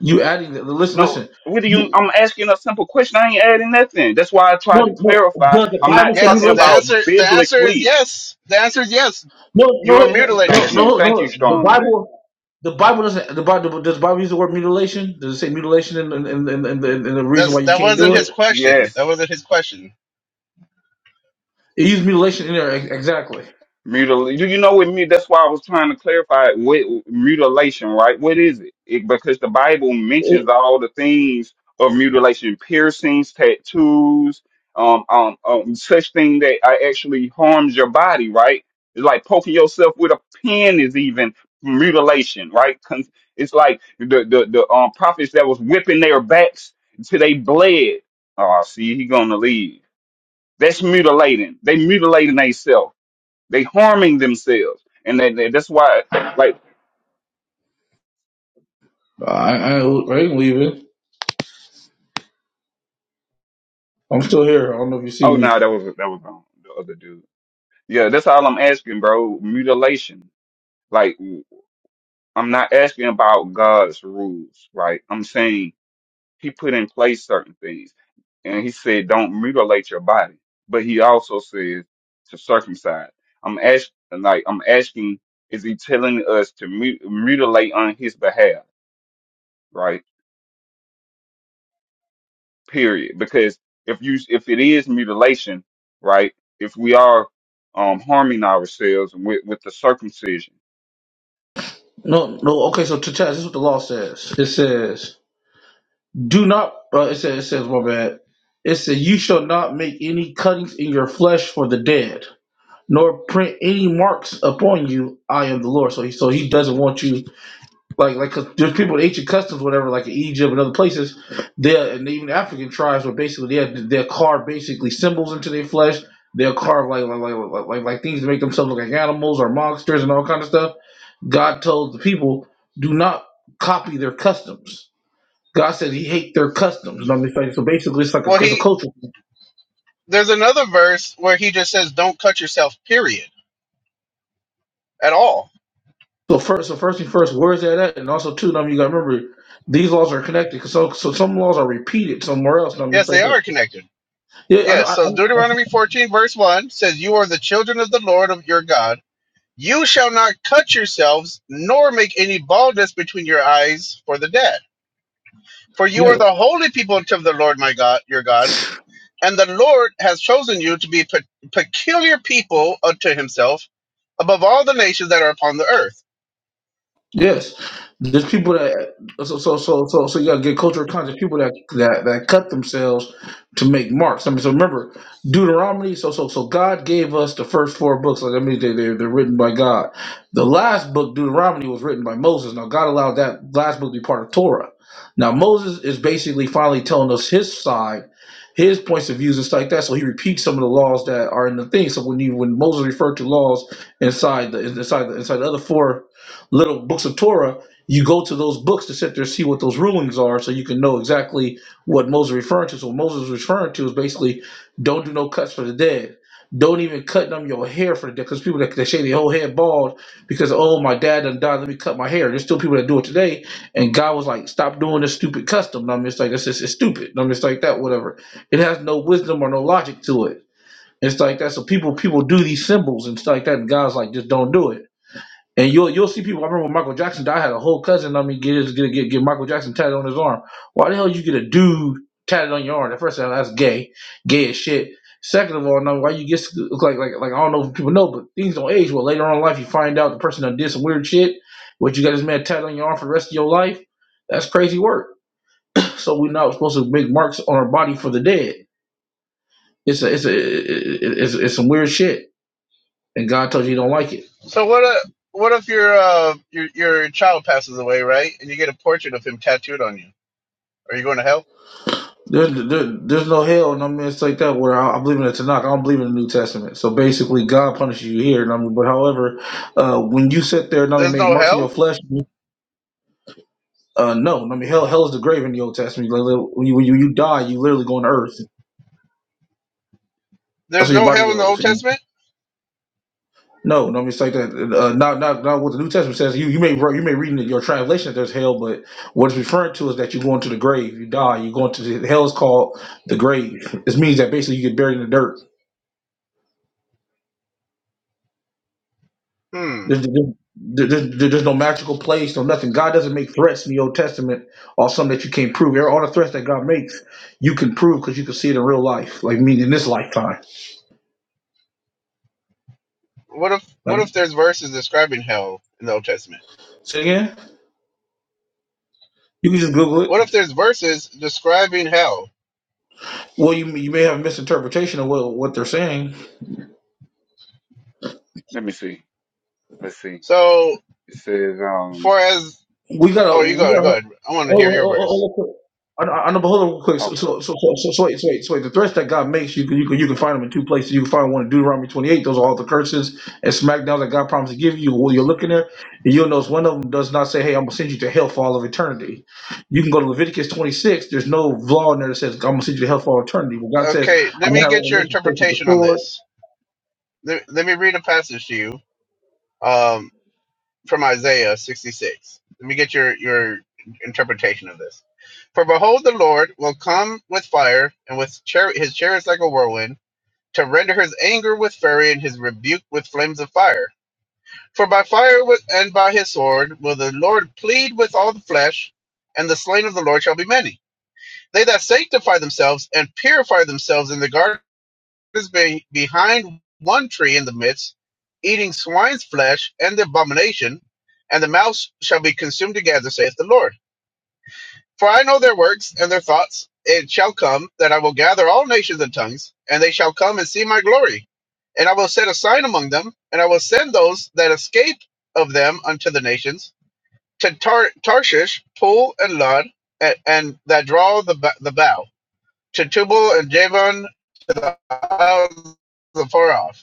You adding that. Listen,
No.
listen.
What do you?
You,
I'm asking a simple question. I ain't adding nothing. That's why I tried to
no, no,
clarify.
the, the
I'm not
Bible can
talking
Yes, the
relation.
about
answer the answer is
biblically.
yes. The answer is yes.
No,
You
no,
are
no,
mutilating
no,
Thank you.
yourself.
no,
Thank you,
no. The
Strong
Bible,
J.
the Bible doesn't. The Bible does the Bible use the word mutilation? Does it say mutilation and and and and, and, and the reason why
That's
you
that
can't
wasn't
do
his
it?
question.
Yes.
That wasn't his question.
It used mutilation in there ex- exactly.
Mutil you you know what mut that's why I was trying to clarify what mutilation, right? What is it? it? Because the Bible mentions
It,
all the things of mutilation, piercings, tattoos, um, um, um such thing that uh, actually harms your body, right? It's like poking yourself with a pin is even mutilation, right? 'Cause It's like the the the um prophets that was whipping their backs till they bled. Oh, see, he gonna leave. That's mutilating. They mutilating themselves. They harming themselves, and they, they- that's why. Like,
I, I I ain't leaving. I'm still here. I don't know if you see
oh
me.
no, that was that was um, the other dude. Yeah, that's all I'm asking, bro. Mutilation. Like, I'm not asking about God's rules, right? I'm saying He put in place certain things, and He said, "Don't mutilate your body," but He also says to circumcise. I'm asking, like, I'm asking, is He telling us to mu- mutilate on His behalf, right? period. Because if you if it is mutilation, right? If we are um harming ourselves with with the circumcision,
No, no. Okay, so to test, this is what the law says. It says. Do not, uh, it says, it says, my bad. It says, you shall not make any cuttings in your flesh for the dead, nor print any marks upon you. I am the Lord. So he, so he doesn't want you, like, like, 'cause there's people with ancient customs, whatever, like in Egypt and other places, they and even African tribes where basically they'll, they'll carve basically symbols into their flesh. They'll carve like like, like like like like things to make themselves look like animals or monsters and all kind of stuff. God told the people, do not copy their customs God says He hates their customs. You know what I mean? Like, So basically, it's like a
Well,
it's a
he
culture. thing.
there's another verse where he just says, "Don't cut yourself." Period. At all.
So first, so first thing first, where is that at? And also, too, you know what I mean, you got to remember these laws are connected. 'cause So, so some laws are repeated somewhere else. You know what I mean,
Yes,
it's like
they
that.
are connected.
Yeah, I know.
Yes.
I,
So
I, I,
Deuteronomy 14 verse one says, "You are the children of the Lord of your God." You shall not cut yourselves, nor make any baldness between your eyes for the dead. For you
yeah,
are the holy people unto the Lord my God, your God, and the Lord has chosen you to be a pe- peculiar people unto himself above all the nations that are upon the earth.
Yes, there's people that so so so so so you gotta get cultural context. People that that that cut themselves to make marks. I mean, so remember Deuteronomy. So so so God gave us the first four books. Like I mean, they they're, they're written by God. The last book, Deuteronomy, was written by Moses. Now God allowed that last book to be part of Torah. Now Moses is basically finally telling us his side, his points of views and stuff like that. So he repeats some of the laws that are in the thing. So when you when Moses referred to laws inside the inside the inside the other four little books of Torah, you go to those books to sit there and see what those rulings are so you can know exactly what Moses referring to. So what Moses was referring to is basically don't do no cuts for the dead. Don't even cut them your hair for the dead. Because people that they shave their whole head bald because, oh, my dad done died, let me cut my hair. There's still people that do it today. And God was like, stop doing this stupid custom. I mean, it's like, it's, it's, it's stupid. I mean, it's like that, whatever. It has no wisdom or no logic to it. It's like that. So people people do these symbols and stuff like that. And God's like, just don't do it. And you'll you'll see people. I remember when Michael Jackson died, I had a whole cousin on me get his get get get Michael Jackson tatted on his arm. Why the hell you get a dude tatted on your arm? At first, I thought, that's gay, gay as shit. Second of all, now why you get look like like like I don't know if people know, but things don't age well. Later on in life, you find out the person that did some weird shit. What you got this man tatted on your arm for the rest of your life? That's crazy work. So we're not supposed to make marks on our body for the dead. It's a it's a it- it's, it's some weird shit, and God told you you don't like it.
So what uh what if your, uh, your your child passes away, right? And you get a portrait of him tattooed on you. Are you going to hell?
There, there, there's no hell and I'm it's like that where I, I believe in the Tanakh. I don't believe in the New Testament. So basically, God punishes you here. and I mean, but however, uh, when you sit there and I mean,
There's
make
no
marks in
hell?
your flesh, uh, no, I mean, hell, hell is the grave in the Old Testament. Like, like, When you, when you, you die, you literally go on earth. That's
There's
where your
no
body
hell in the Old
goes.
Testament?
No, I mean, it's like that. Uh, not, not, not what the New Testament says. You, you may, re- you may read in your translation that there's hell, but what it's referring to is that you go into the grave. You die. You go into the hell is called the grave. It means that basically you get buried in the dirt.
Hmm.
There's, there's, there's there's no magical place, no nothing. God doesn't make threats in the Old Testament or something that you can't prove. There are All the threats that God makes, you can prove because you can see it in real life, like me in this lifetime.
What if what
Like,
if there's verses describing hell in the Old Testament?
say again? You can just Google
What if
it.
there's verses describing hell?
Well, you, you may have a misinterpretation of what, what they're saying,
let me see. Let's see.
So,
It says um
for as
we
oh,
gotta we
you go,
gotta
go
hold
ahead. I want to hear
hold hold,
your
hold,
verse.
hold hold I know, I know, but hold on real quick. So,
okay.
so, so, so,
Let me-
so, so wait, so wait, so wait. The threats that God makes, you can, you can, you can find them in two places. You can find one in Deuteronomy 28. Those are all the curses and smackdowns that God promised to give you. While you're looking there, and you'll notice one of them does not say, "Hey, I'm gonna send you to hell for all of eternity." You can go to Leviticus 26. There's no law in there that says, "I'm gonna send you to hell for all eternity." Well, God says,
Okay, let
"I'm
me
gonna have
get your
revelation, face with the
interpretation on
sword."
this. Let, let me read a passage to you um, from Isaiah 66. Let me get your your interpretation of this. For behold, the Lord will come with fire and with chari- his chariots like a whirlwind to render his anger with fury and his rebuke with flames of fire. For by fire and by his sword will the Lord plead with all the flesh, and the slain of the Lord shall be many. They that sanctify themselves and purify themselves in the garden is be- behind one tree in the midst, eating swine's flesh and the abomination, and the mouse shall be consumed together, saith the Lord. For I know their works and their thoughts. It shall come that I will gather all nations and tongues, and they shall come and see my glory. And I will set a sign among them, and I will send those that escape of them unto the nations, to Tar- Tarshish, Pool, and Lud, and, and that draw the, b- the bow, to Tubal and Javan, out of the far off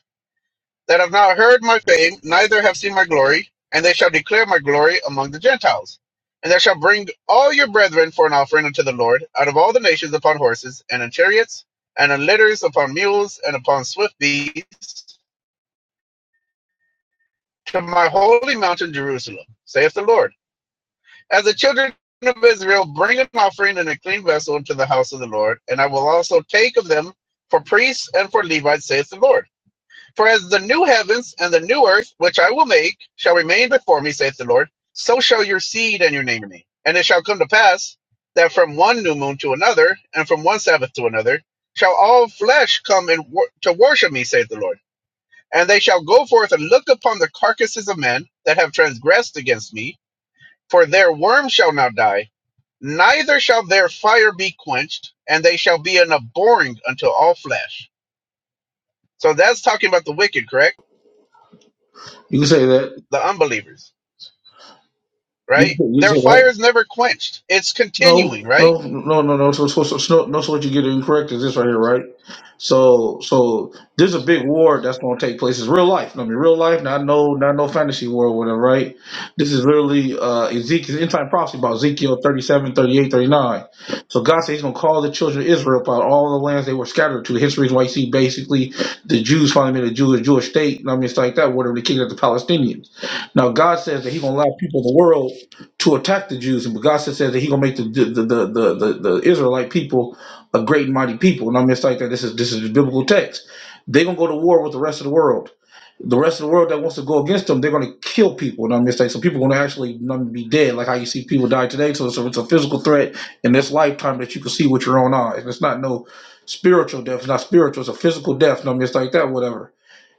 that have not heard my fame, neither have seen my glory, and they shall declare my glory among the Gentiles. And they shall bring all your brethren for an offering unto the Lord out of all the nations upon horses, and in chariots, and in litters, upon mules, and upon swift beasts, to my holy mountain Jerusalem, saith the Lord. As the children of Israel bring an offering in a clean vessel into the house of the Lord, and I will also take of them for priests and for Levites, saith the Lord For as the new heavens and the new earth, which I will make, shall remain before me, saith the Lord, so shall your seed and your name remain. And it shall come to pass that from one new moon to another, and from one Sabbath to another, shall all flesh come and wor- to worship me, saith the Lord. And they shall go forth and look upon the carcasses of men that have transgressed against me, for their worm shall not die, neither shall their fire be quenched, and they shall be an abhorring unto all flesh. So that's talking about the wicked, correct?
You can say that.
The unbelievers.
You
right?
can, you can
Their
say that.
fire is never quenched. It's continuing,
No,
right?
no, no, no, no. So, so, so, so, no, so what you get incorrect is this right here, right? So, so there's a big war that's going to take place. It's real life. I mean, real life, not no, not no fantasy war or whatever, right? This is literally uh Ezekiel end time prophecy about Ezekiel 37, 38, 39. So God says He's going to call the children of Israel about all the lands they were scattered to. Hence, the reason why you see basically the Jews finally made a Jewish Jewish state. I mean, it's like that. Whatever the king of the Palestinians. Now, God says that He's going to allow people of the world to attack the Jews, but God said said that He gonna make the the, the the the the Israelite people a great and mighty people. And I mean, it's like that. This is this is the biblical text. They're gonna go to war with the rest of the world. The rest of the world that wants to go against them, they're gonna kill people. And I mean, it's like so people are gonna actually you be dead, like how you see people die today. So it's a, it's a physical threat in this lifetime that you can see with your own eyes. And it's not no spiritual death. It's not spiritual. It's a physical death. And I mean, it's like that. Whatever.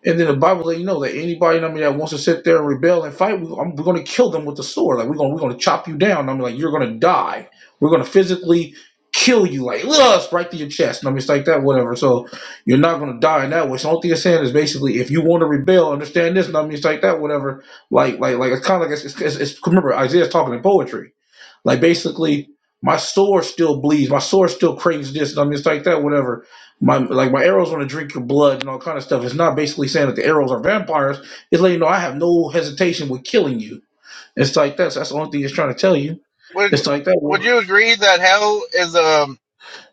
And then the Bible let you know that anybody, I mean, that wants to sit there and rebel and fight, we, I'm, we're going to kill them with the sword. Like we're going, we're going to chop you down. i mean, like, you're going to die. We're going to physically kill you, like ugh, right to your chest. And i mean, it's like that, whatever. So you're not going to die in that way. So the only thing I'm saying is basically, if you want to rebel, understand this. And I mean, it's like that, whatever. Like, like, like it's kind of like it's, it's, it's, it's- remember Isaiah's talking in poetry. Like basically, my sword still bleeds. My sword still craves this. I mean, it's like that. Whatever. My like my arrows want to drink your blood and all kind of stuff. It's not basically saying that the arrows are vampires. It's letting you know I have no hesitation with killing you. It's like that's that's the only thing it's trying to tell you.
Would
It's
Yeah,
like that.
uh,
would
well,
you agree that hell is um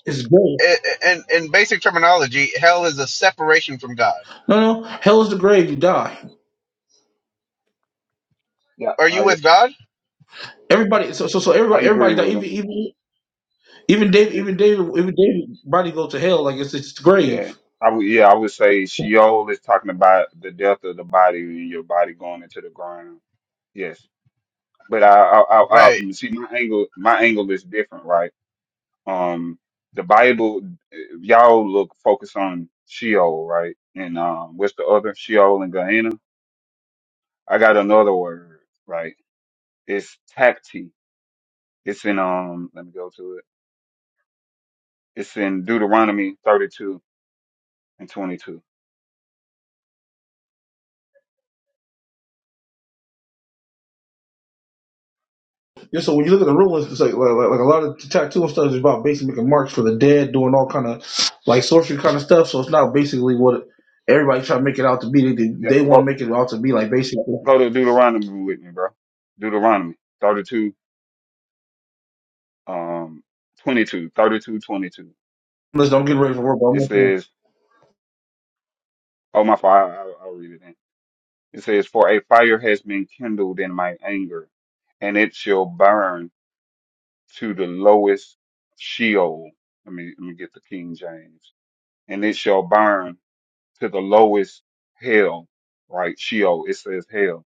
It's grave.
i- i- in in basic terminology, hell is a separation from God?
No, no. Hell is the grave. You die.
yeah.
Are you
I
with God?
Everybody. So so so
I
everybody. Everybody.
agree
Die.
with
Even
him.
even even David.
It- it-
Even David. Even David. Body go to hell. Like it's it's the
yeah.
grave.
I would, yeah, I would say Sheol is talking about the death of the body and your body going into the ground. Yes, but I, I, I,
Right.
I see my angle. My angle is different, right? Um, the Bible, if y'all look focus on Sheol, right? And um, what's the other Sheol and Gehenna? I got another word, right? It's tacti. It's in um. Let me go to it. It's in Deuteronomy 32 and 22.
Yeah, so when you look at the ruins, it's like, like, like like a lot of tattoo and stuff is about basically making marks for the dead, doing all kind of like sorcery kind of stuff. So it's not basically what everybody try to make it out to be. They
Yeah,
they want to
go
make it out to be like basically.
go to Deuteronomy with me, bro. Deuteronomy 32, um, 22, 32, 22.
Let's don't get ready for work. But I'm
It
listening.
says, "Oh my father, I'll, I'll read it." It says, For a fire has been kindled in my anger, and it shall burn to the lowest Sheol. Let me, let me get the King James. And it shall burn to the lowest hell, right? Sheol, it says hell,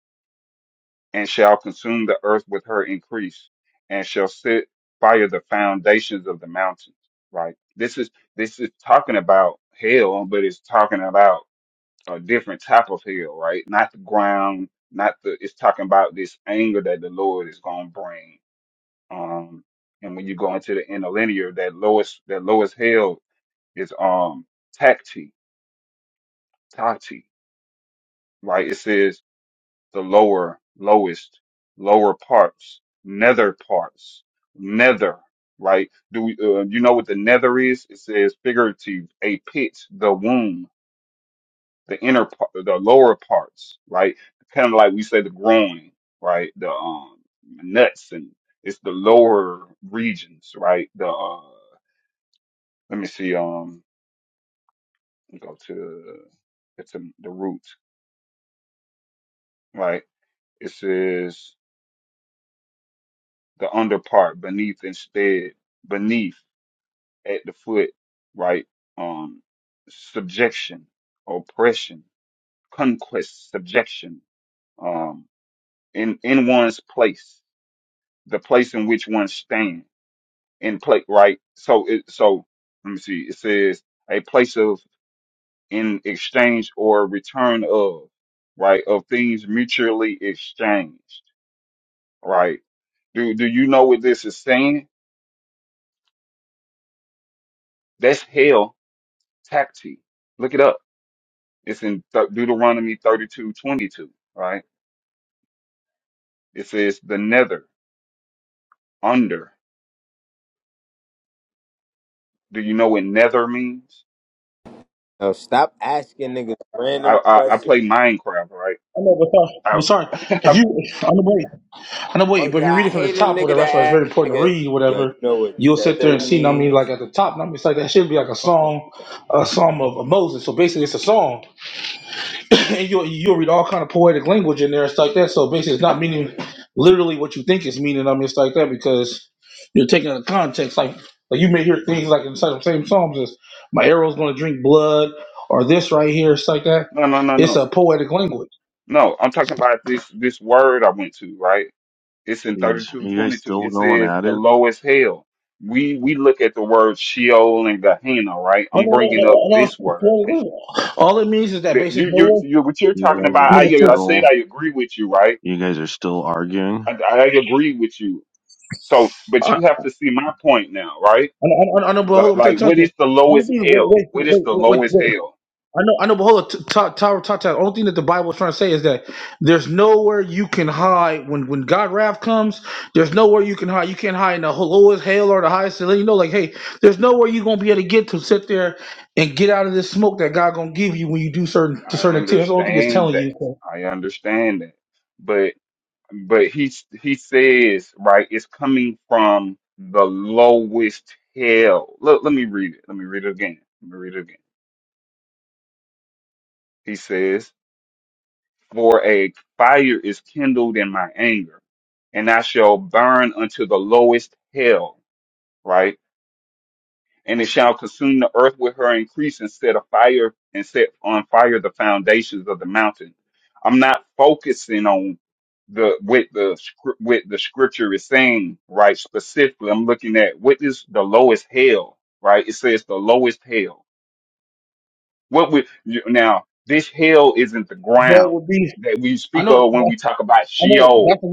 and shall consume the earth with her increase, and shall set fire the foundations of the mountains, right? This is, this is talking about hell, but it's talking about a different type of hell, right? Not the ground, not the. It's talking about this anger that the Lord is going to bring. Um, and when you go into the interlinear, that lowest that lowest hell is um tacti, tati, right? It says the lower, lowest, lower parts, nether parts, nether, right? Do we, uh, you know what the nether is? It says figurative, a pit, the womb the inner part, the lower parts, right? Kind of like we say the groin, right? The um nuts and it's the lower regions, right? The uh, let me see, um, let me go to it's the the root, right? It says the under part beneath instead beneath at the foot, right? Um, subjection, oppression, conquest, subjection, um, in in one's place the place in which one stand in place, right? So it so let me see. It says a place of in exchange or return of, right? Of things mutually exchanged, right? Do do you know what this is saying? That's hell tacti. Look it up. It's in Deut- Deuteronomy thirty two twenty two, right? It says the nether, under. Do you know what nether means?
No, stop asking niggas
I
random
I, I play
questions.
Minecraft, right?
I know, but sorry,
I,
but sorry. If you, I know, wait, I know,
Oh,
wait. But if
yo,
you read
I
it from the
hate a
top,
nigga
whatever,
that
that's why it's
ask
very important to
nigga,
read.
yo, you
Whatever,
know what
you'll sit there
feather
and see. I mean, like
means?
at the top, I mean, it's like that should be like a
Fuck up.
song, a psalm of, of Moses. So basically, it's a song. and you'll you'll read all kind of poetic language in there and stuff like that. So basically, it's not meaning literally what you think it's meaning. I mean, it's like that because you're taking out of context. Like, like you may hear things like inside the same psalms as "my arrow's going to drink blood" or this right here. It's like that.
no no no
It's
no.
a poetic language.
No, I'm talking about this this word I went to, right? It's in
Jeez, are you guys
3222.
still
It
going
says
at
the
it?
lowest hell. We we look at the word Sheol and Gehenna, right?
No,
I'm
no, no,
bringing up
no. no
this
it's
word.
poetic
Can-
language. All it means is that
that-
basically
You
no
you
one.
you what you're
You
talking
guys
I
are
about. I
know,
yeah, I said
still,
I agree with you, right?
you guys are still arguing.
I, I agree with you. So, but
I
you have to see my point now, right?
know, I know, but
The-
hold on, I'm trying to
like,
tell
what
you.
is the
I don't
lowest
think- Wait,
hell?
wait,
What is
wait,
the
wait, wait.
lowest
wait.
hell?
I know, I know, but hold on. T- Todd, Todd, Todd, Todd. Only thing that the Bible is trying to say is that there's nowhere you can hide when when God wrath comes. There's nowhere you can hide. You can't hide in the lowest hell or the highest. To let you know, like, hey, there's nowhere you're gonna be able to get to sit there and get out of this smoke that God gonna give you when you do certain to
I
certain activities. That's the only thing it's
understand
telling you.
that.
So,
I understand that. but he he says right it's coming from the lowest hell look let me read it let me read it again let me read it again he says for a fire is kindled in my anger and i shall burn unto the lowest hell right and it shall consume the earth with her increase and set a fire and set on fire the foundations of the mountain. I'm not focusing on the with the scr- with the scripture is saying right specifically. I'm looking at what is the lowest hell right. It says the lowest hell. What we you- now this hell isn't the
There
ground
would be.
that we
I
speak
know.
of when we
I
talk about
know
Sheol.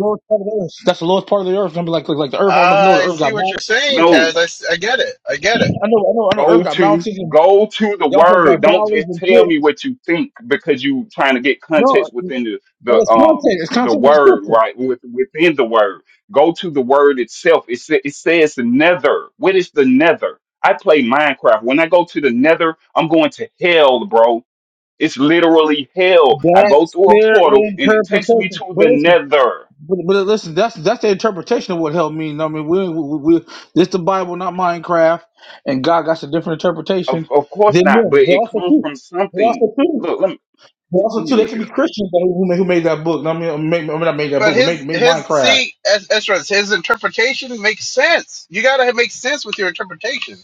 that's the lowest part of the earth. i mean, like, like, like the earth. I don't know if you know the
I
earth
see
got
what you're
mountains.
saying,
No,
Taz. I, s- I get it. I get it.
I know, I know, I know.
Go
Earth got
to
mountains. And
go to the
y'all
word. Don't just tell
did
me what you think because you trying to get
no.
context within the, the um
It's
the word,
constant.
right? With, within the word. Go to the word itself. It, sa- it says the nether. What is the nether? I play Minecraft. When I go to the nether, I'm going to hell, bro. It's literally hell. I go
That's
through a
their
portal and it takes me
interpretation.
to
But
the
listen,
nether.
but, but listen, that's that's the interpretation of what hell means. I mean, we, we, we this the Bible, not Minecraft, and God got a different
Of
interpretation
of course
than
not, but
them. But
it
also
comes
too,
from
but
something.
also too,
Look, let me
but also
let me
too, they
look
can
it
be
up.
Christians though, who made, who made that book. I mean, I mean, I mean, not made that
But
book, but
his
made made
his
Minecraft.
see Es- Esdras, his interpretation makes sense. You gotta make sense with your interpretation,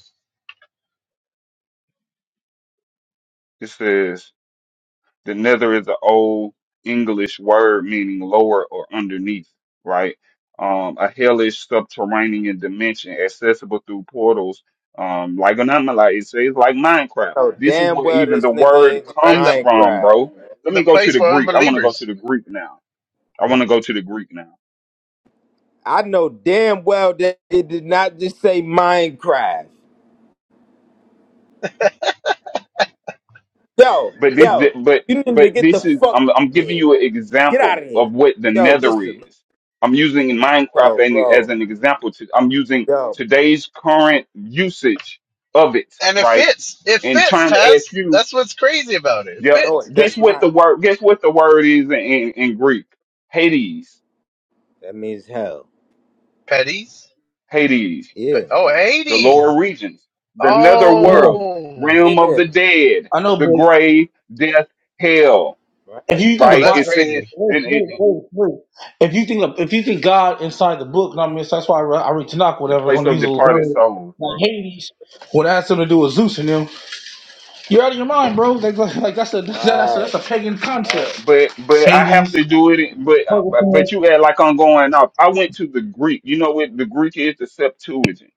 It says The nether is an old English word meaning lower or underneath, right? Um, a hellish subterranean dimension accessible through portals, um, like an anomaly. It says like Minecraft.
I know
This is
damn
where
well
even
this
the
nigga
word
ain't just
right?
comes
The
from, bro.
Minecraft.
Let
the
me go to
place
the
for
Greek. I want to go to
unbelievers,
the Greek now. I want to go to the Greek now.
I know damn well that it did not just say Minecraft. Yo,
But this, th-
yo,
but
you need to
but
get the
this is
fuck out
I'm I'm
of
giving
here.
you an
Get out
example
of here.
of what the
Yo,
Nether
listen.
is. I'm using Minecraft
Yo,
an- as
bro.
an example. To, I'm using
Yo,
today's current usage of it,
and it
right?
fits. It
And
fits,
trying to ask
Taz.
you,
That's what's crazy about it. It
yeah,
no,
fits.
it
guess
does
what
not.
the word? Guess what the word is in, in, in Greek? Hades,
That means hell.
Petties.
Hades,
Yeah.
Oh,
the
80s.
lower regions, the Nether
I know,
world,
Oh.
realm of
Yeah.
the dead,
I
the
know,
grave, death, hell,
If
Right.
you think
Oh,
the
right?
that's
It
Bible,
says.
crazy.
wait, wait, wait, wait. If you think the, if you think God inside the book, and I mean so that's why I read, I read Tanakh,
the
whatever,
place
going to
of
use a
departed
word
Talking.
souls,
like
bro.
Hades, what has something to do with Zeus and them. You're out of your mind, bro. Like, like like, that's a that's a
Right.
that's a pagan
Right.
concept.
But but I have
Hades,
to do it. in- But but
Purgatory,
but you act like I'm going off. I went to the Greek. You know what the Greek is? The Septuagint.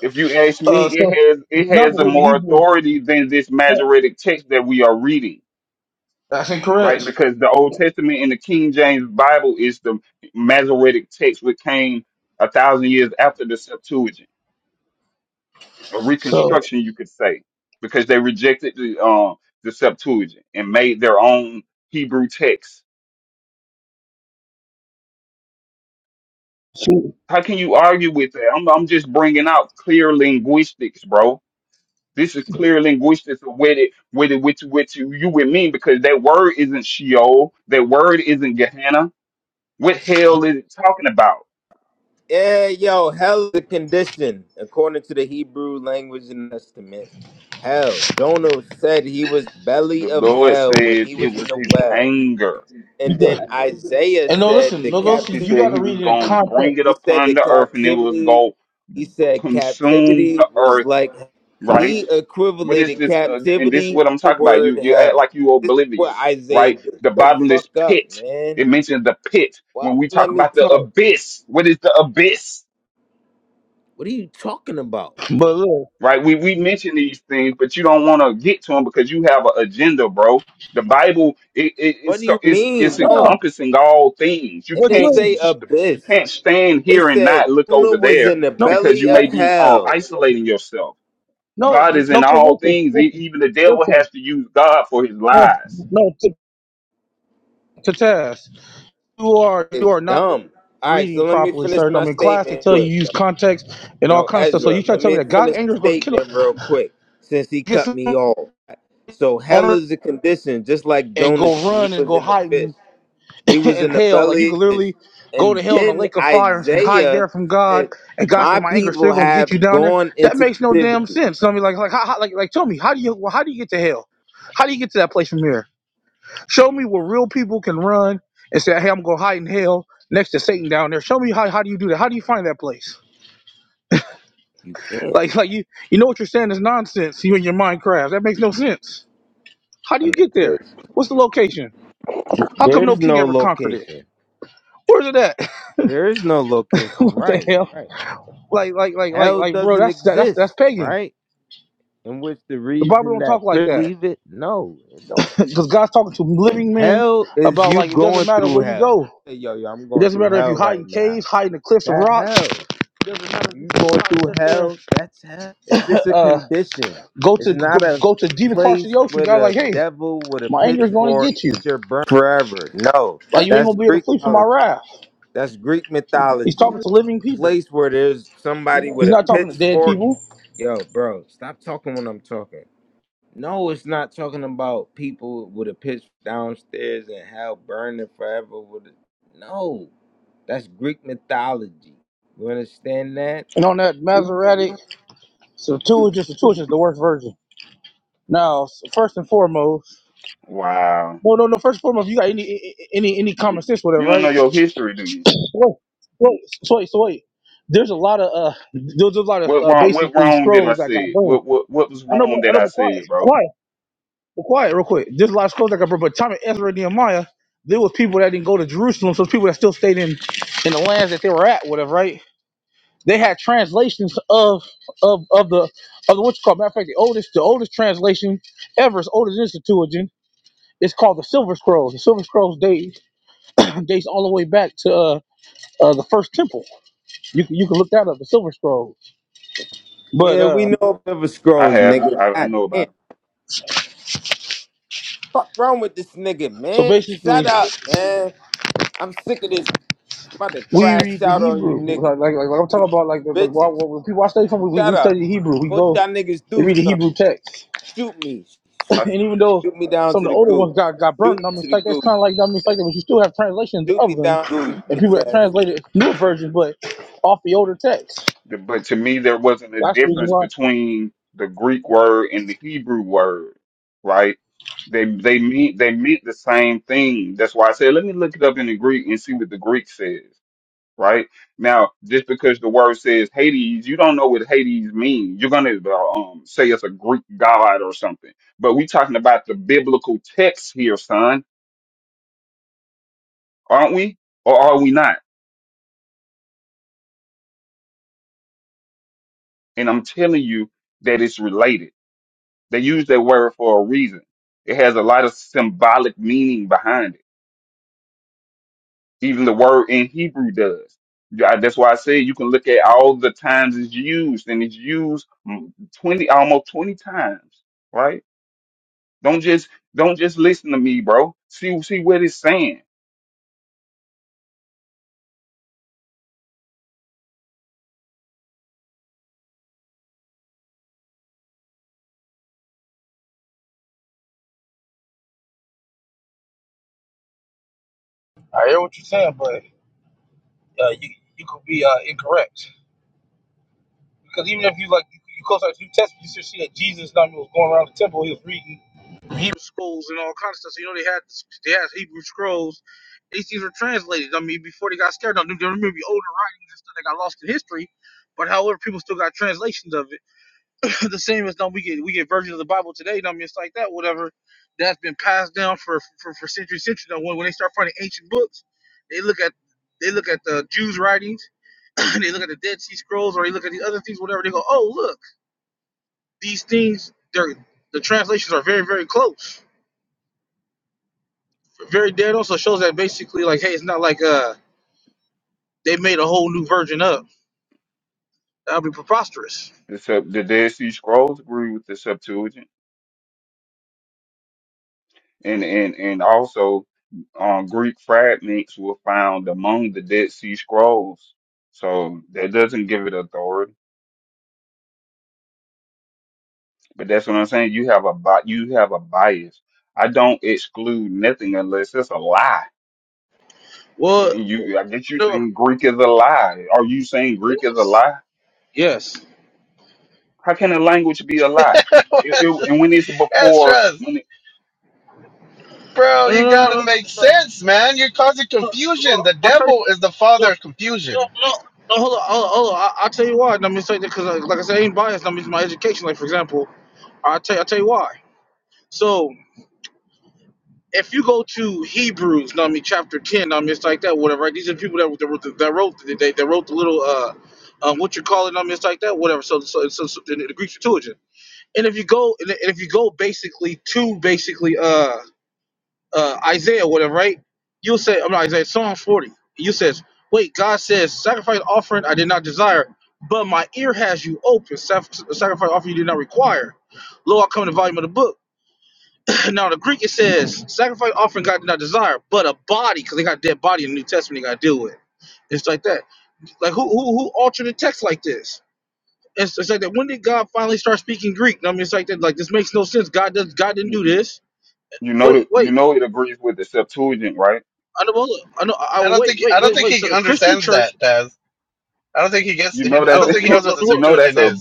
If you ask me,
uh,
it
so
has it
it's not
has a
written in
more
Hebrew.
authority than this
No,
Masoretic text that we are reading,
that's
right?
incorrect.
Because the Old Testament in the King James Bible is the Masoretic text which came a thousand years after the Septuagint, a
So
reconstruction, you could say, because they rejected the um the Septuagint and made their own Hebrew text
see,
How can you argue with that? I'm, I'm just bringing out clear linguistics, bro. This is clear linguistics of what it, what it, what you, which you you would mean because that word isn't Sheol, that word isn't Gehenna. What hell is it talking about?
Yeah, yo, hell is a condition according to the Hebrew language and estimate, Hell, Jonah said he was
The
belly of
Lord
hell when
said
he
it
was in
was
the
His
well,
anger.
and
you
then
got,
Isaiah
and no,
said
listen,
the
no, listen,
He
you
captivity.
said
got
He
to read
was
it in
gonna bring
context.
it
He said
upon
the
the earth, and it was
captivity.
gonna
He said
consume the
captivity was
earth,
like
right?
he
What is
equivalated
this? Uh, and this is
captivity
what I'm
to the
talking about. You
word
you act
hell.
like you
This is what
oblivious,
Isaiah
right?
did.
The
The
bottomless
fuck up,
pit.
man.
It mentions the pit
Why
when we talk
let me
about the
talk?
abyss. What is the abyss?
What are you talking about?
But look,
Right? We we mention these things, but you don't want to get to them because you have an agenda, bro. The Bible it, it, it's
What do
so
you
it's it's
mean? No,
no,
encompassing all things. You
It
but
didn't
you
can't
say
ain't-
you
abyss.
can't stand
It
here and not
said
look
Tuna
over
was
there
in the
no,
because you
belly
uh,
may
of
be um,
hell.
isolating yourself.
no,
God is
no.
in
'cause
all things. E-
Listen,
Even the devil
listen.
has to use God for his
No,
lies
no, t- to test. You are you
It's
are not
dumb. All right,
reading
so let me
properly,
finish
sir. I
my
mean, class they
statement
tell you
quick,
use
though.
context and all
Yo,
kind of stuff. So
Ezra,
you try
let
to tell me
me
that God's
finish
anger
the
is going to kill him,
statement real quick since he
get
cut
some
me
on
off. So hell
earth
is a condition, just like
and
Jonas,
go
he
run and
was
go
in the
hide
fish.
in,
He was
in
in the
hell. Like you
belly of
could
the fish.
literally go to
And
hell in a
then
lake of fire and hide
Isaiah
there from God.
said,
And God
My
said, "My anger still
people
going to get you
have
down there."
gone
That
into
makes no damn
captivity.
sense. So I mean, like, like, how, how, like, like, tell me, how do you, how do you get to hell? How do you get to that place from here? Show me where real people can run and say, "Hey, I'm gonna hide in hell next to Satan down there." Show me how how do you do that? How do you find that place?
You can't.
Like like you you know what you're saying is nonsense. You and your Minecraft that makes no sense. How do you
find
get
that
there?
place.
What's the location? How come no
There's
king
no
ever conquered it?
location.
Where's it at?
There is no location,
what the
right?
hell?
Right.
Like like like like
Hell
like bro,
doesn't
that's that, that's that's
exist,
pagan.
right? In which the
The Bible
reason
don't
that
talk like
Chris
that
leave it, no, it don't.
because God's talking to living men
Hell is
about
you
like it doesn't
going
matter
through
where you
hell.
go.
Hey, yo, yo, I'm
It
going
doesn't
through
matter if you
hell
hide in
right now.
caves, hide in the cliffs of
That
rocks.
hell.
It doesn't matter if
You
you
going through
sit there
hell? That's hell. It's just a
Uh.
condition.
Go
It's
to go,
not a
go to deeper parts of the
place
ocean.
with
God, like,
a
hey,
devil with a
my anger is going to
pitchfork
get you.
that you're burnt forever. No,
Like, you ain't
that's
gonna be able to flee from my
Greekology.
wrath.
That's Greek
He's
mythology.
talking to living people.
Place where there's somebody
He's
with a
not talking to dead
pitchfork.
people.
Yo, bro, stop talking when I'm talking. No, it's not talking about people with a pitch downstairs and hell burning forever with it. No, that's Greek mythology. You understand that?
And on that Masoretic, so two is just the two is just the worst version. Now, first and foremost,
Wow.
well, no, no. First and foremost, you got any any any common sense, with whatever,
You don't know
right?
your history, do you?
Wait, wait, so wait, so wait. There's a lot of uh, there's a lot of
What
uh,
wrong what
basically
wrong did I
scrolls that got
say?
burned.
What what what was
I know, but
wrong
I
that
know,
I
but quiet,
said, bro?
quiet. Well, quiet, real quick. This last quote that I brought, but Tommy Ezra and Nehemiah, there was people that didn't go to Jerusalem, so people that still stayed in in the lands that they were at, whatever, right? They had translations of of of the of the what's it called. Matter of fact, the oldest the oldest translation ever is older than the Septuagint. It's called the Silver Scrolls. The Silver Scrolls date dates all the way back to uh, uh, the first temple. You can you can look that up. The Silver Scrolls. But
Yeah, we
uh,
know River
I
Scrolls,
have.
nigga.
I, I
God
know about
damn.
them.
Fuck wrong with this nigga,
so
man? Shut
basically,
up, man. I'm sick of this. I'm about to
We
crash
read the
out on you
Hebrew.
niggas.
Like, like, like, I'm talking about, like, the, like why-
Bitches,
why- when people I study from, we,
shut
we study
up.
the Hebrew. We
What
go,
y'all niggas do
they read
something.
the Hebrew text.
Shoot me. Shoot,
and
I,
even though
shoot me down
some of
to
the
the
older ones
goo.
got, got
Shoot
burnt,
me
I mean,
to
it's
the
like, that's
goo.
kind of like, I mean, it's like that, but you still have translations
Shoot me
of them.
down goo, you
And people
bitch
that
ass nigga.
translated new versions, but off the older text.
but to me there wasn't a
That's the reason
difference
why.
between the Greek word and the Hebrew word, right? They they mean they meant the same thing. That's why I said let me look it up in the Greek and see what the Greek says. right? Now, just because the word says Hades, you don't know what Hades means. You're gonna uh, um, say it's a Greek god or something, but we talking about the biblical text here, son, aren't we? Or are we not? And I'm telling you that it's related. They use that word for a reason. It has a lot of symbolic meaning behind it. Even the word in Hebrew does. Yeah, That's why I say you can look at all the times it's used, and it's used mm, twenty, almost twenty times, right? Don't just don't just listen to me, bro. See see what it's saying.
I hear what you're saying, but uh, you you could be uh, incorrect because even if you like you, you close out to the New Testament, you still see that Jesus not only was going around the temple, he was reading Hebrew scrolls and all kinds of stuff. So you know they had they had Hebrew scrolls These these were translated. I mean, before they got scared, now, there may be older writings and stuff that got lost in history, but however, people still got translations of it. the same as now we get we get versions of the Bible today. Now, I mean, it's like that, whatever that's been passed down for for, for centuries, centuries. Now, when, when they start finding ancient books, they look at they look at the Jews' writings, they look at the Dead Sea Scrolls, or they look at these other things, whatever. They go, oh look, uh, they up.
The Sep- the Dead Sea Scrolls agree with the Septuagint, and and and also um, Greek fragments were found among the Dead Sea Scrolls. So that doesn't give it authority. But that's what I'm saying. You have a bi- you have a bias. I don't exclude nothing unless it's a lie.
Well,
You, you I get you
no,
saying Greek is a lie. Are you saying Greek is a
yes,
lie?
yes.
How can a language be a lie? It, it, and when it's before
Extras. Bro,
No,
you
no, no, no,
gotta
no.
make
no.
sense, man. You're causing confusion.
Well,
The
I'll tell you.
devil is the
No,
father of
No,
confusion.
no, no. Hold on, hold on, hold on. I, I'll tell you why. Let me say that because, like, like I said, I ain't biased. I mean, it's my education. Like, for example, I'll tell, I'll tell you why. So, if you go to Hebrews, know what I mean, chapter 10, know what I mean, it's like that, whatever, right? These are the people that, that, wrote- that wrote that, they, that wrote the little, uh, um, what you call it, know what I mean, it's like that, whatever. So, so, so, so the, the Greek Septuagint. And if you go, and if you go basically to basically, uh, uh, Isaiah whatever, right? You say, I'm not Isaiah, Psalm 40. You says, wait, God says, sacrifice offering I did not desire, but my ear has you open. Sac- Sacrifice offering you did not require. Lo, I come in the volume of the book. now, in the Greek, it says, sacrifice offering God did not desire, but a body, because they got a dead body in the New Testament they got to deal with. It's like that. Like, who, who, who altered the text like this? It's, it's like that. When did God finally start speaking Greek? I mean, it's like that. Like, this makes no sense. God does. God didn't
you,
do
you
this.
you know
Wait,
that
wait.
you know it agrees with the Septuagint, right?
I know. I know. I, I-
I don't
wait,
think I
wait,
don't
wait,
think
wait. So
he
the Christian
understands
church?
that, Taz. I don't think he gets
You know
I
that's
don't
No,
think he
no,
knows what
no,
the
you
no,
know that's
Septuagint
a
is.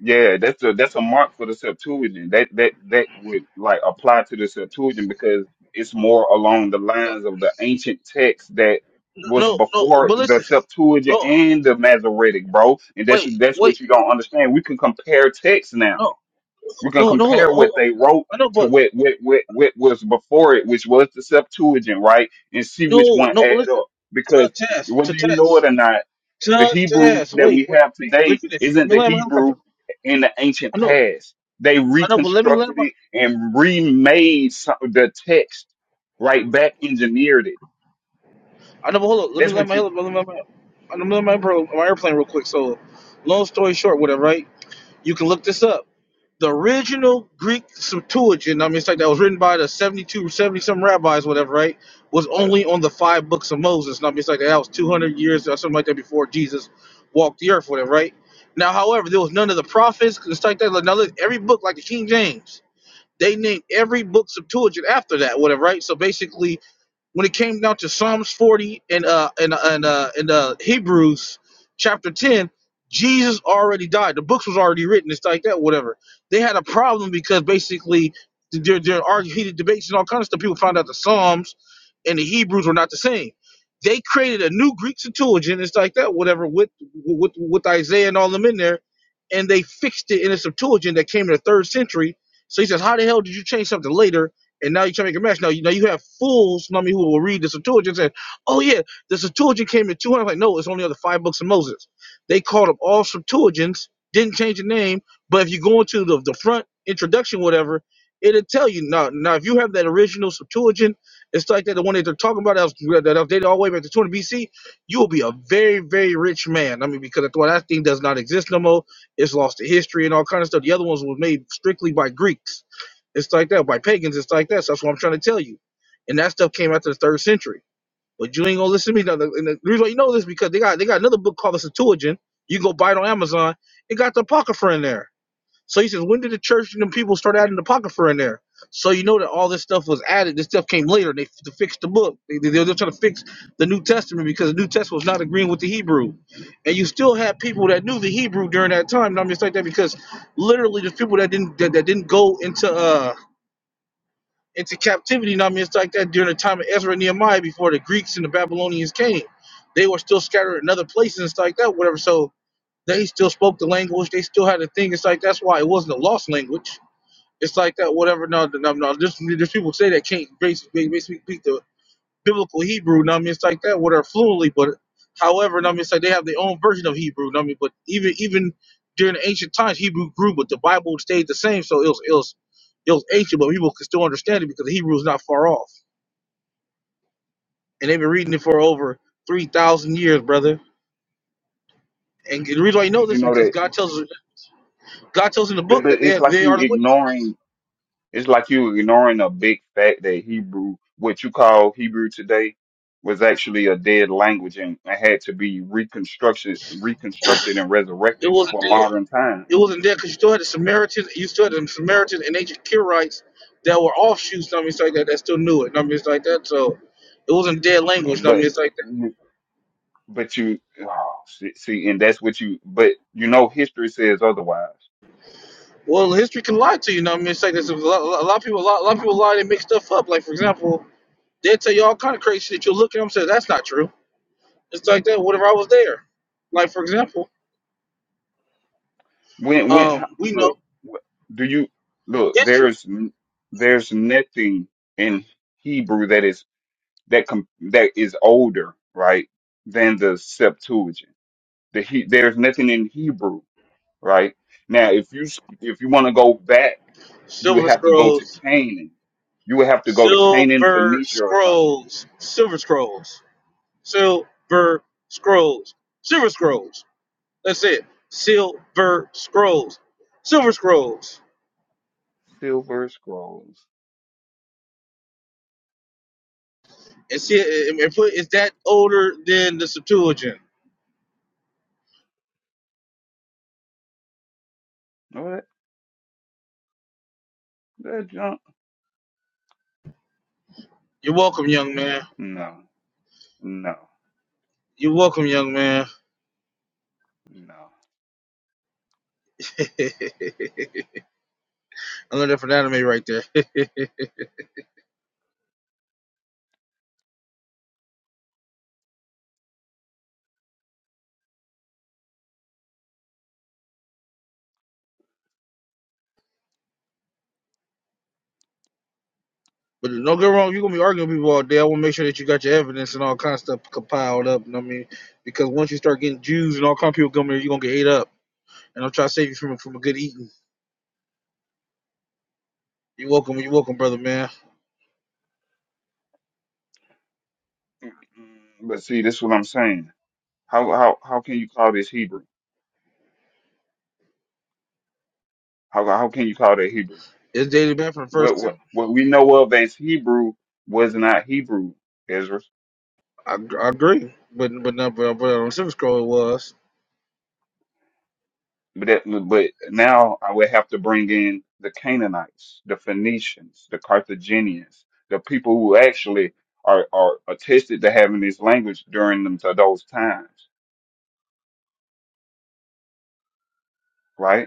yeah that's a that's a mark for the Septuagint that that that would like apply to the Septuagint because it's more along the lines of the ancient text that was
no, no.
before
But
the
listen,
Septuagint
no.
and the Masoretic, bro. And that's
Wait,
that's
wait,
what you
what?
don't understand. We can compare texts now
No,
We're gonna
no, no. Hold on,
compare
hold
what
on.
they wrote
I know,
to
but
what what what, what was before it, which was the Septuagint, right? And see which
no,
one
no. But
add
listen,
up.
to
Because
test, to
whether you know
test,
it or not, the
to
Hebrew
test.
that
Wait,
we
wait,
have
wait. Let
today
me finish.
isn't
Let me
the
land my
Hebrew
helicopter.
in the ancient
I know,
past. They
I know, but let me land
reconstructed
my.
it and remade some of the text, right? Back engineered it.
I know, but hold on. Let me
That's
land
what
my
you
helicopter. Let me land my. I'm gonna land my, bro, my airplane real quick. So, long story short, whatever, right? You can look this up. The original Greek Septuagint, I mean, it's like that was written by the seventy-two, seventy some rabbis, whatever, right? Was only on the five books of Moses. And I mean, it's like that was 200 years or something like that before Jesus walked the earth, whatever, right? Now, however, there was none of the prophets. It's like that. Like, now, look, every book, like the King James, they named every book Septuagint after that, whatever, right? So basically, when it came down to Psalms 40 and uh and uh, and uh and uh Hebrews chapter 10, Jesus already died. The books was already written. It's like that, whatever. They had a problem because basically there there are heated debates and all kinds of stuff. People found out the Psalms and the Hebrews were not the same. They created a new Greek Septuagint. It's like that, whatever, with with with Isaiah and all them in there, and they fixed it in a Septuagint that came in the third century. So he says, how the hell did you change something later and now you try to make a match. Now you now you have fools, I mean, who will read the Septuagint and say, Oh yeah, the Septuagint came in two hundred. I'm Like, no, it's only other five books of Moses. They called up all Septuagints, didn't change the name, but if you go into the, the front introduction, whatever, it'll tell you now now if you have that original Septuagint, it's like that the one that they're talking about that was that was dated all the way back to two hundred BC, you will be a very, very rich man. I mean, because that's that thing does not exist no more. It's lost to history and all kind of stuff. The other ones were made strictly by Greeks it's like that. By pagans, it's like that. So that's what I'm trying to tell you. And that stuff came after the third century. But you ain't gonna listen to me. No, no, And the reason why you know this is because they got they got another book called the Septuagint. You can go buy it on Amazon. It got the Apocrypha in there. So he says, when did the church and the people start adding the Apocrypha in there? So you know that all this stuff was added. This stuff came later. They, to fix the book. They, they, they were trying to fix the New Testament because the New Testament was not agreeing with the Hebrew. And you still had people that knew the Hebrew during that time. And I'm just like that because literally the people that didn't that, that didn't go into uh into captivity. You know what I mean? It's like that during the time of Ezra and Nehemiah before the Greeks and the Babylonians came. They were still scattered in other places and stuff like that, whatever. So they still spoke the language. They still had a thing. It's like that's why it wasn't a lost language. It's like that, whatever. No, no, no. no. There's, there's people say that can't basically, basically speak the biblical Hebrew, you know what I mean, it's like that, what are fluently, but however, you know what I mean, it's like they have their own version of Hebrew, you know what I mean, but even even during the ancient times, Hebrew grew, but the Bible stayed the same, so it was it was it was ancient, but people could still understand it because the Hebrew is not far off, and they've been reading it for over three thousand years, brother. And the reason why you know
did you
this is
know
because
that.
God tells us- God tells in the
But,
book
but
that they
it's like
they are
you
the witnesses.
ignoring. It's like you ignoring a big fact that Hebrew, what you call Hebrew today, was actually a dead language and, and had to be reconstruction, reconstructed and
It
resurrected
wasn't
for
there.
modern times.
It wasn't there because you still had the Samaritans. You still had the Samaritans and ancient Kirites that were offshoots. I mean, it's like that. That still knew it. I mean, it's like that. So it wasn't dead
Um,
language. I mean,
But,
it's like that.
but you, oh, see, see, and that's what you, but you know, history says otherwise.
Well, history can lie to you. Know I mean, it's like this. A lot, a lot of people, a lot, a lot of people lie. They make stuff up. Like for example, they tell you all kind of crazy shit. You look at them, and say that's not true. It's like that. What if I was there? Like for example,
When, when,
um,
how-
we
look,
know
wh- do you, look,
history.
there's, n- there's nothing in Hebrew that is, that com, that is older, right, than the Septuagint The he, there's nothing in Hebrew, right? Now, if you s- if you want to go back, you would
Silver
have to go to
scrolls,
Canaan. You would have to go to Canaan,
silver
Phoenicia, or something.
scrolls, silver scrolls. Silver scrolls. Silver scrolls. That's it. Silver scrolls. Silver scrolls.
Silver scrolls.
And see, and put is that older than the Septuagint?
What that junk?
You're welcome, young man.
No, no,
You're welcome, young man.
no.
I learned that from anime right there. but don't get wrong, you're gonna be arguing with people all day. I want to make sure that you got your evidence and all kind of stuff compiled up. You know what I mean? Because once you start getting Jews and all kind of people coming here, you're gonna get ate up. And I'm trying to save you from from a good eating. You're welcome. You're welcome, brother man.
Mm-mm. But see, this is what I'm saying. How how how can you call this Hebrew? How how can you call that Hebrew?
It's dated back from the
What
first
what
Tim.
what we know of as Hebrew was not Hebrew, Ezra.
I, I agree, but but not but, but on Silver Scroll it was.
But that, but
Yes.
now I would have to bring in the Canaanites, the Phoenicians, the Carthaginians, the people who actually are are attested to having this language during them to those times, right?